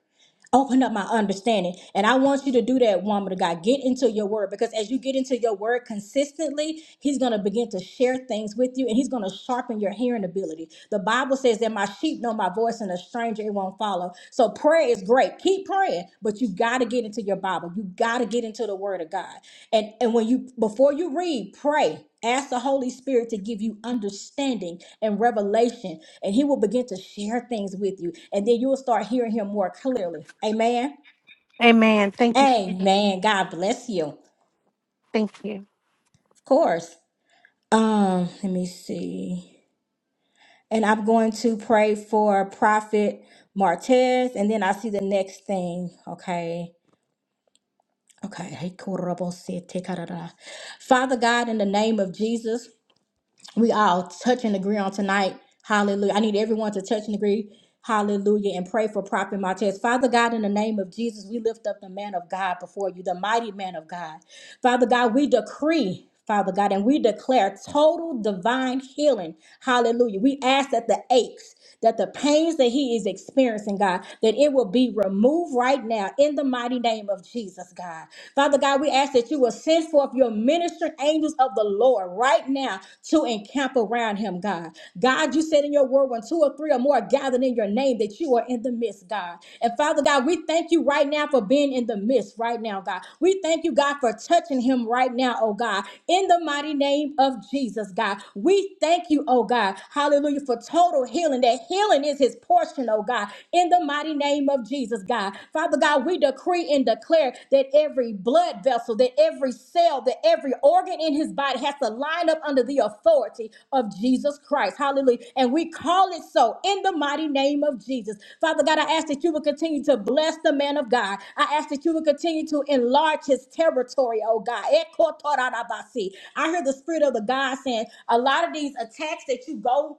Open up my understanding. And I want you to do that, woman of God. Get into your word because as you get into your word consistently, He's going to begin to share things with you and He's going to sharpen your hearing ability. The Bible says that my sheep know my voice and a stranger it won't follow. So prayer is great. Keep praying, but you got to get into your Bible. You got to get into the word of God. And, and when you, before you read, pray. Ask the Holy Spirit to give you understanding and revelation, and He will begin to share things with you, and then you will start hearing Him more clearly. Amen.
Amen. Thank you. so
Amen. God bless you.
Thank you.
Of course. Um, let me see. And I'm going to pray for Prophet Martez, and then I see the next thing. Okay. Okay. Hey, korobose, te karara. Father God, in the name of Jesus. we all touch and agree on tonight. Hallelujah. I need everyone to touch and agree. Hallelujah. And pray for Prophet Martez. Father God, in the name of Jesus, we lift up the man of God before you, the mighty man of God. Father God, we decree. Father God, and we declare total divine healing. Hallelujah. We ask that the aches, that the pains that he is experiencing, God, that it will be removed right now in the mighty name of Jesus, God. Father God, we ask that you will send forth your ministering angels of the Lord right now to encamp around him, God. God, you said in your word, when two or three or more are gathered in your name, that you are in the midst, God. And Father God, we thank you right now for being in the midst right now, God. We thank you, God, for touching him right now, oh God, in the mighty name of Jesus, God. We thank you, oh God, hallelujah, for total total healing, that healing is his portion, oh God, in the mighty name of Jesus, God. Father God, we decree and declare that every blood vessel, that every cell, that every organ in his body has to line up under the authority of Jesus Christ. Hallelujah. And we call it so in the mighty name of Jesus. Father God, I ask that you would continue to bless the man of God. I ask that you would continue to enlarge his territory, oh God. Ekotorarabasi. I hear the spirit of the God saying, a lot of these attacks that you go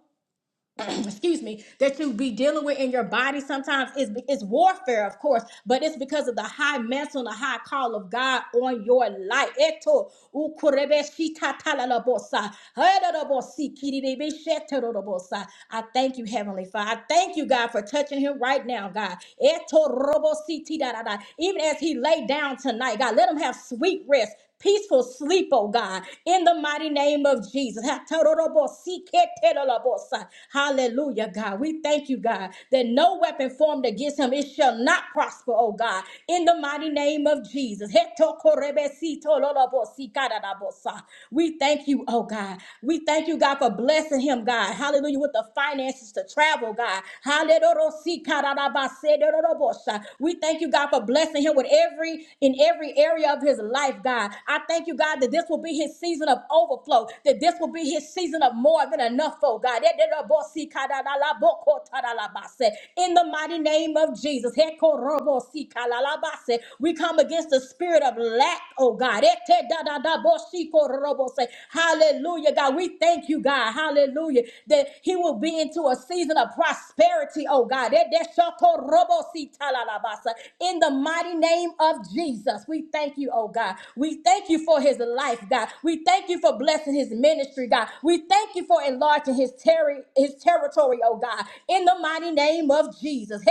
[CLEARS THROAT] excuse me, that you be dealing with in your body sometimes is it's warfare, of course, but it's because of the high mantle and the high call of God on your life. Eto ukurebeshitatalalabosa, hedadobosi, kirirebesheterorobosa. I thank you, Heavenly Father. I thank you, God, for touching him right now, God. Eto robositidadada. Even as he lay down tonight, God, let him have sweet rest peaceful sleep, oh God, in the mighty name of Jesus. Hallelujah, God. We thank you, God, that no weapon formed against him, it shall not prosper, oh God, in the mighty name of Jesus. We thank you, oh God. We thank you, God, for blessing him, God. Hallelujah, with the finances to travel, God. Hallelujah. We thank you, God, for blessing blessing him with every in every area of his life, God. I thank you, God, that this will be his season of overflow, that this will be his season of more than enough, oh God. In the mighty name of Jesus, we come against the spirit of lack, oh God. Hallelujah, God. We thank you, God. Hallelujah, that he will be into a season of prosperity, oh God. In the mighty name of Jesus, we thank you, oh God. We thank you for his life, God. We thank you for blessing his ministry, God. We thank you for enlarging his, terri- his territory, oh God. In the mighty name of Jesus.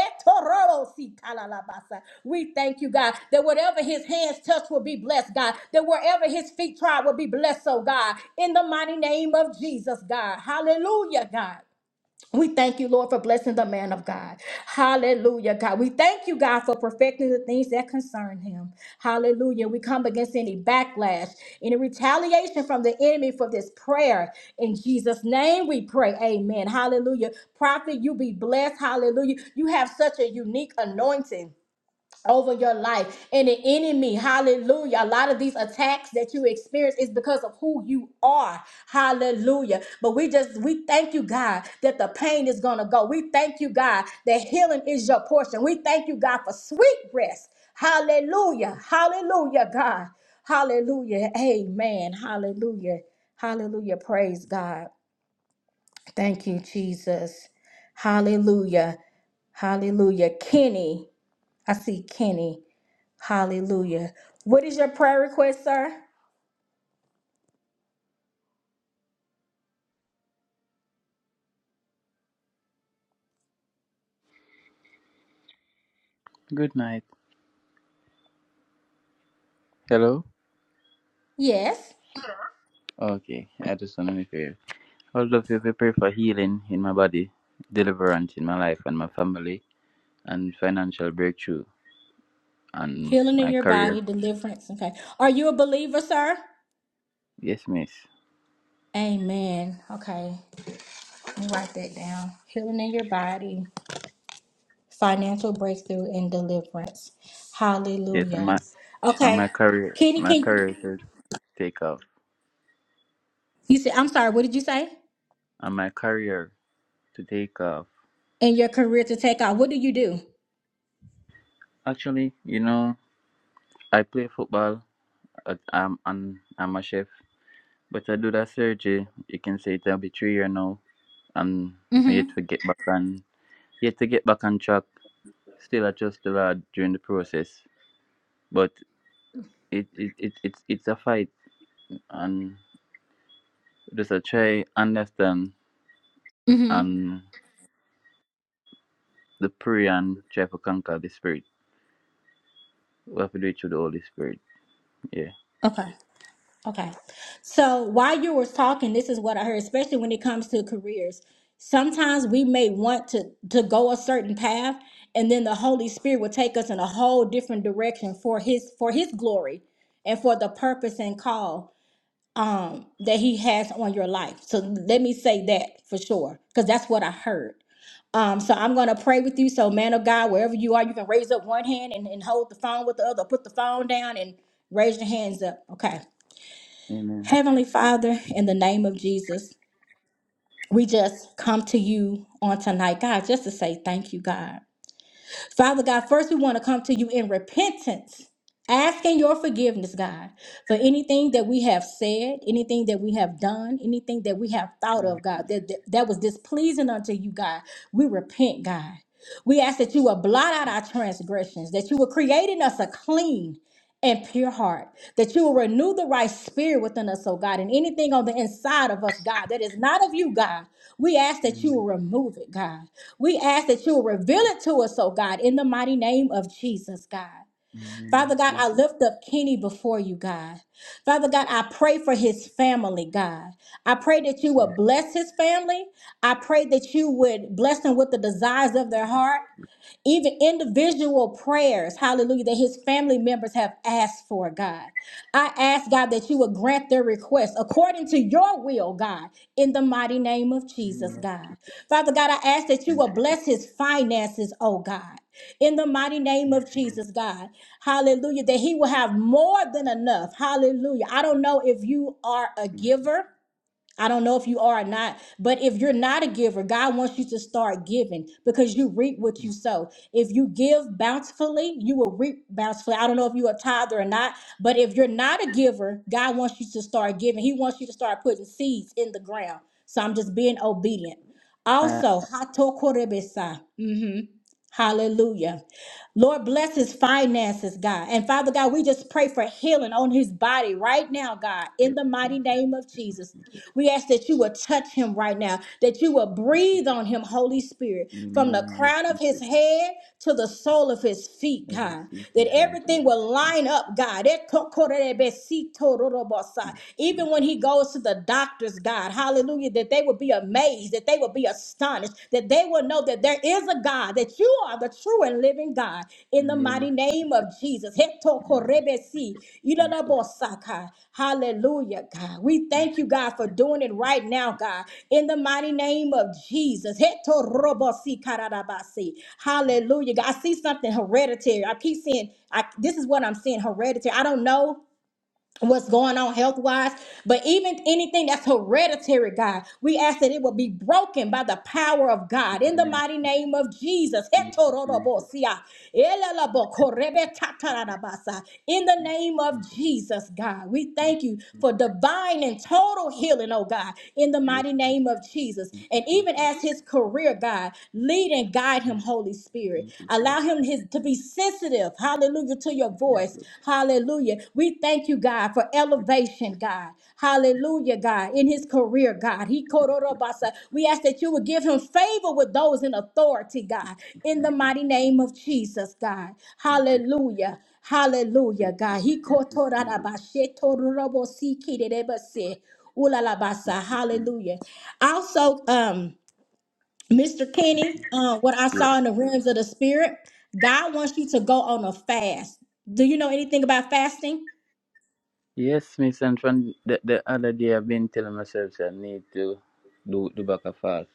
We thank you, God, that whatever his hands touch will be blessed, God. That wherever his feet try will be blessed, oh God. In the mighty name of Jesus, God. Hallelujah, God. We thank you, Lord, for blessing the man of God. Hallelujah, God. We thank you, God, for perfecting the things that concern him. Hallelujah. We come against any backlash, any retaliation from the enemy for this prayer. In Jesus' name we pray. Amen. Hallelujah. Prophet, you be blessed. Hallelujah. You have such a unique anointing over your life and the enemy hallelujah a lot of these attacks that you experience is because of who you are hallelujah but we just we thank you god that the pain is gonna go we thank you god that healing is your portion we thank you god for sweet rest hallelujah hallelujah god hallelujah amen hallelujah hallelujah praise god thank you jesus hallelujah hallelujah kenny i see kenny Hallelujah. What is your prayer request, sir?
Good night. Hello?
Yes.
Okay, I just want to make a all of you prepare for healing in my body, deliverance in my life and my family, and financial breakthrough and
Healing in
my
your
career.
body, deliverance. Okay. Are you a believer, sir?
Yes, miss.
Amen. Okay. Let me write that down. Healing in your body, financial breakthrough, and deliverance.
Yes, and
Hallelujah.
my and
Okay.
my career
Kenny,
my
can you,
career to take off.
you said, I'm sorry, what did you say?
And my career to take off.
In your career to take off. What do you do?
Actually, you know, I play football. uh, I'm I'm, I'm a chef. But I do that surgery. You can say it'll be three year now and
Mm
me
hmm.
yet to get back on yet to get back on track Still, I trust the Lord during the process, but it, it, it it's it's a fight, and just I try understand
Mm hmm.
and the prayer and try to conquer the spirit. We have to do it through the Holy Spirit. Yeah.
Okay. Okay. So while you were talking, this is what I heard, especially when it comes to careers. Sometimes we may want to to go a certain path and then the Holy Spirit will take us in a whole different direction for his for his glory and for the purpose and call um that he has on your life. So let me say that for sure cuz that's what I heard. Um, so I'm gonna pray with you. So, man of God, wherever you are, you can raise up one hand and, and hold the phone with the other, put the phone down and raise your hands up. Okay.
Amen.
Heavenly Father, in the name of Jesus, we just come to you on tonight, God, just to say thank you, God. Father God, first we want to come to you in repentance, asking your forgiveness, God, for anything that we have said, anything that we have done, anything that we have thought
Amen.
of, God, that, that, that was displeasing unto you, God. We repent, God. We ask that you will blot out our transgressions, that you will create in us a clean and pure heart, that you will renew the right spirit within us, oh God, and anything on the inside of us, God, that is not of you, God. We ask that you
Amen. Amen.
will remove it, God. We ask that you will reveal it to us, oh God, in the mighty name of Jesus, God.
the name of
Father God, I
Jesus.
lift up Kenny before you, God. Father God, I pray for his family, God. I pray that you
Yes.
would bless his family. I pray that you would bless them with the desires of their heart even individual prayers, hallelujah, that his family members have asked for, God. I ask, God, that you would grant their request according to your will, God, in the mighty name of Jesus,
Amen. the name
God. Father God, I ask that you
of
will bless his finances, oh God. In the mighty name
thank you, Jesus.
of
Thank you, Lord.
Jesus, God. Hallelujah. That he will have more than enough. Hallelujah. I don't know if you are a
Thank you.
giver. I don't know if you are or not, but if you're not a giver, God wants you to start giving because you reap what you sow. If you give bountifully, you will reap bountifully. I don't know if you are tither or not, but if you're not a giver, God wants you to start giving. He wants you to start putting seeds in the ground. So I'm just being obedient.
Ah.
Also, hato korebesa. Hallelujah. Lord, bless his finances, God. And Father God, we just pray for healing on his body right now, God, in
Yes.
the
Thank
mighty
you.
name of Jesus. We ask that you will touch him right now, that you will breathe on him, Holy Spirit, from
Amen.
the
I
crown
receive
of his
it.
head to the sole of his feet,
I
God,
receive
that
you, Lord.
everything
Thank you.
will
Amen.
line up, God. Even when he goes to the doctors, God, hallelujah that they would be amazed, that they would be astonished, that they will know that there is a God, that you are the true and living God.
the
In the
name of
mighty name
Jesus.
of Jesus. Heto
Amen.
korebesi,
Thank you. Amen.
ilalabosaka. Hallelujah, God. We thank you, God, for doing it right now, God. In the mighty name of Jesus. Heto robosi kararabasi. Hallelujah, God. I see something hereditary. I keep seeing, I, this is what I'm seeing hereditary. I don't know what's going on health wise, but even anything that's hereditary, God, we ask that it will be broken by the power of God
the
in the
name of
mighty name of Jesus.
thank you, Jesus.
Hetorodobosia, elalabokorebetatarabasa. In the name of
Thank
Jesus, God, we
you.
thank you
Thank
for
you.
divine and total healing, oh God, in the mighty
Yes.
name of Jesus. And even as his career, God, lead and guide him, Holy Spirit. Allow him his is to be sensitive, hallelujah, to your voice, hallelujah. We thank you, God, for elevation, God, hallelujah, God, in his career, God. He kororobasa. We ask that you would give him favor with those in authority, God, in the mighty name of Jesus, God, hallelujah. Hallelujah, God. He kotorabashe tororobosikirebase. Ulalabasa. Hallelujah. Also, um, Mr. Kenny, uh, what I saw in the realms of the spirit, God wants you to go on a fast. Do you know anything about fasting?
Yes, Miss Antoine, the, the other day I've been telling myself say I need to do the back of fall.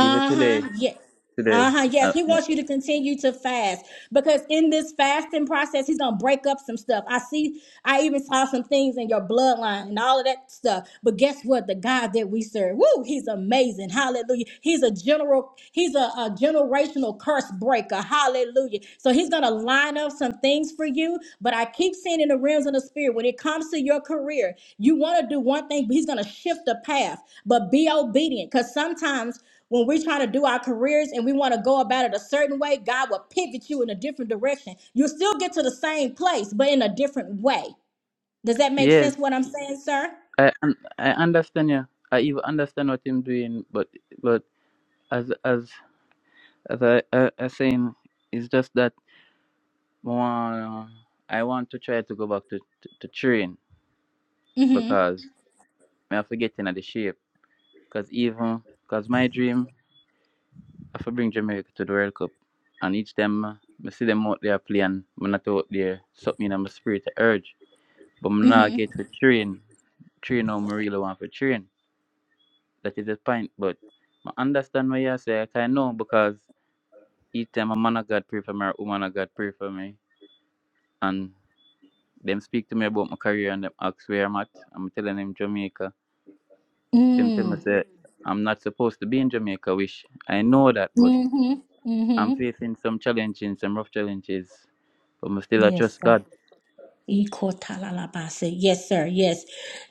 Even today,
Yes.
today,
Uh-huh. Yes.
uh,
He
no.
wants you to continue to fast because in this fasting process, he's gonna break up some stuff. I see, I even saw some things in your bloodline and all of that stuff. But guess what? The God that we serve, woo, he's amazing. Hallelujah. He's a general, he's a, a generational curse breaker. Hallelujah. So he's gonna line up some things for you. But I keep seeing in the realms of the spirit, when it comes to your career, you want to do one thing, but he's gonna shift the path. But be obedient. Because sometimes when we're trying to do our careers and we want to go about it a certain way, God will pivot you in a different direction. You'll still get to the same place, but in a different way. Does that make
yes,
sense what I'm saying, sir?
I un- I understand you. I even understand what I'm doing, but but as as as I I, I saying, it's just that more, I want to try to go back to to, to train
Mm-hmm.
because I have to get into the shape. Cause even cause my dream. if I bring Jamaica to the World Cup, and each time uh, I see them out there playing, I'm not out there, something in my spirit to urge. But I'm not
Mm-hmm.
get to train, train how I really want to train. That is the point. But I understand what you say, I kind know because each time a man of God pray for me or a woman of God pray for me, and them speak to me about my career and them ask where I'm at, I'm telling them Jamaica. Them tell me
Mm.
say, I'm not supposed to be in Jamaica, wish. I know that, but
Mm-hmm.
I'm
Mm-hmm.
facing some challenges, some rough challenges, but I'm still I
Yes,
trust
sir.
God.
Ikotalalabase. Yes, sir. Yes.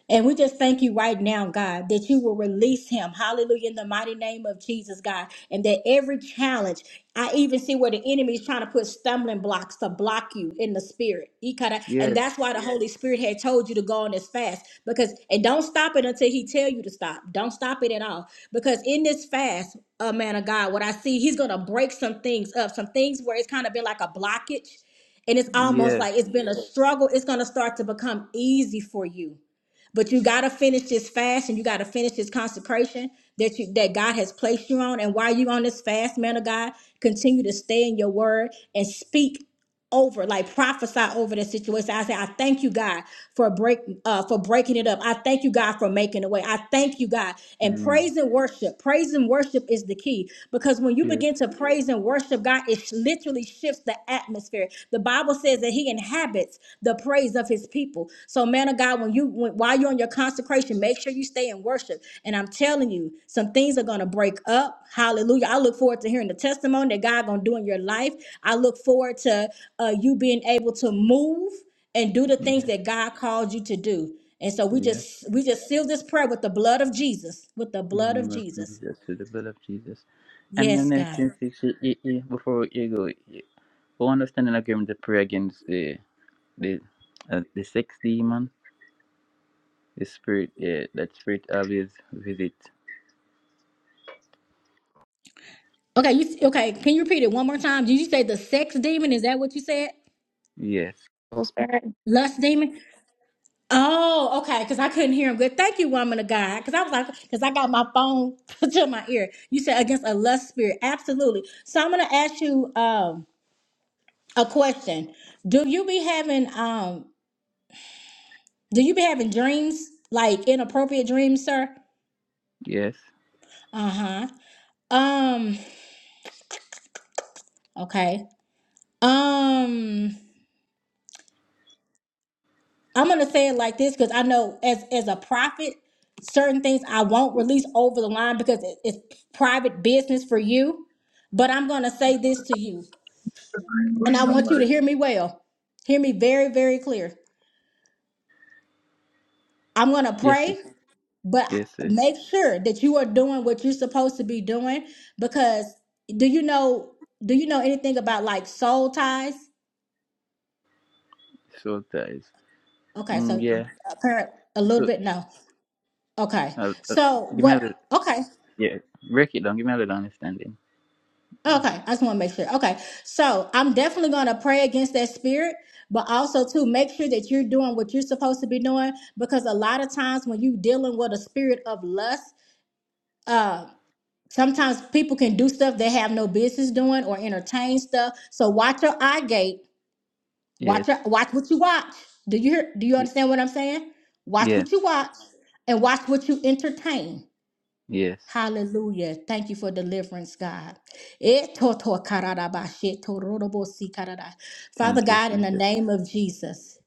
And we just thank you right now, God, that you will release him. Hallelujah. In the mighty name of Jesus, God. And that every challenge, I even see where the enemy is trying to put stumbling blocks to block you in the spirit. Ikata- And
Yes,
that's why the Holy Spirit had told you to go on this fast. Because and don't stop it until he tell you to stop. Don't stop it at all. Because in this fast, uh, man of God, what I see, he's gonna break some things up, some things where it's kind of been like a blockage and it's almost
yes,
like it's been a struggle it's going to start to become easy for you but you got to finish this fast and you got to finish this consecration that you that god has placed you on and while you're on this fast man of god continue to stay in your word and speak over, like prophesy over the situation. I say, I thank you, God, for break uh, for breaking it up. I thank you, God, for making a way. I thank you, God. And
amen.
praise and worship. Praise and worship is the key because when you
Yes,
begin to praise and worship God, it sh- literally shifts the atmosphere. The Bible says that He inhabits the praise of his people. So, man of God, when you when, while you're on your consecration, make sure you stay in worship. And I'm telling you, some things are gonna break up. Hallelujah! I look forward to hearing the testimony that God gonna do in your life. I look forward to uh, you being able to move and do the things
yes,
that God called you to do. And so we
yes.
just we just seal this prayer with the blood of Jesus, with the
In the
blood of
name of
Jesus.
Jesus, to the blood of Jesus. And the
Yes,
next
God.
thing, is, eh, eh, eh, before you go, eh, for understanding agreement to pray against the the uh, the sex demon, the spirit, yeah, that spirit always visit.
Okay, you okay? Can you repeat it one more time? Did you say the sex demon? Is that what you said?
Yes,
Pillsbury.
Lust demon? Oh, okay. Because I couldn't hear him good. Thank you, woman of God. Because I was like, because I got my phone [LAUGHS] to my ear. You said against a lust spirit. Absolutely. So I'm gonna ask you um a question. Do you be having um do you be having dreams like inappropriate dreams, sir?
yes,
Uh huh. Um. Okay. Um. I'm gonna say it like this because I know as as a prophet, certain things I won't release over the line because it- it's private business for you. But I'm gonna say this to you, and I want you to hear me well. Hear me very, very clear. I'm gonna
yes, sis.
pray, but
yes, yes.
make sure that you are doing what you're supposed to be doing because do you know do you know anything about like soul ties?
So ties.
Okay,
Mm,
so
yeah.
apparent a little
So,
bit no. Okay.
I'll, I'll-
So
give me a little,
what? Okay.
yeah. Break it down. Give me a little understanding.
Okay, I just want to make sure. Okay, so I'm definitely going to pray against that spirit, but also to make sure that you're doing what you're supposed to be doing because a lot of times when you're dealing with a spirit of lust, uh, sometimes people can do stuff they have no business doing or entertain stuff. So watch your eye gate.
Yes.
Watch your, watch what you watch. Do you hear, do you
y-
understand what I'm saying? Watch what
Yes.
you watch and watch what you entertain.
Yes.
Hallelujah. Thank you for deliverance, God. Etotokarabashetorobosikara. Father
Thank you,
God, in the
Jesus.
name of Jesus,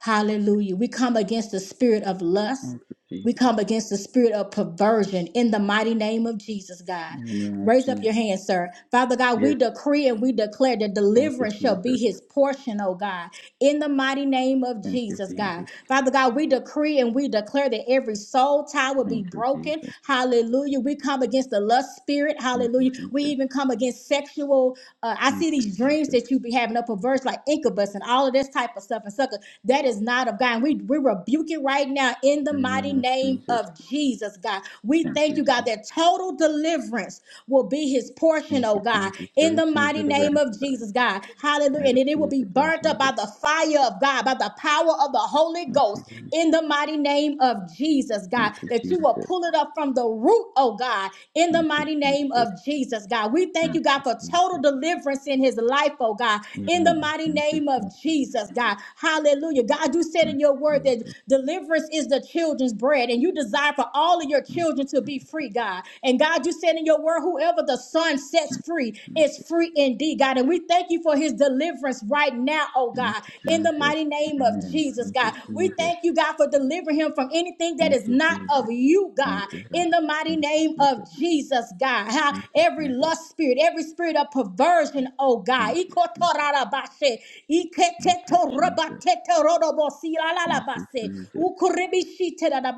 hallelujah. We come against the spirit of lust.
Thank you,
We
Jesus.
come against the spirit of perversion in the mighty name of Jesus, God.
In the name of
Raise up
Jesus.
your hand, sir. Father God, we
Yes.
decree and we declare that
Thank you,
deliverance shall be
Jesus.
his portion, oh God, in the mighty name of
Thank you,
Jesus, God.
Jesus.
Father God, we decree and we declare that every soul tie will be
Thank you,
broken.
Jesus.
Hallelujah. We come against the lust spirit.
Thank you,
Hallelujah. We
Jesus.
even come against sexual. Uh, I
Thank
see
you,
these dreams
Jesus.
that you be having a perverse, like incubus and all of this type of stuff and sucker. That is not of God. And we, we rebuke it right now in
In
the
the
mighty mighty
name of
name
Jesus.
of Jesus, God. We
Thank
thank
you,
you, God,
Jesus.
that total deliverance will be his portion,
Thank
oh
you,
God,
Jesus. I
in the
receive
mighty
the
name
divine
of
power.
Jesus, God.
I
Hallelujah. And it will
receive
be
it, Lord
burnt up
Jesus.
by the fire of God, by the power of the Holy
Thank
Ghost,
you, Jesus.
in the mighty name of Jesus, God,
Thank you,
that you
Jesus.
will pull it up from the root, oh God, in the
Thank you,
mighty name
Jesus.
of Jesus, God. We thank
Thank
you, God,
you,
for total
Jesus.
deliverance in his life, oh God, in the
Amen.
mighty
Thank you,
name of
Jesus.
Jesus, God. Hallelujah. God, you said
Thank
in your
you,
word that
Jesus.
deliverance is the children's bread, and you desire for all of your
Thank you,
children to
Jesus.
be free, God. And God, you said in your word, whoever the Son sets
Thank you,
free
Jesus.
is free indeed, God. And we thank you for his deliverance right now, oh
Thank
God, in
you,
the
Jesus.
mighty name of
Amen.
Jesus,
Thank you,
God. We
Jesus.
thank you, God, for delivering him from anything that
Thank
is
you,
not
Jesus.
of you,
Thank
God,
you, God.
in the mighty
Thank you,
name of
Jesus.
Jesus, God. How
Thank you,
every
Jesus.
lust spirit, every spirit of perversion, oh God.
Thank you, Jesus.
Ikotorarabashe,
Thank you, Jesus.
iketetorabate,
Thank you,
tetorobosilalalabase,
Jesus.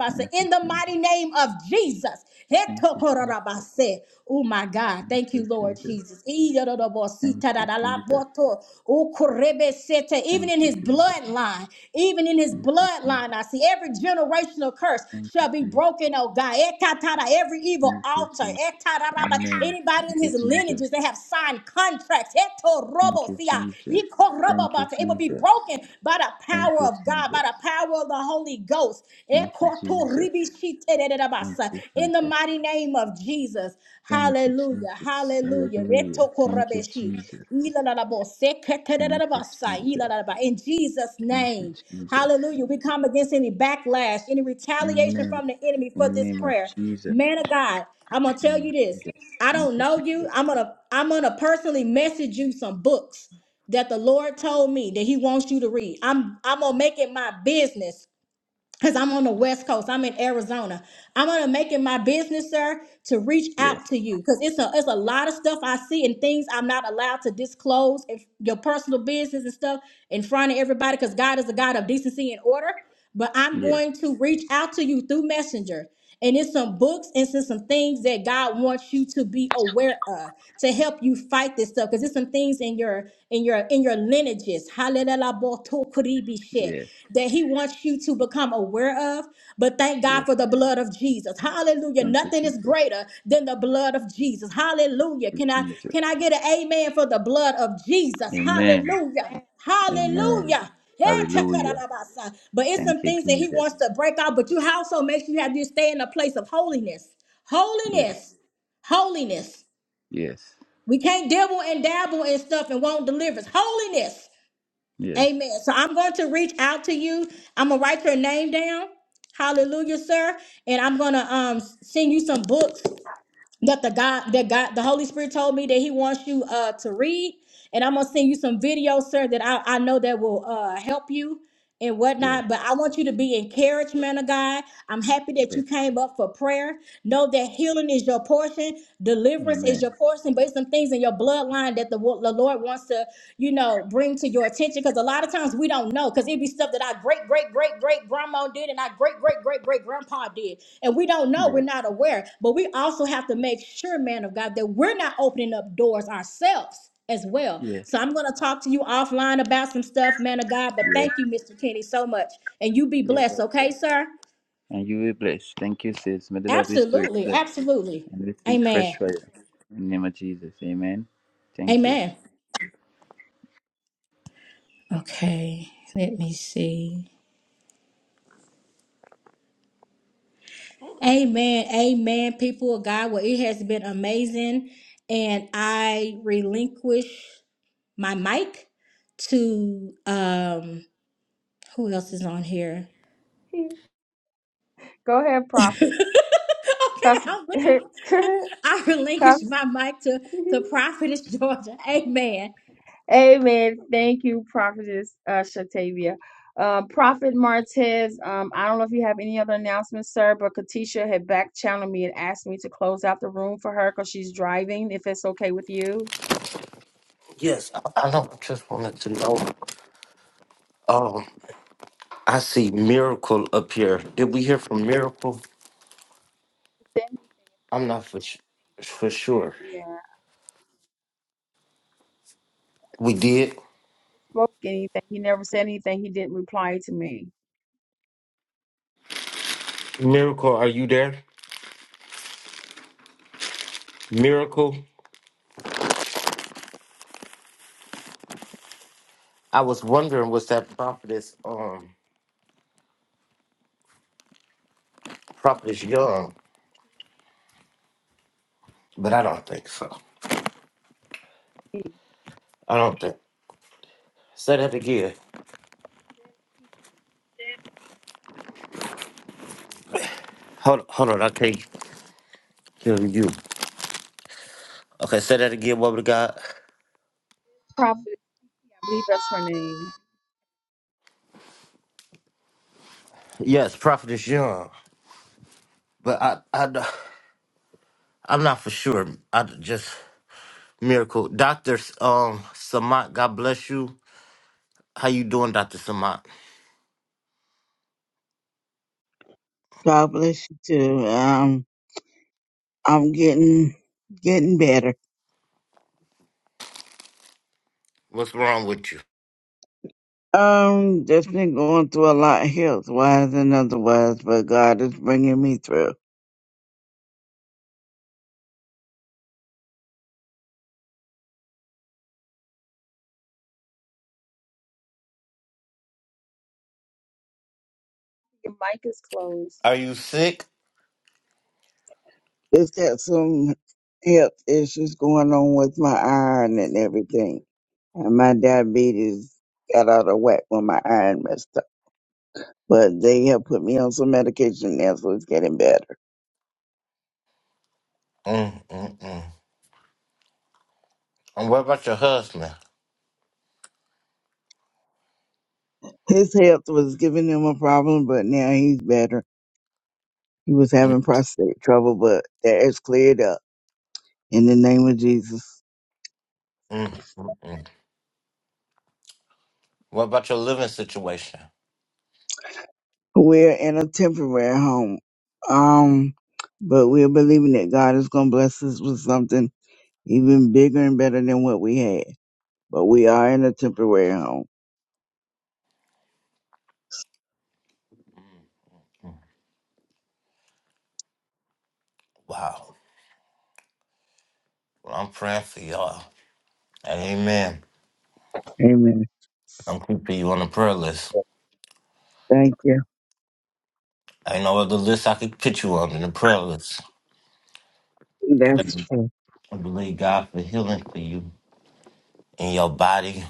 Thank
in
you,
the
Jesus.
mighty name of Jesus.
Thank you, Jesus.
Hetokororabase. Oh my God.
Thank
Thank
you,
you, Lord
Jesus.
Jesus.
Thank you, Jesus.
Iyororobositadadalaboto. Okorebesete. Even
Thank
in
you,
his
Jesus.
bloodline, even in his
Thank you, Jesus.
bloodline, I see every generational curse
Thank
shall
you,
be
Jesus.
broken, oh God. Ekatara, Every evil
Thank you,
altar.
Jesus.
Etararaba.
Amen.
Anybody
Thank
in
you,
his
Jesus.
lineages that have signed contracts.
Thank you,
Etorobosia.
Jesus. Thank you,
Ikorobobata. It will be
Jesus.
broken by the
Thank
power
you,
of God, by
Jesus.
the power of the Holy Holy Ghost.
Thank you, Jesus. Thank you,
In the
Jesus.
mighty name of Jesus.
Thank you,
Hallelujah.
Jesus.
Hallelujah.
Hallelujah. Thank you, Jesus. Thank you, Jesus.
In Jesus'
Thank you,
name.
Jesus.
Hallelujah. We come against any backlash, any retaliation
Amen.
from the enemy
In the
for this
name of
prayer.
Jesus.
Man of God, I'm going to tell you
Amen.
this.
Yes.
I don't
Thank you,
know you.
Jesus.
I'm gonna I'm gonna personally message you some books that the Lord told me that He wants you to read. I'm I'm gonna make it my business because I'm on the West Coast. I'm in Arizona. I'm gonna make it my business, sir, to reach
Yes.
out to you because it's a it's a lot of stuff I see and things I'm not allowed to disclose if your personal business and stuff in front of everybody because God is a God of decency and order. But I'm
Yes.
going to reach out to you through Messenger and it's some books and it's some things that God wants you to be aware of to help you fight this stuff. Because there's some things in your in your in your lineages, hallelujah,
Yes.
that He wants you to become aware of. But thank God
Yes.
for the blood of Jesus. Hallelujah.
Thank you,
Nothing is
Jesus.
greater than the blood of Jesus. Hallelujah. Can I
Jesus.
can I get an amen for the blood of Jesus?
Amen.
Hallelujah.
Amen.
Hallelujah.
Hallelujah.
Etakarabasa. But it's
Thank
some
you,
things that he
Jesus.
wants to break out. But you also make sure you have you stay in a place of holiness.
Yes.
Holiness. Holiness.
Yes.
We can't dabble and dabble in stuff and won't deliver. It's Holiness.
Yes.
Amen. So I'm going to reach out to you. I'm gonna write your name down. Hallelujah, sir. And I'm gonna um send you some books that the God that God the Holy Spirit told me that He wants you uh to read. And I'm gonna send you some videos, sir, that I, I know that will uh help you and
Yes.
whatnot. But I want you to be encouraged, man of God. I'm happy that
Yes.
you came up for prayer. Know that healing is your portion, deliverance is
Amen.
your portion, but it's some things in your bloodline that the, wo- the Lord wants to, you know bring to your attention because a lot of times we don't know because it'd be stuff that our great great great great grandma did and our great great great great grandpa did and we don't know we're
Yes.
not aware but we also have to make sure man of god that we're not opening up doors ourselves as well
Yes.
so i'm going to talk to you offline about some stuff man of god but
Yes.
thank you mr kenny so much and you be
Yes.
blessed okay sir
And you will bless. Thank you, sis. May the Lord restore
absolutely
you.
absolutely
and receive
amen
fresh fire in the name of Jesus. Amen. Thank you.
amen Okay, let me see. Amen. Amen. People of God, well, it has been amazing. And I relinquish my mic to um who else is on here?
[LAUGHS] Go ahead,
[LAUGHS] okay,
Prophet. Custom.
I'm looking. [LAUGHS] I relinquish my mic to,
[LAUGHS]
to Prophetess Georgia. Amen.
Amen. Thank you, Prophetess uh, Shatavia. Uh, Prophet Martez, um, I don't know if you have any other announcements, sir, but Katisha had back channeled me and asked me to close out the room for her because she's driving, if it's okay with you.
Yes, I, I know. I just wanted to know. Um, I see Miracle up here. Did we hear from Miracle?
Said anything if
I'm
I
not for
I
sh-
asked
for sure.
him. Yeah.
We did.
Spoke anything. He never said anything. He didn't reply to me.
Miracle, are you there? Miracle. I was wondering was that prophetess um prophetess Young, but I don't think so. I don't think. Say that again. Hold hold on. I can't hear you. Okay, say that again. What we God.
Prophet, I believe that's her name.
Yes, Prophetess Young, but I, I, I'm not for sure. I just miracle, Doctor um Samat. God bless you. How you doing, Doctor Samat?
God bless you too. Um, I'm getting getting better.
What's wrong with you?
Um, just been going through a lot health wise and otherwise, but God is bringing me through.
Your mic is closed.
Are you sick?
Just got some health issues going on with my iron and everything, and my diabetes got out of whack when my iron messed up. But they have put me on some medication now, so it's getting better.
Mm mm mm. And what about your husband?
His health was giving him a problem, but now he's better. He was
Mm
having prostate trouble, but that is cleared up in the name of Jesus.
mm mm. mm. What about your living situation?
We're in a temporary home. Um, but we're believing that God is going to bless us with something even bigger and better than what we had. But we are in a temporary home.
Wow. Well, I'm praying for y'all. And amen.
Amen.
I'm keeping you on the prayer list.
Thank you.
I know other list I could put you on in the prayer list.
That's
I
true.
believe God for healing for you in your body,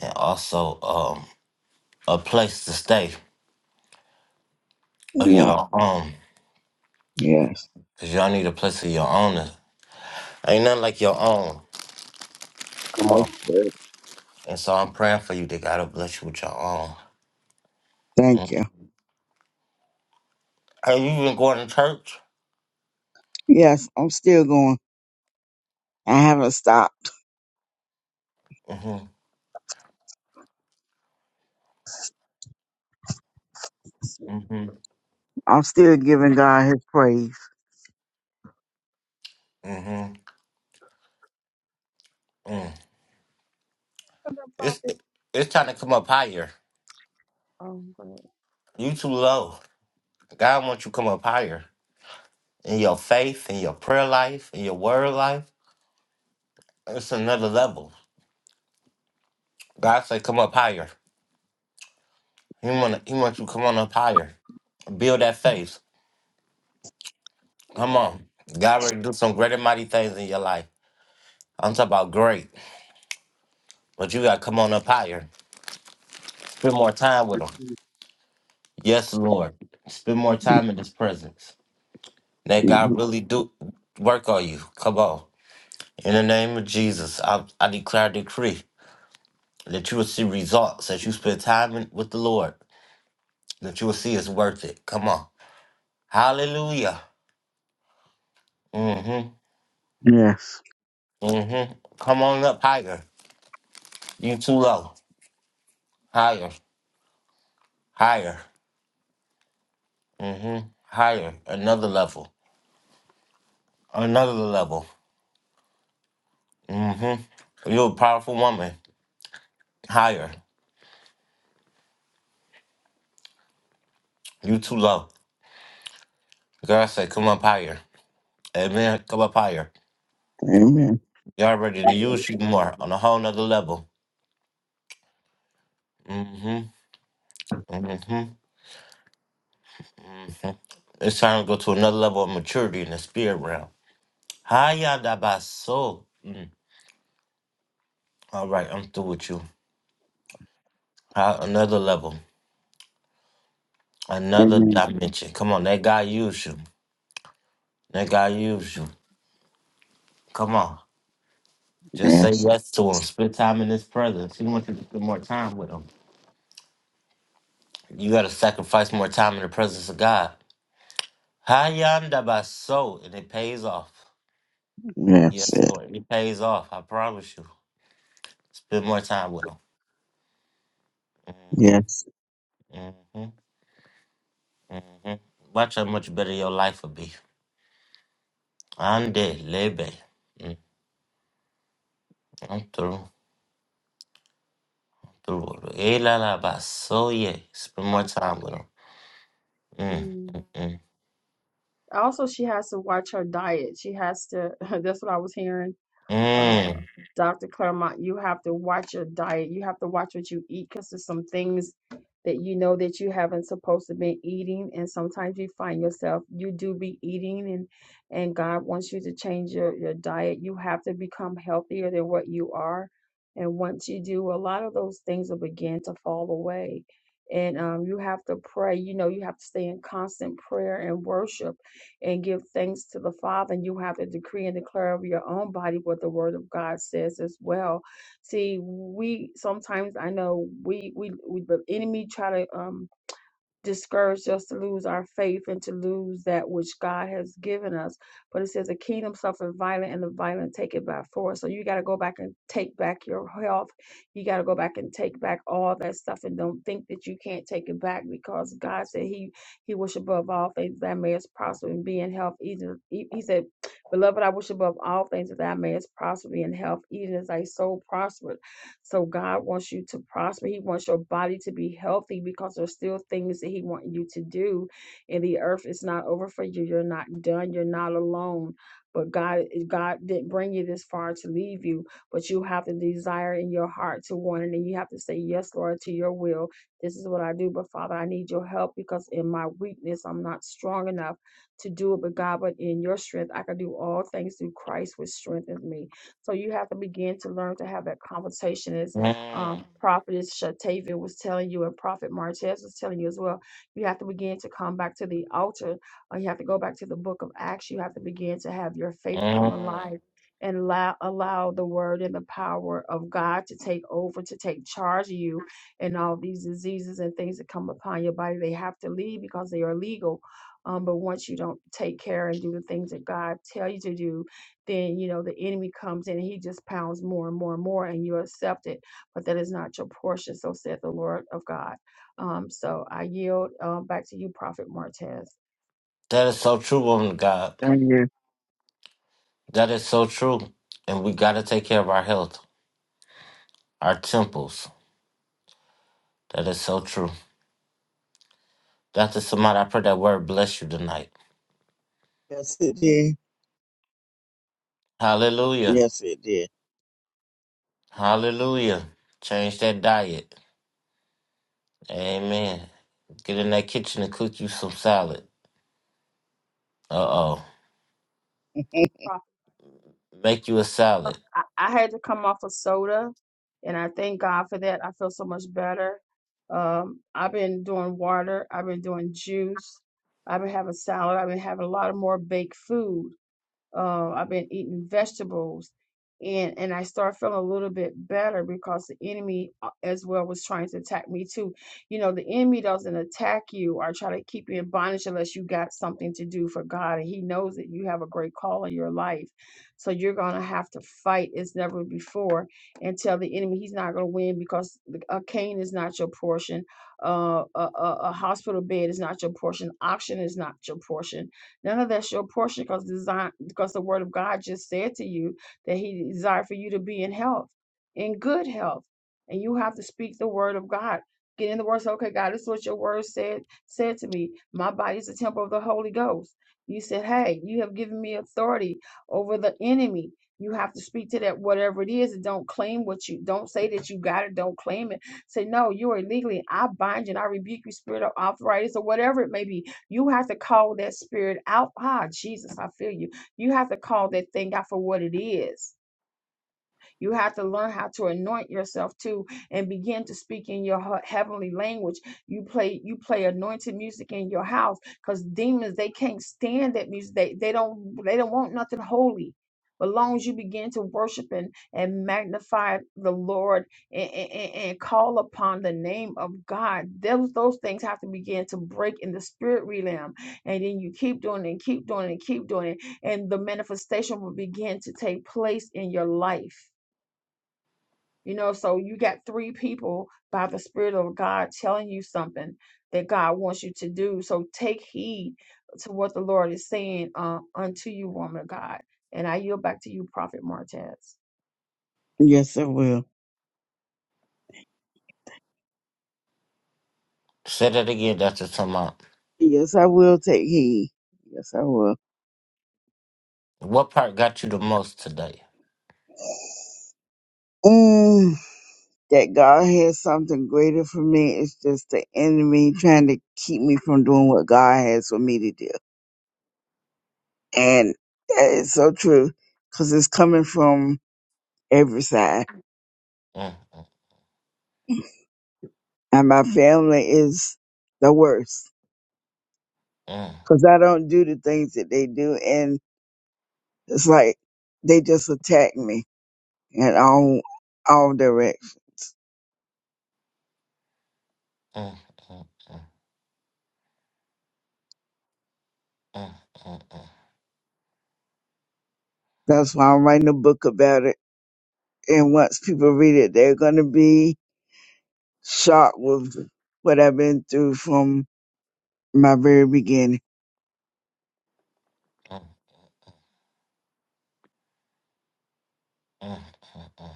and also um a place to stay of
Yeah.
your own.
Yes.
Cause y'all need a place of your own. Ain't nothing like your own. Come
That's
on.
good.
And so I'm praying for you that God will bless you with your own.
Thank
Mm.
you.
Have you been going to church?
Yes, I'm still going. I haven't stopped.
Mm-hmm. Mm-hmm.
I'm still giving God his praise.
Mm-hmm. Mm.
From the
It's
prophet.
it's time to come up higher.
Oh, go ahead.
You too low. God wants you to come up higher. In your faith, in your prayer life, in your word life. It's another level. God say come up higher. He want he wants you to come on up higher. Build that faith. Come on. God ready to do some great and mighty things in your life. I'm talking about great. But you gotta come on up higher. Spend more time with him. Yes, Lord. Spend more time in his presence. Let
Mhm.
God really do work on you. Come on. In the name of Jesus, I, I declare a decree that you will see results as you spend time in, with the Lord. That you will see it's worth it. Come on. Hallelujah. Mm-hmm.
Yes.
Mm-hmm. Come on up higher. You too low. Higher. Higher. Mm-hmm. Higher, another level, another level. Mm-hmm. You're a powerful woman. Higher. You too low. God said, come up higher. Amen. Come up higher.
Amen.
Y'all ready to use you more on a whole nother level. Mm-hmm. Mm-hmm. It's time to go to another level of maturity in the spirit realm. Haya dabaso. Mm. All right, I'm through with you. Hi- Another level, another
Amen.
dimension. Come on, that guy used you. That guy used you. Come on. Just say
Yes.
yes to him. Spend time in his presence. He wants you to spend more time with him. You got to sacrifice more time in the presence of God. Hayanda baso, and it pays off.
Yes,
Yes,
it.
Lord, it pays off. I promise you. Spend more time with him.
Yes.
hmm hmm hmm Watch how much better your life will be. Ande lebe. Mm, I'm through. Through. Ela la baso ye. Spend more
prophet.
time with him. Mm,
Mm.
mm,
Also, she has to watch her diet. She has to. [LAUGHS] That's what I was hearing. uh,
mm,
Dr. Claremont, you have to watch your diet. You have to watch what you eat because there's some things that you know that you haven't supposed to be eating. And sometimes you find yourself, you do be eating and, and God wants you to change your, your diet. You have to become healthier than what you are. And once you do, a lot of those things will begin to fall away. And um, you have to pray. You know, you have to stay in constant prayer and worship and give thanks to the Father. And you have to decree and declare over your own body what the Word of God says as well. See, we sometimes I know we we, we the enemy try to um discouraged us to lose our faith and to lose that which God has given us. But it says the kingdom suffered violent and the violent take it by force. So you got to go back and take back your health. You got to go back and take back all that stuff and don't think that you can't take it back because God said he he wish above all things that may prosper and be in health. Even he he said, beloved, I wish above all things that thou mayest prosper and be in health, even as thy soul prospereth. So God wants you to prosper. He wants your body to be healthy because there's still things that He wants you to do. And the earth is not over for you. You're not done. You're not alone. But God, God didn't bring you this far to leave you. But you have the desire in your heart to want it, and you have to say yes, Lord, to Your will. This is what I do. But Father, I need Your help because in my weakness, I'm not strong enough to do it. But God, but in Your strength, I can do all things through Christ, which strengthens me. So you have to begin to learn to have that conversation. As
mm,
um, Prophetess Shatavia was telling you, and Prophet Martez was telling you as well, you have to begin to come back to the altar. Or you have to go back to the book of Acts. You have to begin to have your faith come
mm, mm.
alive and allow, allow the word and the power of God to take over, to take charge of you and all these diseases and things that come upon your body. They have to leave because they are legal. Um, but once you don't take care and do the things that God tell you to do, then you know the enemy comes in and he just pounds more and more and more and you accept it but that is not your portion so said the lord of god um so i yield um back to you prophet martez
That is so true, woman of God.
Darn you.
That is so true. And we got to take care of our health, our temples. That is so true. Dr. Samad, I pray that word bless you tonight.
Yes, it did.
Hallelujah.
Yes, it did.
Hallelujah. Change that diet. Amen. Get in that kitchen and cook you some salad. Uh oh.
Prophet.
Make you a salad.
I, I had to come off of soda and i thank god for that i feel so much better um i've been doing water i've been doing juice i've been having salad i've been having a lot of more baked food Uh, I've been eating vegetables, and and I start feeling a little bit better because the enemy uh, as well was trying to attack me too. You know, the enemy doesn't attack you or try to keep you in bondage unless you got something to do for God, and He knows that you have a great call in your life, so you're gonna have to fight as never before and tell the enemy he's not gonna win because the- a cane is not your portion, uh, a, a a hospital bed is not your portion, oxygen is not your portion None of that's your portion because design because the word of God just said to you that he desired for you to be in health, in good health. And you have to speak the word of God. Get in the word, say, okay, God, this is what your word said said to me. My body is a temple of the Holy Ghost. You said, Hey, you have given me authority over the enemy. You have to speak to that whatever it is and don't claim what you don't say that you got it, don't claim it. Say, no, you're illegally. I bind you and I rebuke you, spirit of arthritis or whatever it may be you have to call that spirit out. Ah, Jesus, I feel you. You have to call that thing out for what it is. You have to learn how to anoint yourself too and begin to speak in your heavenly language. You play you play anointed music in your house because demons they can't stand that music. They they don't they don't want nothing holy. But long as you begin to worship and, and magnify the Lord and, and, and call upon the name of God, those those things have to begin to break in the spirit realm. And then you keep doing it and keep doing it and keep doing it. And the manifestation will begin to take place in your life you know, so you got three people by the Spirit of God telling you something that God wants you to do. So take heed to what the Lord is saying uh, unto you, woman of God. And I yield back to you, Prophet Martez.
Yes, I will.
Say that again, Dr. Samad.
Yes, I will take heed. Yes, I will.
What part got you the most today?
Mm, that God has something greater for me. It's just the enemy trying to keep me from doing what God has for me to do. And that is so true because it's coming from every side.
Mm, mm,
And my family is the worst
mm,
because I don't do the things that they do. And it's like they just attack me And all all directs.
mm, mm, mm, mm, mm, mm,
That's why I'm writing a book about it. And once people read it, they're gonna be shocked with what I've been through from my very beginning.
mm, mm. mm.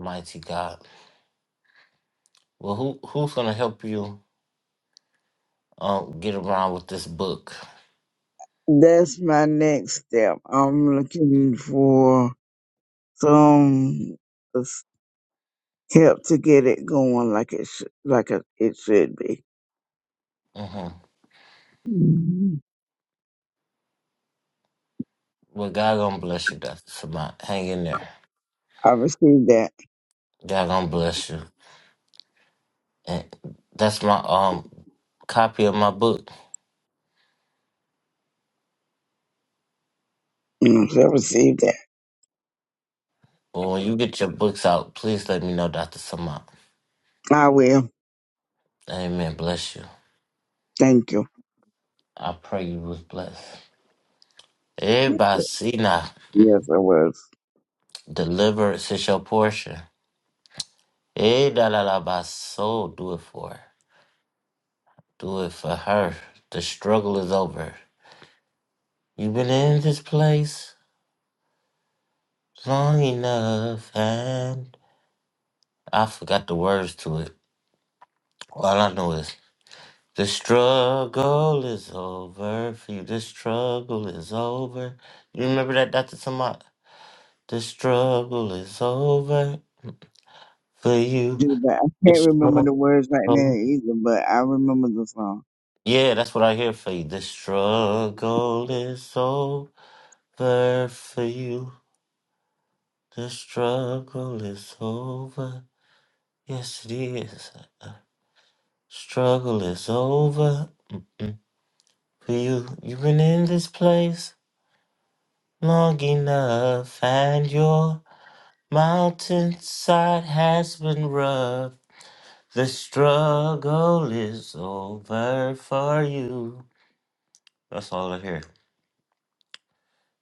Mighty God. Well, who who's gonna help you um get around with this book?
That's my next step. I'm looking for some help to get it going like it should, like it it should be.
hmm
Mhm.
Well, God gonna bless you, Doctor Samant. Hang in there.
I received that. [CLEARS THROAT]
God gonna bless you. And that's my um copy of my book.
Mm, I received that.
Well, when you get your books out, please let me know, Doctor Samant.
I will.
Amen. Bless you.
Thank you.
I pray you was blessed. Everybody see now. Mm.
Yes, I will.
Deliverance is your portion. Eh, da la la, my soul, do it for her. Do it for her. The struggle is over. You've been in this place long enough, and I forgot the words to it. All I know is the struggle is over for you. The struggle is over. You remember that, Dr. Samad? The struggle is over for you.
do, but I
The
can't remember
struggle.
the words right now either, but I remember the song.
Yeah, that's what I hear for you. The struggle is over for you. The struggle is over. Yes, it is. Struggle is over. Mm-mm. For you, you've been in this place long enough, and your mountainside has been rough. The struggle is over for you. That's all I hear.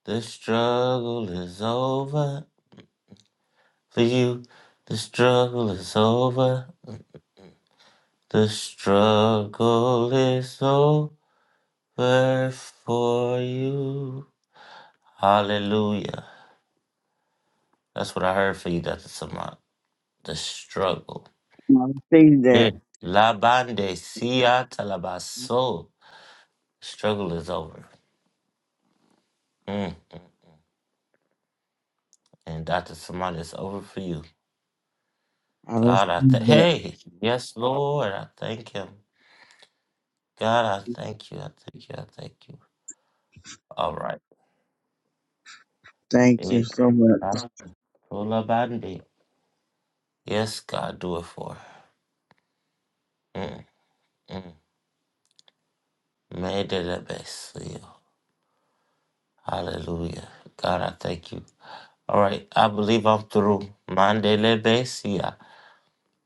The struggle is over for you. The struggle is over. The struggle is over for you. Hallelujah. That's what I heard for you, Dr. Samant. The struggle.
I received that.
Yeah. La bande sia talabaso. Struggle is over. Mm. And Dr. Samant, it's over for you.
I
God, I thank.
received that.
Hey, yes, Lord, I thank Him. God, I thank you. I thank you. I thank you. All right.
Thank you
Amen.
so much.
Ah, La bande. Yes, God, do it for her. Mm, mm. Made it the best for you. Hallelujah. God, I thank you. All right, I believe I'm through. Mandele Besia.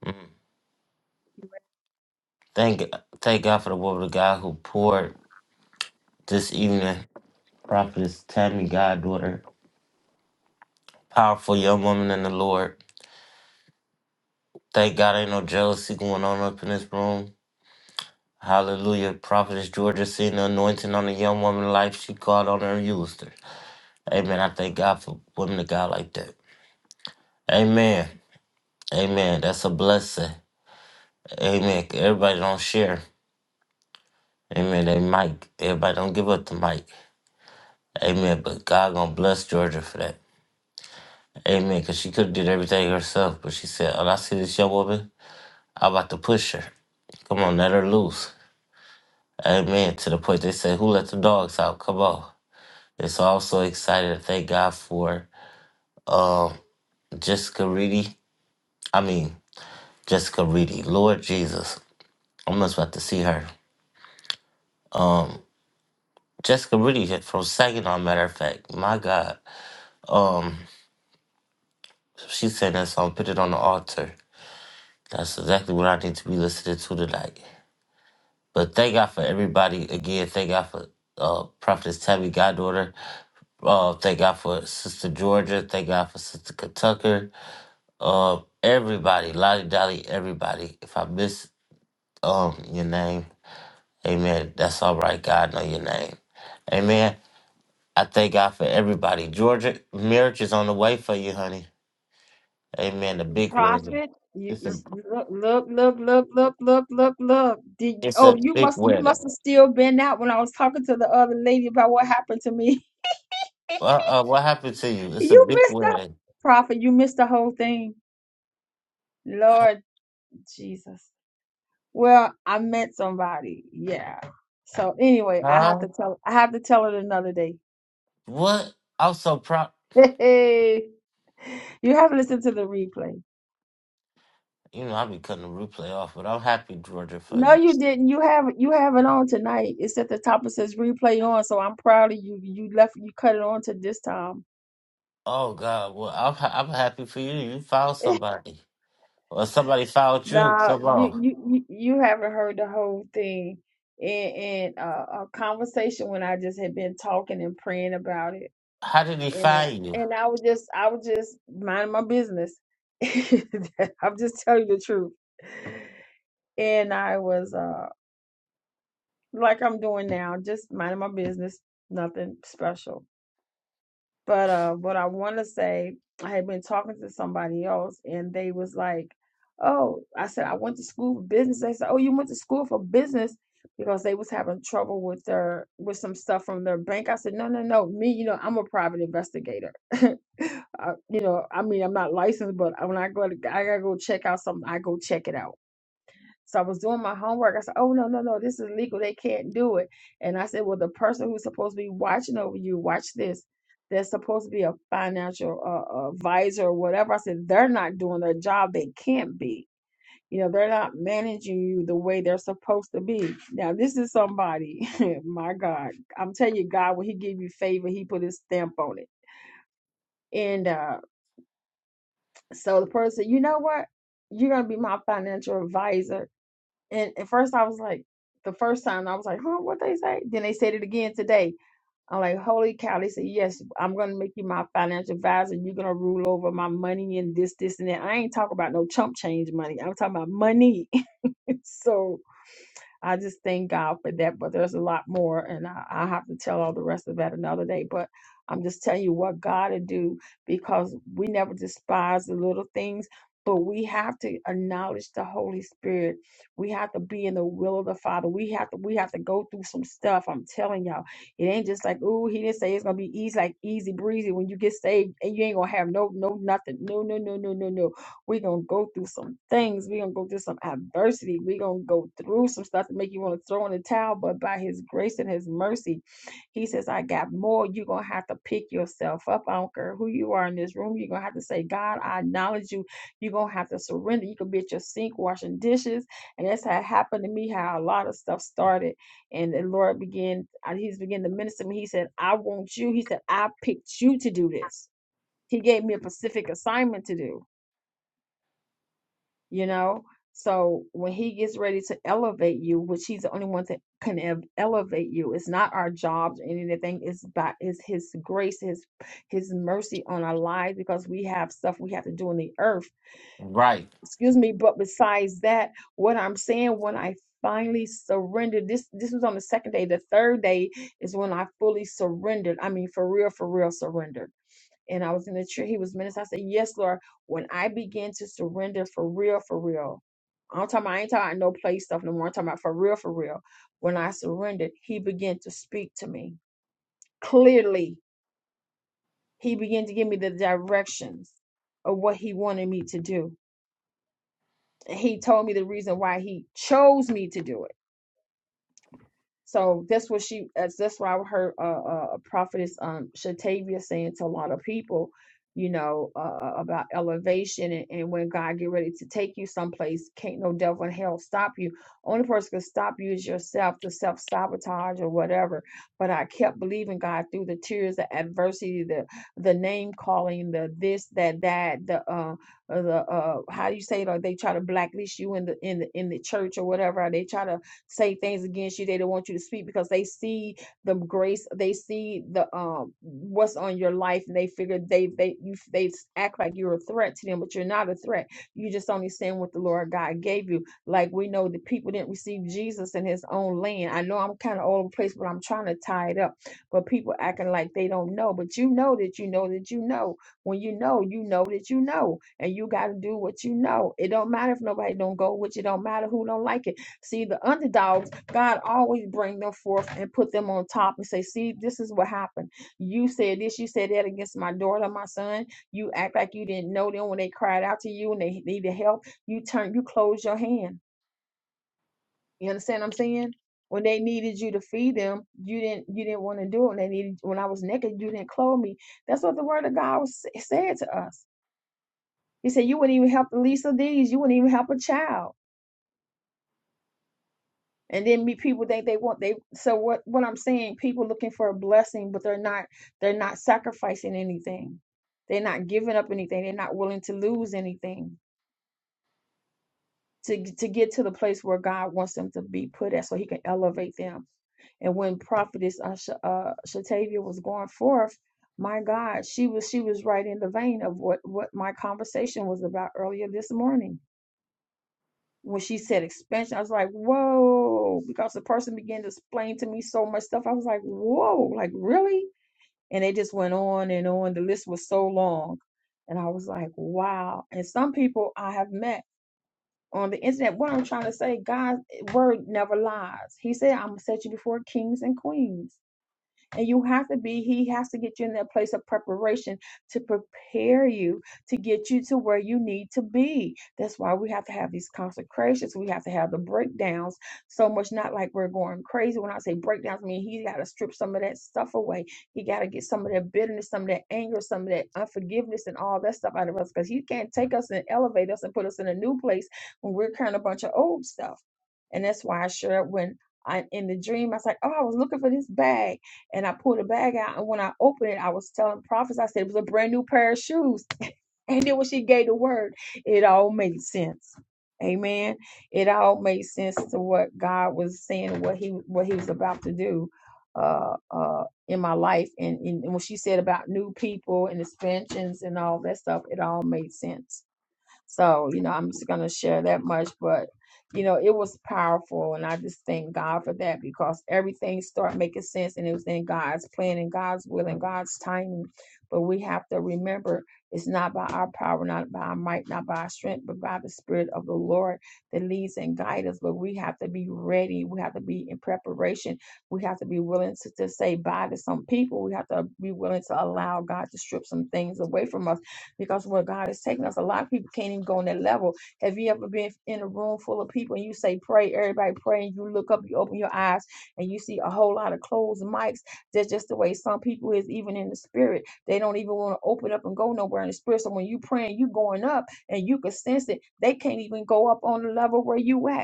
Mm. Thank thank God for the woman of God who poured this evening. Prophetess Tammy Goddaughter. Powerful young woman in the Lord. Thank God ain't no jealousy going on up in this room. Hallelujah. Prophetess Georgia seen the anointing on the young woman life. She called on her and used her. Amen. I thank God for women of God like that. Amen. Amen. That's a blessing. Amen. Everybody don't share. Amen. They mic. Everybody don't give up the mic. Amen. But God gonna bless Georgia for that. Amen. Cause she could have did everything herself, but she said, "Oh, I see this young woman. I'm about to push her. Come on, let her loose." Amen. To the point they say, "Who let the dogs out?" Come on. And so I'm so excited. to Thank God for um Jessica Reedy. I mean Jessica Reedy. Lord Jesus, I'm just about to see her. Jessica Reedy from Saginaw, matter of fact. My God. Um, she sang that song, Put It on the Altar. That's exactly what I need to be listening to tonight. But thank God for everybody. Again, thank God for uh, Prophetess Tabby Goddaughter. Uh, thank God for Sister Georgia. Thank God for Sister Tucker. Uh, everybody, Lottie Dolly, everybody. If I miss um your name, amen. That's all right. God know your name. Amen. I thank God for everybody. Georgia, marriage is on the way for you, honey. Amen. The big wedding.
Prophet, you
It's
you
a
s- look, look, look, look, look, look, look, look. Did
it's
oh,
a
you
big
must, you must
wedding.
have still been out when I was talking to the other lady about what happened to me. [LAUGHS]
Uh, uh, what happened to you? It's a
You
big
missed out,
wedding.
Prophet. You missed the whole thing. Lord Jesus. Well, I met somebody. Yeah. So anyway, I have
Huh?
to tell I have to tell it another day. [LAUGHS]
What? I'm so proud.
Hey, you have to listen to the replay.
You know, I'll be cutting the replay off, but I'm happy, Georgia, for
No,
you.
you didn't. You have you have it on tonight. It's at the top. It says replay on. So I'm proud of you. You left you cut it on to this time.
Oh, God. Well, I'm, ha- I'm happy for you. You found
[LAUGHS]
somebody. Or somebody found you.
Nah,
Come
you
on.
you you you haven't heard the whole thing in in uh, a conversation when I just had been talking and praying about it.
How did he
And uh,
find you?
and I was just I was just minding my business. [LAUGHS] I'm just telling you the truth. And I was uh like I'm doing now, just minding my business, nothing special. But uh, what I want to say, I had been talking to somebody else, and they was like, "Oh," I said, "I went to school for business." They said, "Oh, you went to school for business," because they was having trouble with their with some stuff from their bank. I said, "No, no, no. Me, you know, I'm a private investigator. [LAUGHS] I, you know, I mean, I'm not licensed, but when I go, to, I gotta go check out something. I go check it out." So I was doing my homework. I said, Oh, no, no, no, this is illegal. They can't do it. And I said, Well, the person who's supposed to be watching over you, watch this. There's supposed to be a financial uh, advisor or whatever. I said, They're not doing their job. They can't be. You know, they're not managing you the way they're supposed to be. Now, this is somebody, [LAUGHS] my God. I'm telling you, God, when He give you favor, He put His stamp on it. And uh, so the person, you know what? You're going to be my financial advisor And at first I was like, the first time I was like, huh, what they say? Then they said it again today. I'm like, holy cow. They said, yes, I'm going to make you my financial advisor. You're going to rule over my money and this, this, and that. I ain't talking about no chump change money. I'm talking about money. [LAUGHS] so I just thank God for that. But there's a lot more, and I, I have to tell all the rest of that another day. But I'm just telling you what God to do because we never despise the little things. But we have to acknowledge the Holy Spirit. We have to be in the will of the Father. We have to we have to go through some stuff. I'm telling y'all, it ain't just like ooh, he didn't say it's gonna be easy like easy breezy when you get saved and you ain't gonna have no no nothing. No no no no no no. We're going to go through some things. We're going to go through some adversity. We're going to go through some stuff to make you want to throw in the towel. But by His grace and His mercy, He says, I got more. You're going to have to pick yourself up. I don't care who you are in this room. You're going to have to say, God, I acknowledge you. You're going to have to surrender. You could be at your sink washing dishes. And that's how it happened to me, how a lot of stuff started. And the Lord began, uh, He's began to minister to me. He said, I want you. He said, I picked you to do this. He gave me a specific assignment to do you know so when he gets ready to elevate you which he's the only one that can ev- elevate you it's not our jobs or anything it's by it's his grace his his mercy on our lives because we have stuff we have to do on the earth
Right.
excuse me but besides that what i'm saying when i finally surrendered this this was on the second day the third day is when i fully surrendered i mean for real for real surrendered and I was in the church. He was ministering. I said, Yes, Lord. When I begin to surrender for real, for real. I'm talking about, I ain't talking about no play stuff no more. I'm talking about for real, for real. When I surrendered, he began to speak to me clearly. He began to give me the directions of what he wanted me to do. And he told me the reason why he chose me to do it So that's what she that's that's why I heard uh, uh prophetess um Shatavia saying to a lot of people, you know, uh, uh, about elevation and, and when God get ready to take you someplace, can't no devil in hell stop you. Only person can stop you is yourself, the self sabotage or whatever. But I kept believing God through the tears, the adversity, the the name calling, the this, that, that, the uh uh, the uh how do you say it? Or they try to blacklist you in the in the in the church or whatever. Or they try to say things against you. They don't want you to speak because they see the grace, they see the um what's on your life, and they figure they they you they act like you're a threat to them, but you're not a threat. You just only saying what the Lord God gave you. Like we know the people didn't receive Jesus in His own land. I know I'm kind of all over the place, but I'm trying to tie it up. But people acting like they don't know, but you know that you know that you know when you know you know that you know and you got to do what you know it don't matter if nobody don't go with you It don't matter who don't like it See, the underdogs, God always bring them forth and put them on top and say, see, this is what happened. You said this, you said that against my daughter, my son. You act like you didn't know them when they cried out to you and they needed help. You turned, you closed your hand. You understand what I'm saying? When they needed you to feed them, you didn't you didn't want to do it. When they needed when I was naked, you didn't clothe me. That's what the word of God was, said to us. He said, You wouldn't even help the least of these. You wouldn't even help a child. and then meet people think they want they so what what i'm saying people looking for a blessing but they're not they're not sacrificing anything they're not giving up anything they're not willing to lose anything to to get to the place where god wants them to be put at so he can elevate them and when prophetess uh, Sha- uh, shatavia was going forth my god she was she was right in the vein of what what my conversation was about earlier this morning when she said expansion, I was like, whoa, because the person began to explain to me so much stuff. I was like, whoa, like really? And they just went on and on. The list was so long. And I was like, wow. And some people I have met on the internet, what I'm trying to say, God's word never lies. He said, I'm going to set you before kings and queens. And you have to be, He has to get you in that place of preparation to prepare you to get you to where you need to be. That's why we have to have these consecrations. We have to have the breakdowns so much, not like we're going crazy. When I say breakdowns, I mean He got to strip some of that stuff away. He got to get some of that bitterness, some of that anger, some of that unforgiveness, and all that stuff out of us because He can't take us and elevate us and put us in a new place when we're carrying a bunch of old stuff. And that's why I shared when I in the dream, I was like, oh, I was looking for this bag. And I pulled the bag out, and when I opened it, I was telling prophets, I said it was a brand new pair of shoes. [LAUGHS] And then when she gave the word, it all made sense. Amen. It all made sense to what God was saying, what he what he was about to do uh uh in my life. And, and, and when she said about new people and expansions and all that stuff, it all made sense. So, you know, I'm just going to share that much. But, you know, it was powerful. And I just thank God for that because everything started making sense and it was in God's plan and God's will and God's timing. But we have to remember it's not by our power, not by our might, not by our strength, but by the Spirit of the Lord that leads and guides us. But we have to be ready. We have to be in preparation. We have to be willing to, to say bye to some people. We have to be willing to allow God to strip some things away from us because where God is taking us, a lot of people can't even go on that level. Have you ever been in a room full of people and you say pray, everybody pray, and you look up, you open your eyes, and you see a whole lot of closed mics? That's just the way some people is, even in the spirit. They don't even want to open up and go nowhere in the spirit. So when you praying, you going up, and you can sense it. They can't even go up on the level where you at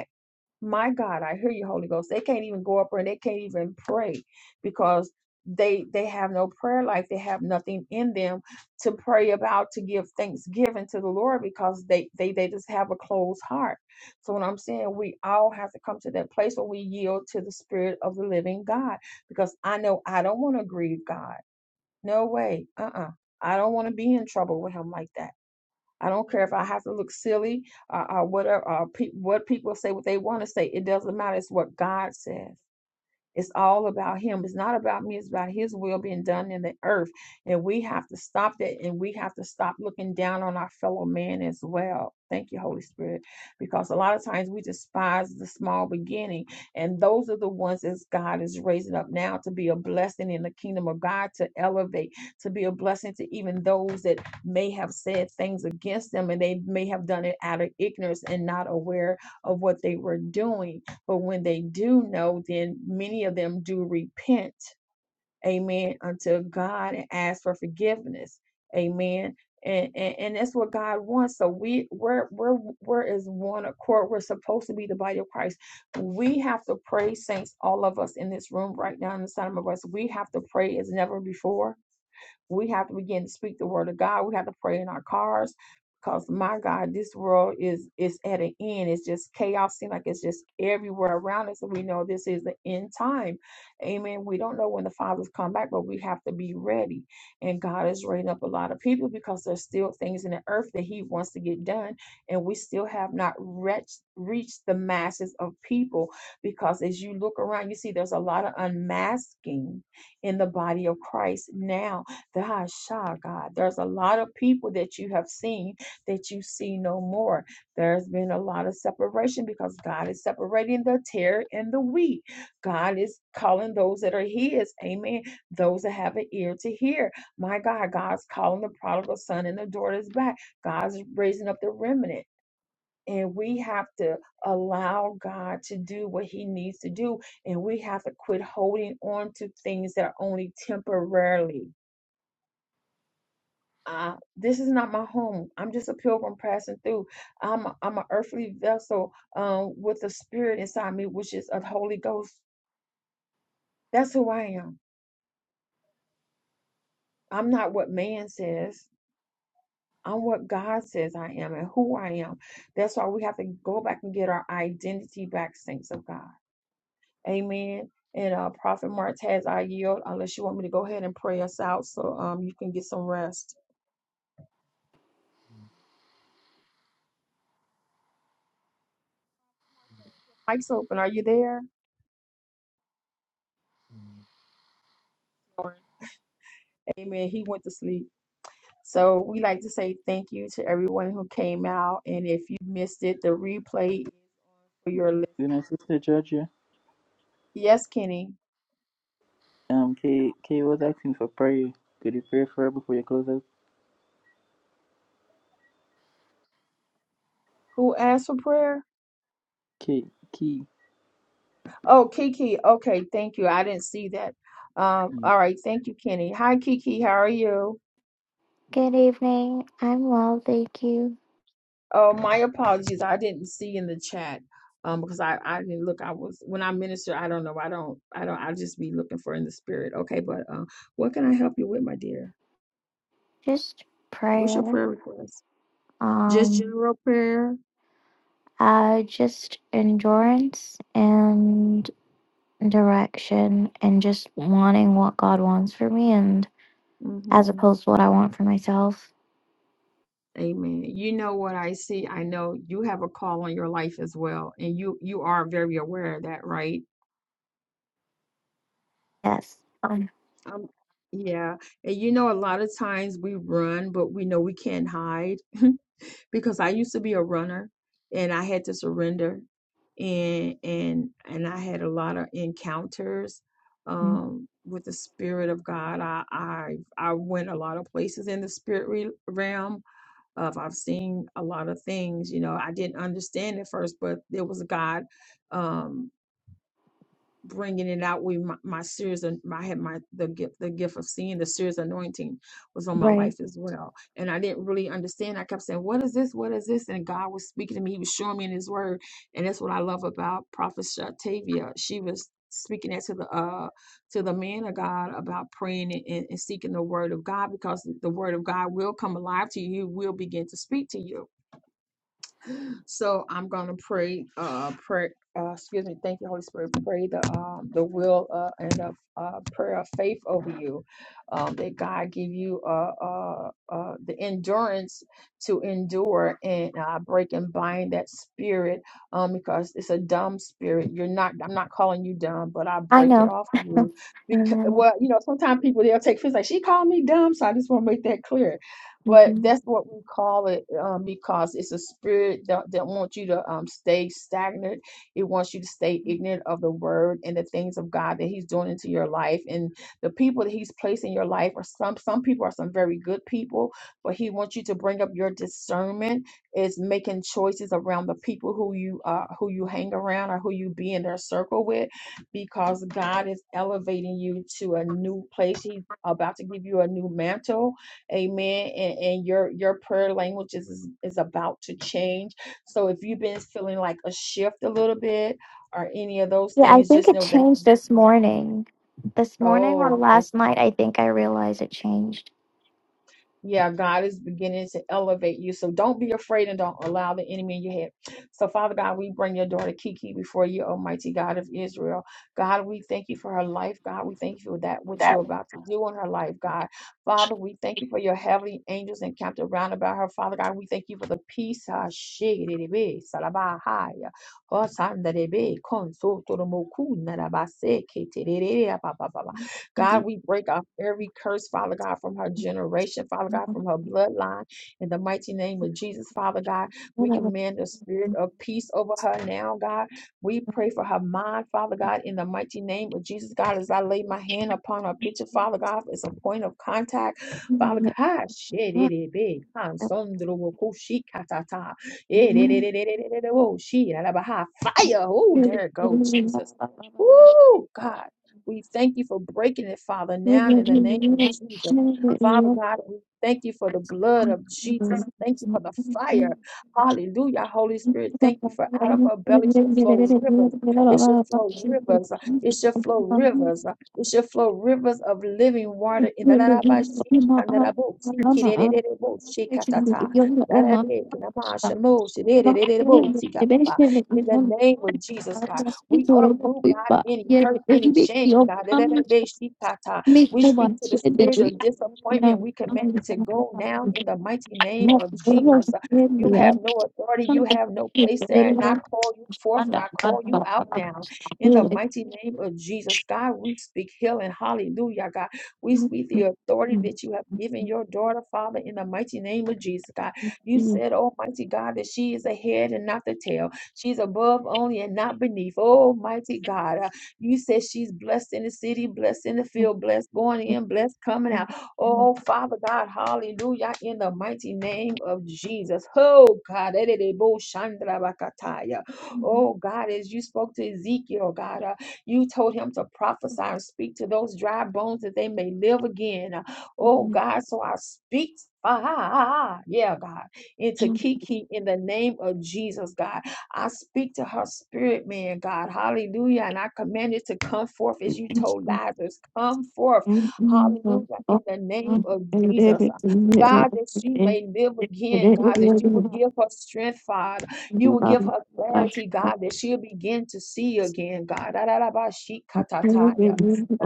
my God, I hear you, Holy Ghost. They can't even go up and they can't even pray because they they have no prayer life. They have nothing in them to pray about to give thanksgiving to the Lord because they they they just have a closed heart. So what I'm saying, we all have to come to that place where we yield to the Spirit of the Living God because I know I don't want to grieve God. No way. Uh uh I don't want to be in trouble with Him like that. I don't care if I have to look silly, uh, uh, whatever, uh, uh, pe- what people say, what they want to say. It doesn't matter. It's what God says. It's all about Him. It's not about me. It's about His will being done in the earth. And we have to stop that. And we have to stop looking down on our fellow man as well. Thank you, Holy Spirit. Because a lot of times we despise the small beginning. And those are the ones that God is raising up now to be a blessing in the kingdom of God, to elevate, to be a blessing to even those that may have said things against them and they may have done it out of ignorance and not aware of what they were doing but when they do know, then many of them do repent, amen, unto God and ask for forgiveness, amen. And, and, and that's what God wants. So we we're we're we're as one accord. We're supposed to be the body of Christ. We have to pray, saints, all of us in this room right now in the side of my voice. We have to pray as never before we have to begin to speak the word of God. We have to pray in our cars because my God, this world is is at an end. It's just chaos. Seems like it's just everywhere around us. And we know this is the end time. Amen. We don't know when the fathers come back, but we have to be ready. And God is raising up a lot of people because there's still things in the earth that He wants to get done. And we still have not reached reached the masses of people because as you look around, you see there's a lot of unmasking in the body of Christ now God, Shah, God, there's a lot of people that you have seen that you see no more. There's been a lot of separation because God is separating the tear and the wheat. God is calling those that are His, amen, those that have an ear to hear. My God, God's calling the prodigal son and the daughters back. God's raising up the remnant. And we have to allow God to do what He needs to do. And we have to quit holding on to things that are only temporarily uh, this is not my home. I'm just a pilgrim passing through. I'm a, I'm an earthly vessel um, with the spirit inside me, which is of Holy Ghost. That's who I am. I'm not what man says. I'm what God says I am and who I am. That's why we have to go back and get our identity back, saints of God. Amen. And uh, Prophet Martez, I yield unless you want me to go ahead and pray us out so um you can get some rest. Mike's open. Are you there? Amen. He went to sleep. So we like to say thank you to everyone who came out. And if you missed it, the replay is on for your list.
Good night, sister Georgia.
Yes, Kenny.
Um Kay Kay was asking for prayer. Could you pray for her before you close out?
Who asked for prayer?
Kay Key.
Oh, Kiki. Okay, thank you. I didn't see that. Um, all right, thank you, Kenny. Hi, Kiki. How are you?
Good evening. I'm well, thank you.
Oh, my apologies. I didn't see in the chat. Um, because I, I didn't look. I was when I minister, I don't know. I don't I don't I just be looking for in the spirit. Okay, but uh, what can I help you with, my dear?
Just
What's your
prayer.
prayer request? Just
Um,
general prayer?
uh, just endurance and direction, and just wanting what God wants for me, and as
hmm
opposed to what I want for myself.
Amen. You know what I see? I know you have a call on your life as well, and you you are very aware of that, right?
Yes. Um,
Um, yeah. And you know, a lot of times we run, but we know we can't hide [LAUGHS] because I used to be a runner, and I had to surrender, and and and I had a lot of encounters
mm,
um with the spirit of God. I I I went a lot of places in the spirit re- realm Um, I've seen a lot of things, you know, I didn't understand at first, but there was God um, bringing it out. We, my, my serious, an- I had my, the gift, the gift of seeing the serious anointing was on my
right.
life as well. And I didn't really understand. I kept saying, what is this? What is this? And God was speaking to me. He was showing me in his word. And that's what I love about prophet Shatavia. She was speaking that to the, uh, to the man of God about praying and, and and seeking the word of God because the word of God will come alive to you. He will begin to speak to you. So I'm gonna pray, uh, pray, uh, excuse me, thank you, Holy Spirit, pray the, um, the will, uh, and the, uh, prayer of faith over you. Um, that God give you, uh, uh, uh, the endurance to endure and, uh, break and bind that spirit, um, because it's a dumb spirit. You're not, I'm not calling you dumb, but I
I
break it
know.
off of you. Because, well,
Mm-hmm.
you know, sometimes people, they'll take things like, she called me dumb, so I just wanna make that clear but that's what we call it um, because it's a spirit that, that wants you to um, stay stagnant. It wants you to stay ignorant of the word and the things of God that He's doing into your life. And the people that He's placed in your life are some, some people are some very good people, but He wants you to bring up your discernment. It's making choices around the people who you uh, who you hang around or who you be in their circle with because God is elevating you to a new place. He's about to give you a new mantle Amen. And, and your your prayer language is, is is about to change. So if you've been feeling like a shift a little bit or any of those
Yeah, I
things,
think
just
it
know that.
changed this morning. This morning or
Oh,
last night, I think I realized it changed.
Yeah, God is beginning to elevate you. So don't be afraid and don't allow the enemy in your head. So, Father God, we bring your daughter Kiki before you, Almighty God of Israel. God, we thank you for her life. God, we thank you for that which
That.
you're about to do in her life, God. Father, we thank you for your heavenly angels encamped around about her. Father God, we thank you for the peace. ah, shikididebe, salabahaya, osandadebe, konsotoromokuna, rabase, ketedede, God, we break off every curse, Father God, from her generation, Father God, from her bloodline. In the mighty name of Jesus, Father God, we command the spirit of peace over her now, God. We pray for her mind, Father God, in the mighty name of Jesus, God, as I lay my hand upon her picture, Father God, as a point of contact, Father
Mhm.
God, shit, it is big. Han sondro wo ku shi katata. It it it
Thank
it it it it it- oh, she, la la ba ha. Fire. Oh, there it go Jesus. Woo, God. We thank you for breaking it, Father, now in the name of Jesus. Father God, we thank you for the blood of Jesus. Thank you for the fire. Hallelujah. Holy Spirit, thank you for out of our belly shall flow rivers. It shall flow rivers. It shall flow rivers. It shall flow rivers of living water. In the name of Jesus, God. We uproot, God, any hurt, any shame, God.
you.
Da-da-da-ba-shi-ka-ta.
Make
We
the
speak
one
to the
shit that
spirit
we
of
know.
disappointment. We command
to
it to go
talk to
now
you.
in the mighty name
Yes,
of Jesus. You
really
have no authority. You have no place there. And I call you forth and I call you out now in the mighty name of Jesus. God, we speak healing. Hallelujah, God. We
And
speak the authority that you have given your daughter, Father, in the mighty name of Jesus, God. You said, Almighty God, that she is the head and not the tail. She's above only and not beneath. Oh, mighty God. Uh, you said she's blessed in the city, blessed in the field, blessed going in, blessed coming out. Oh, Father God, hallelujah, in the mighty name of Jesus. Oh, God. ererebo shandrabakataya. Oh, God, as you spoke to Ezekiel, God, uh, you told him to prophesy and speak to those dry bones that they may live again. Uh, Oh, God, so I speak. Ah, ah, ah, ah, yeah, God, into Kiki in the name of Jesus, God. I speak to her spirit, man, God. Hallelujah. And I command it to come forth as you told Lazarus. Come forth. Hallelujah. In the name of Jesus. God, that she may live again, God, that you
really
will give her strength, Father. You will give her clarity, God, that she'll begin to see again, God. Da-da-da-ba-shi-ka-ta-ta-ya.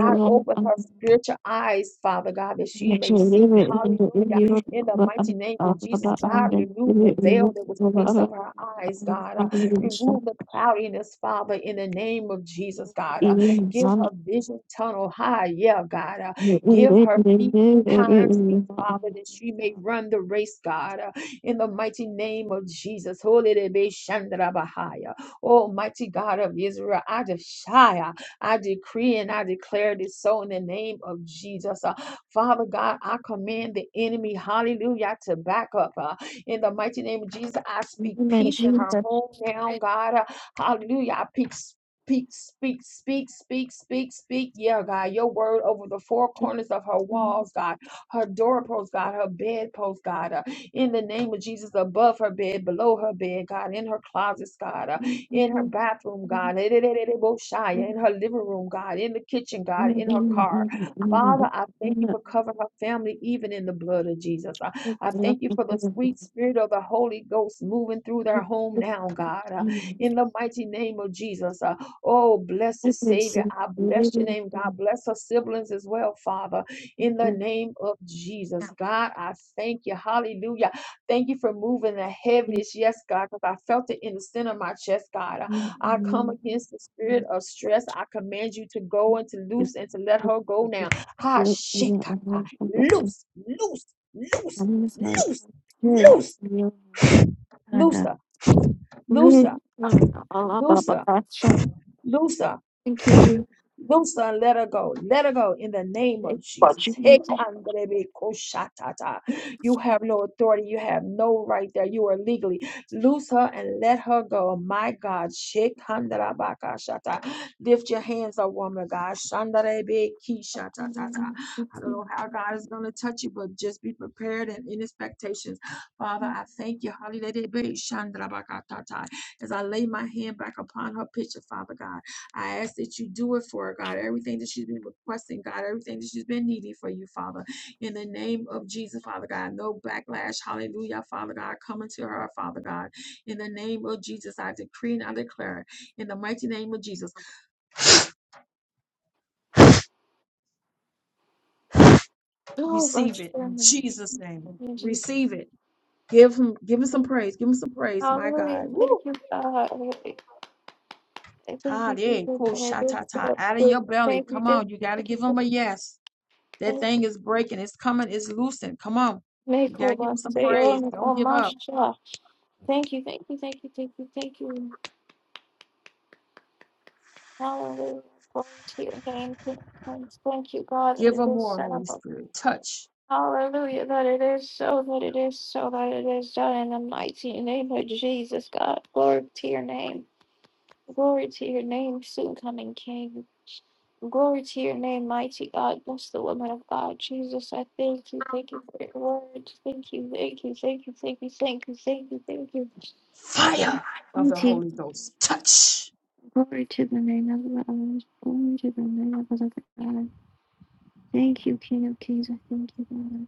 God, open her spiritual eyes, Father God, that she
Thank
may see. Hallelujah. In the mighty name of Jesus, God, remove the veil that was placed over her eyes, God. Remove the cloudiness, Father, in the name of Jesus, God. Uh, give her vision tunnel high, yeah, God. Uh, give her feet times. Father, that she may run the race, God, uh, in the mighty name of Jesus. Holy de be shandra bahaya. Almighty God of Israel, I desire, I decree and I declare this so in the name of Jesus. Uh, Father God, I command the enemy, hallelujah, to back up. uh, in the mighty name of Jesus, I speak peace in her home now, God. Uh, Hallelujah. I speak Speak, speak, speak, speak, speak, speak. Yeah, God, your word over the four corners of her walls, God, her doorpost, God, her bedpost, God, uh, in the name of Jesus, above her bed, below her bed, God, in her closets, God, uh, in her bathroom, God, eh, eh, eh, eh, eh, Boshaya, in her living room, God, in the kitchen, God, in her car. Father, I thank you for covering her family even in the blood of Jesus. I thank you for the sweet spirit of the Holy Ghost moving through their home now, God, uh, in the mighty name of Jesus. Uh, oh, blessed Savior, I bless your name, God. Bless her siblings as well, Father, in the name of Jesus. God, I thank you. Hallelujah. Thank you for moving the heaviness, yes, God, because I felt it in the center of my chest, God. Uh, I come against the spirit of stress. I command you to go and to
you.
loose and to let her go now. Ha, shit,
Iya, emang agak eh,
loose, loose. Loose
kami
Loose,
sarapan sih,
loose,
iya, ada.
looser,
Ini
looser,
Allah Bapa
looser,
Tasha,
looser,
Thank you, Jesus.
Loose her, and let her go. Let her go in the name of
Thank
Jesus.
you,
Hey,
Jesus.
Andrebe Koshatata. You have no authority. You have no right there. You are legally. Loose her and let her go. My God. Shekandarabakashata. Lift your hands up, woman of God. Shandarebe Kishatatata. I don't know how God is going to touch you, but just be prepared and in expectations. Father, I thank you. Hallelujah. Shandarabakatata. As I lay my hand back upon her picture, Father God. I ask that you do it for her, God. Everything that she's been requesting, God, everything that she's been needing for you, Father. In the name of Jesus, Father God, no backlash. Hallelujah, Father God, coming to her, Father God. In the name of Jesus, I decree and I declare. In the mighty name of Jesus,
Oh,
receive
God's
it. In
sermon.
Jesus' name,
In Jesus'
receive it. Give him, give him some
name.
praise. Give him some praise, my God.
Hallelujah. Thank
Woo!
you, God. I Thank
Ha,
you,
yeah,
Jesus.
cool,
And I
sha,
do
ta. ta.
so.
Out of your belly.
Thank you,
Come
thank
on, you got to
you, thank
give him a
you.
yes. That
Thank you.
thing is breaking. It's coming. It's loosened. Come on. You
Make
got to
all
give him
that
some
say
praise.
on
Don't
on
give
my
up.
shot. Thank you, thank you, thank you, thank you, thank you. Hallelujah. Glory to your name, King of Kings. Thank you, God, that
Give
it
him
is
more, Holy
so.
Spirit. Touch.
Hallelujah, that it is so, that it is so, that it is done in the mighty name of Jesus, God. Glory to your name. Glory to your name, soon coming King. Glory to your name, mighty God. Bless the woman of God. Jesus, I thank you. Thank you for your words. Thank you, thank you, thank you, thank you, thank you, thank you, thank you.
Fire of the
Mighty,
Holy Ghost. Touch.
glory to the name of the Lord. Glory to the name of the Lord. Thank you, King of Kings. I thank you, God.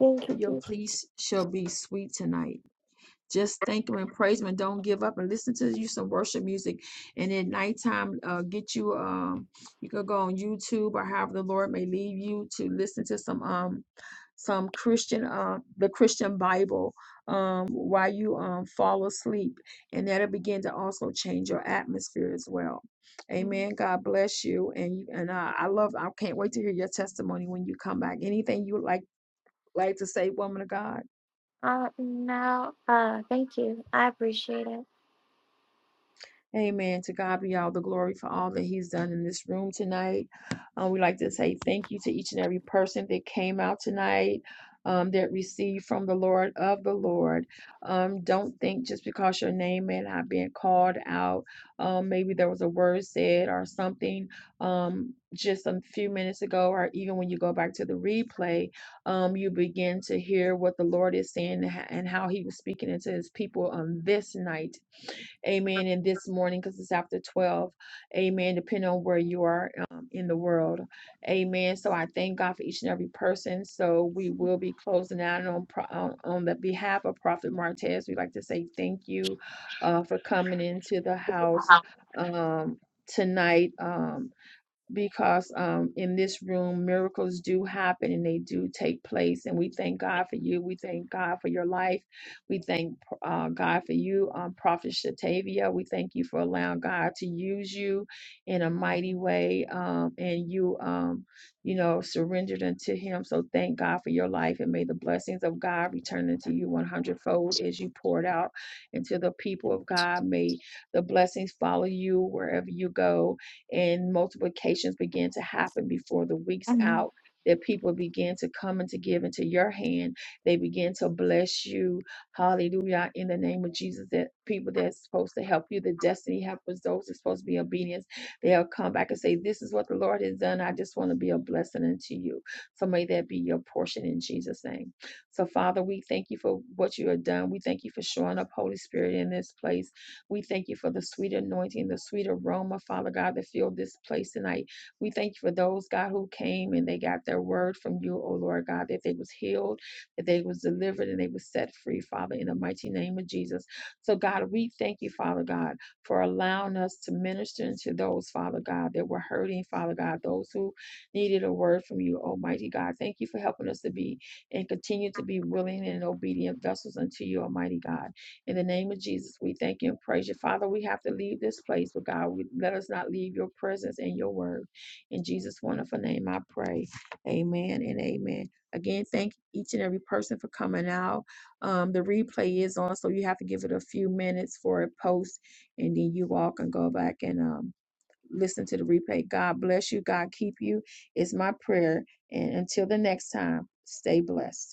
Thank you,
Your
Jesus.
peace shall be sweet tonight. Just thank him and praise him and don't give up and listen to you some worship music. And at nighttime, uh, get you, um, you can go on YouTube or however the Lord may lead you to listen to some. um some Christian, uh, the Christian Bible um, while you um, fall asleep, and that'll begin to also change your atmosphere as well. Amen. God bless you, and you, and uh, I love. I can't wait to hear your testimony when you come back. Anything you would like like to say, woman of God?
Uh, no, uh, thank you. I appreciate
Amen. To God be all the glory for all that He's done in this room tonight. Uh, we'd like to say thank you to each and every person that came out tonight. Um, that received from the Lord of the Lord. Um, don't think just because your name may not been called out, um, maybe there was a word said or something um, just a few minutes ago, or even when you go back to the replay, um, you begin to hear what the Lord is saying and ho- and how He was speaking into His people on this night Amen. And this morning, because it's after 12. Amen. Depending on where you are um, in the world. Amen. So I thank God for each and every person. So we will be closing out on, on, on the behalf of Prophet Martez. We'd like to say thank you uh, for coming into the house um, tonight. Um, because um, in this room, miracles do happen and they do take place. And we thank God for you. We thank God for your life. We thank uh, God for you, um, Prophet Shatavia. We thank you for allowing God to use you in a mighty way. Um, and you, um, you know, surrendered unto Him. So thank God for your life. And may the blessings of God return unto you 100 fold as you poured out into the people of God. May the blessings follow you wherever you go and multiplications begin to happen before the week's
it.
out. That people begin to come and to give into your hand. They begin to bless you. Hallelujah. In the name of Jesus, that people that's supposed to help you, the destiny helpers, those that's supposed to be obedient, they'll come back and say, This is what the Lord has done. I just want to be a blessing unto you. So may that be your portion in Jesus' name. So, Father, we thank you for what you have done. We thank you for showing up, Holy Spirit, in this place. We thank you for the sweet anointing, the sweet aroma, Father God, that filled this place tonight. We thank you for those, God, who came and they got their word from you, oh Lord God, that they was healed, that they was delivered, and they was set free, Father, in the mighty name of Jesus. So, God, we thank you, Father God, for allowing us to minister to those, Father God, that were hurting, Father God, those who needed a word from you, Almighty God. Thank you for helping us to be and continue to be willing and obedient vessels unto you, Almighty God. In the name of Jesus, we thank you and praise you. Father, we have to leave this place, but God, we, let us not leave your presence and your word. In Jesus' wonderful name, I pray. Amen and amen. Again, thank each and every person for coming out. Um, the replay is on, so you have to give it a few minutes for it post, and then you all can go back and um, listen to the replay. God bless you. God keep you. It's my prayer. And until the next time, stay blessed.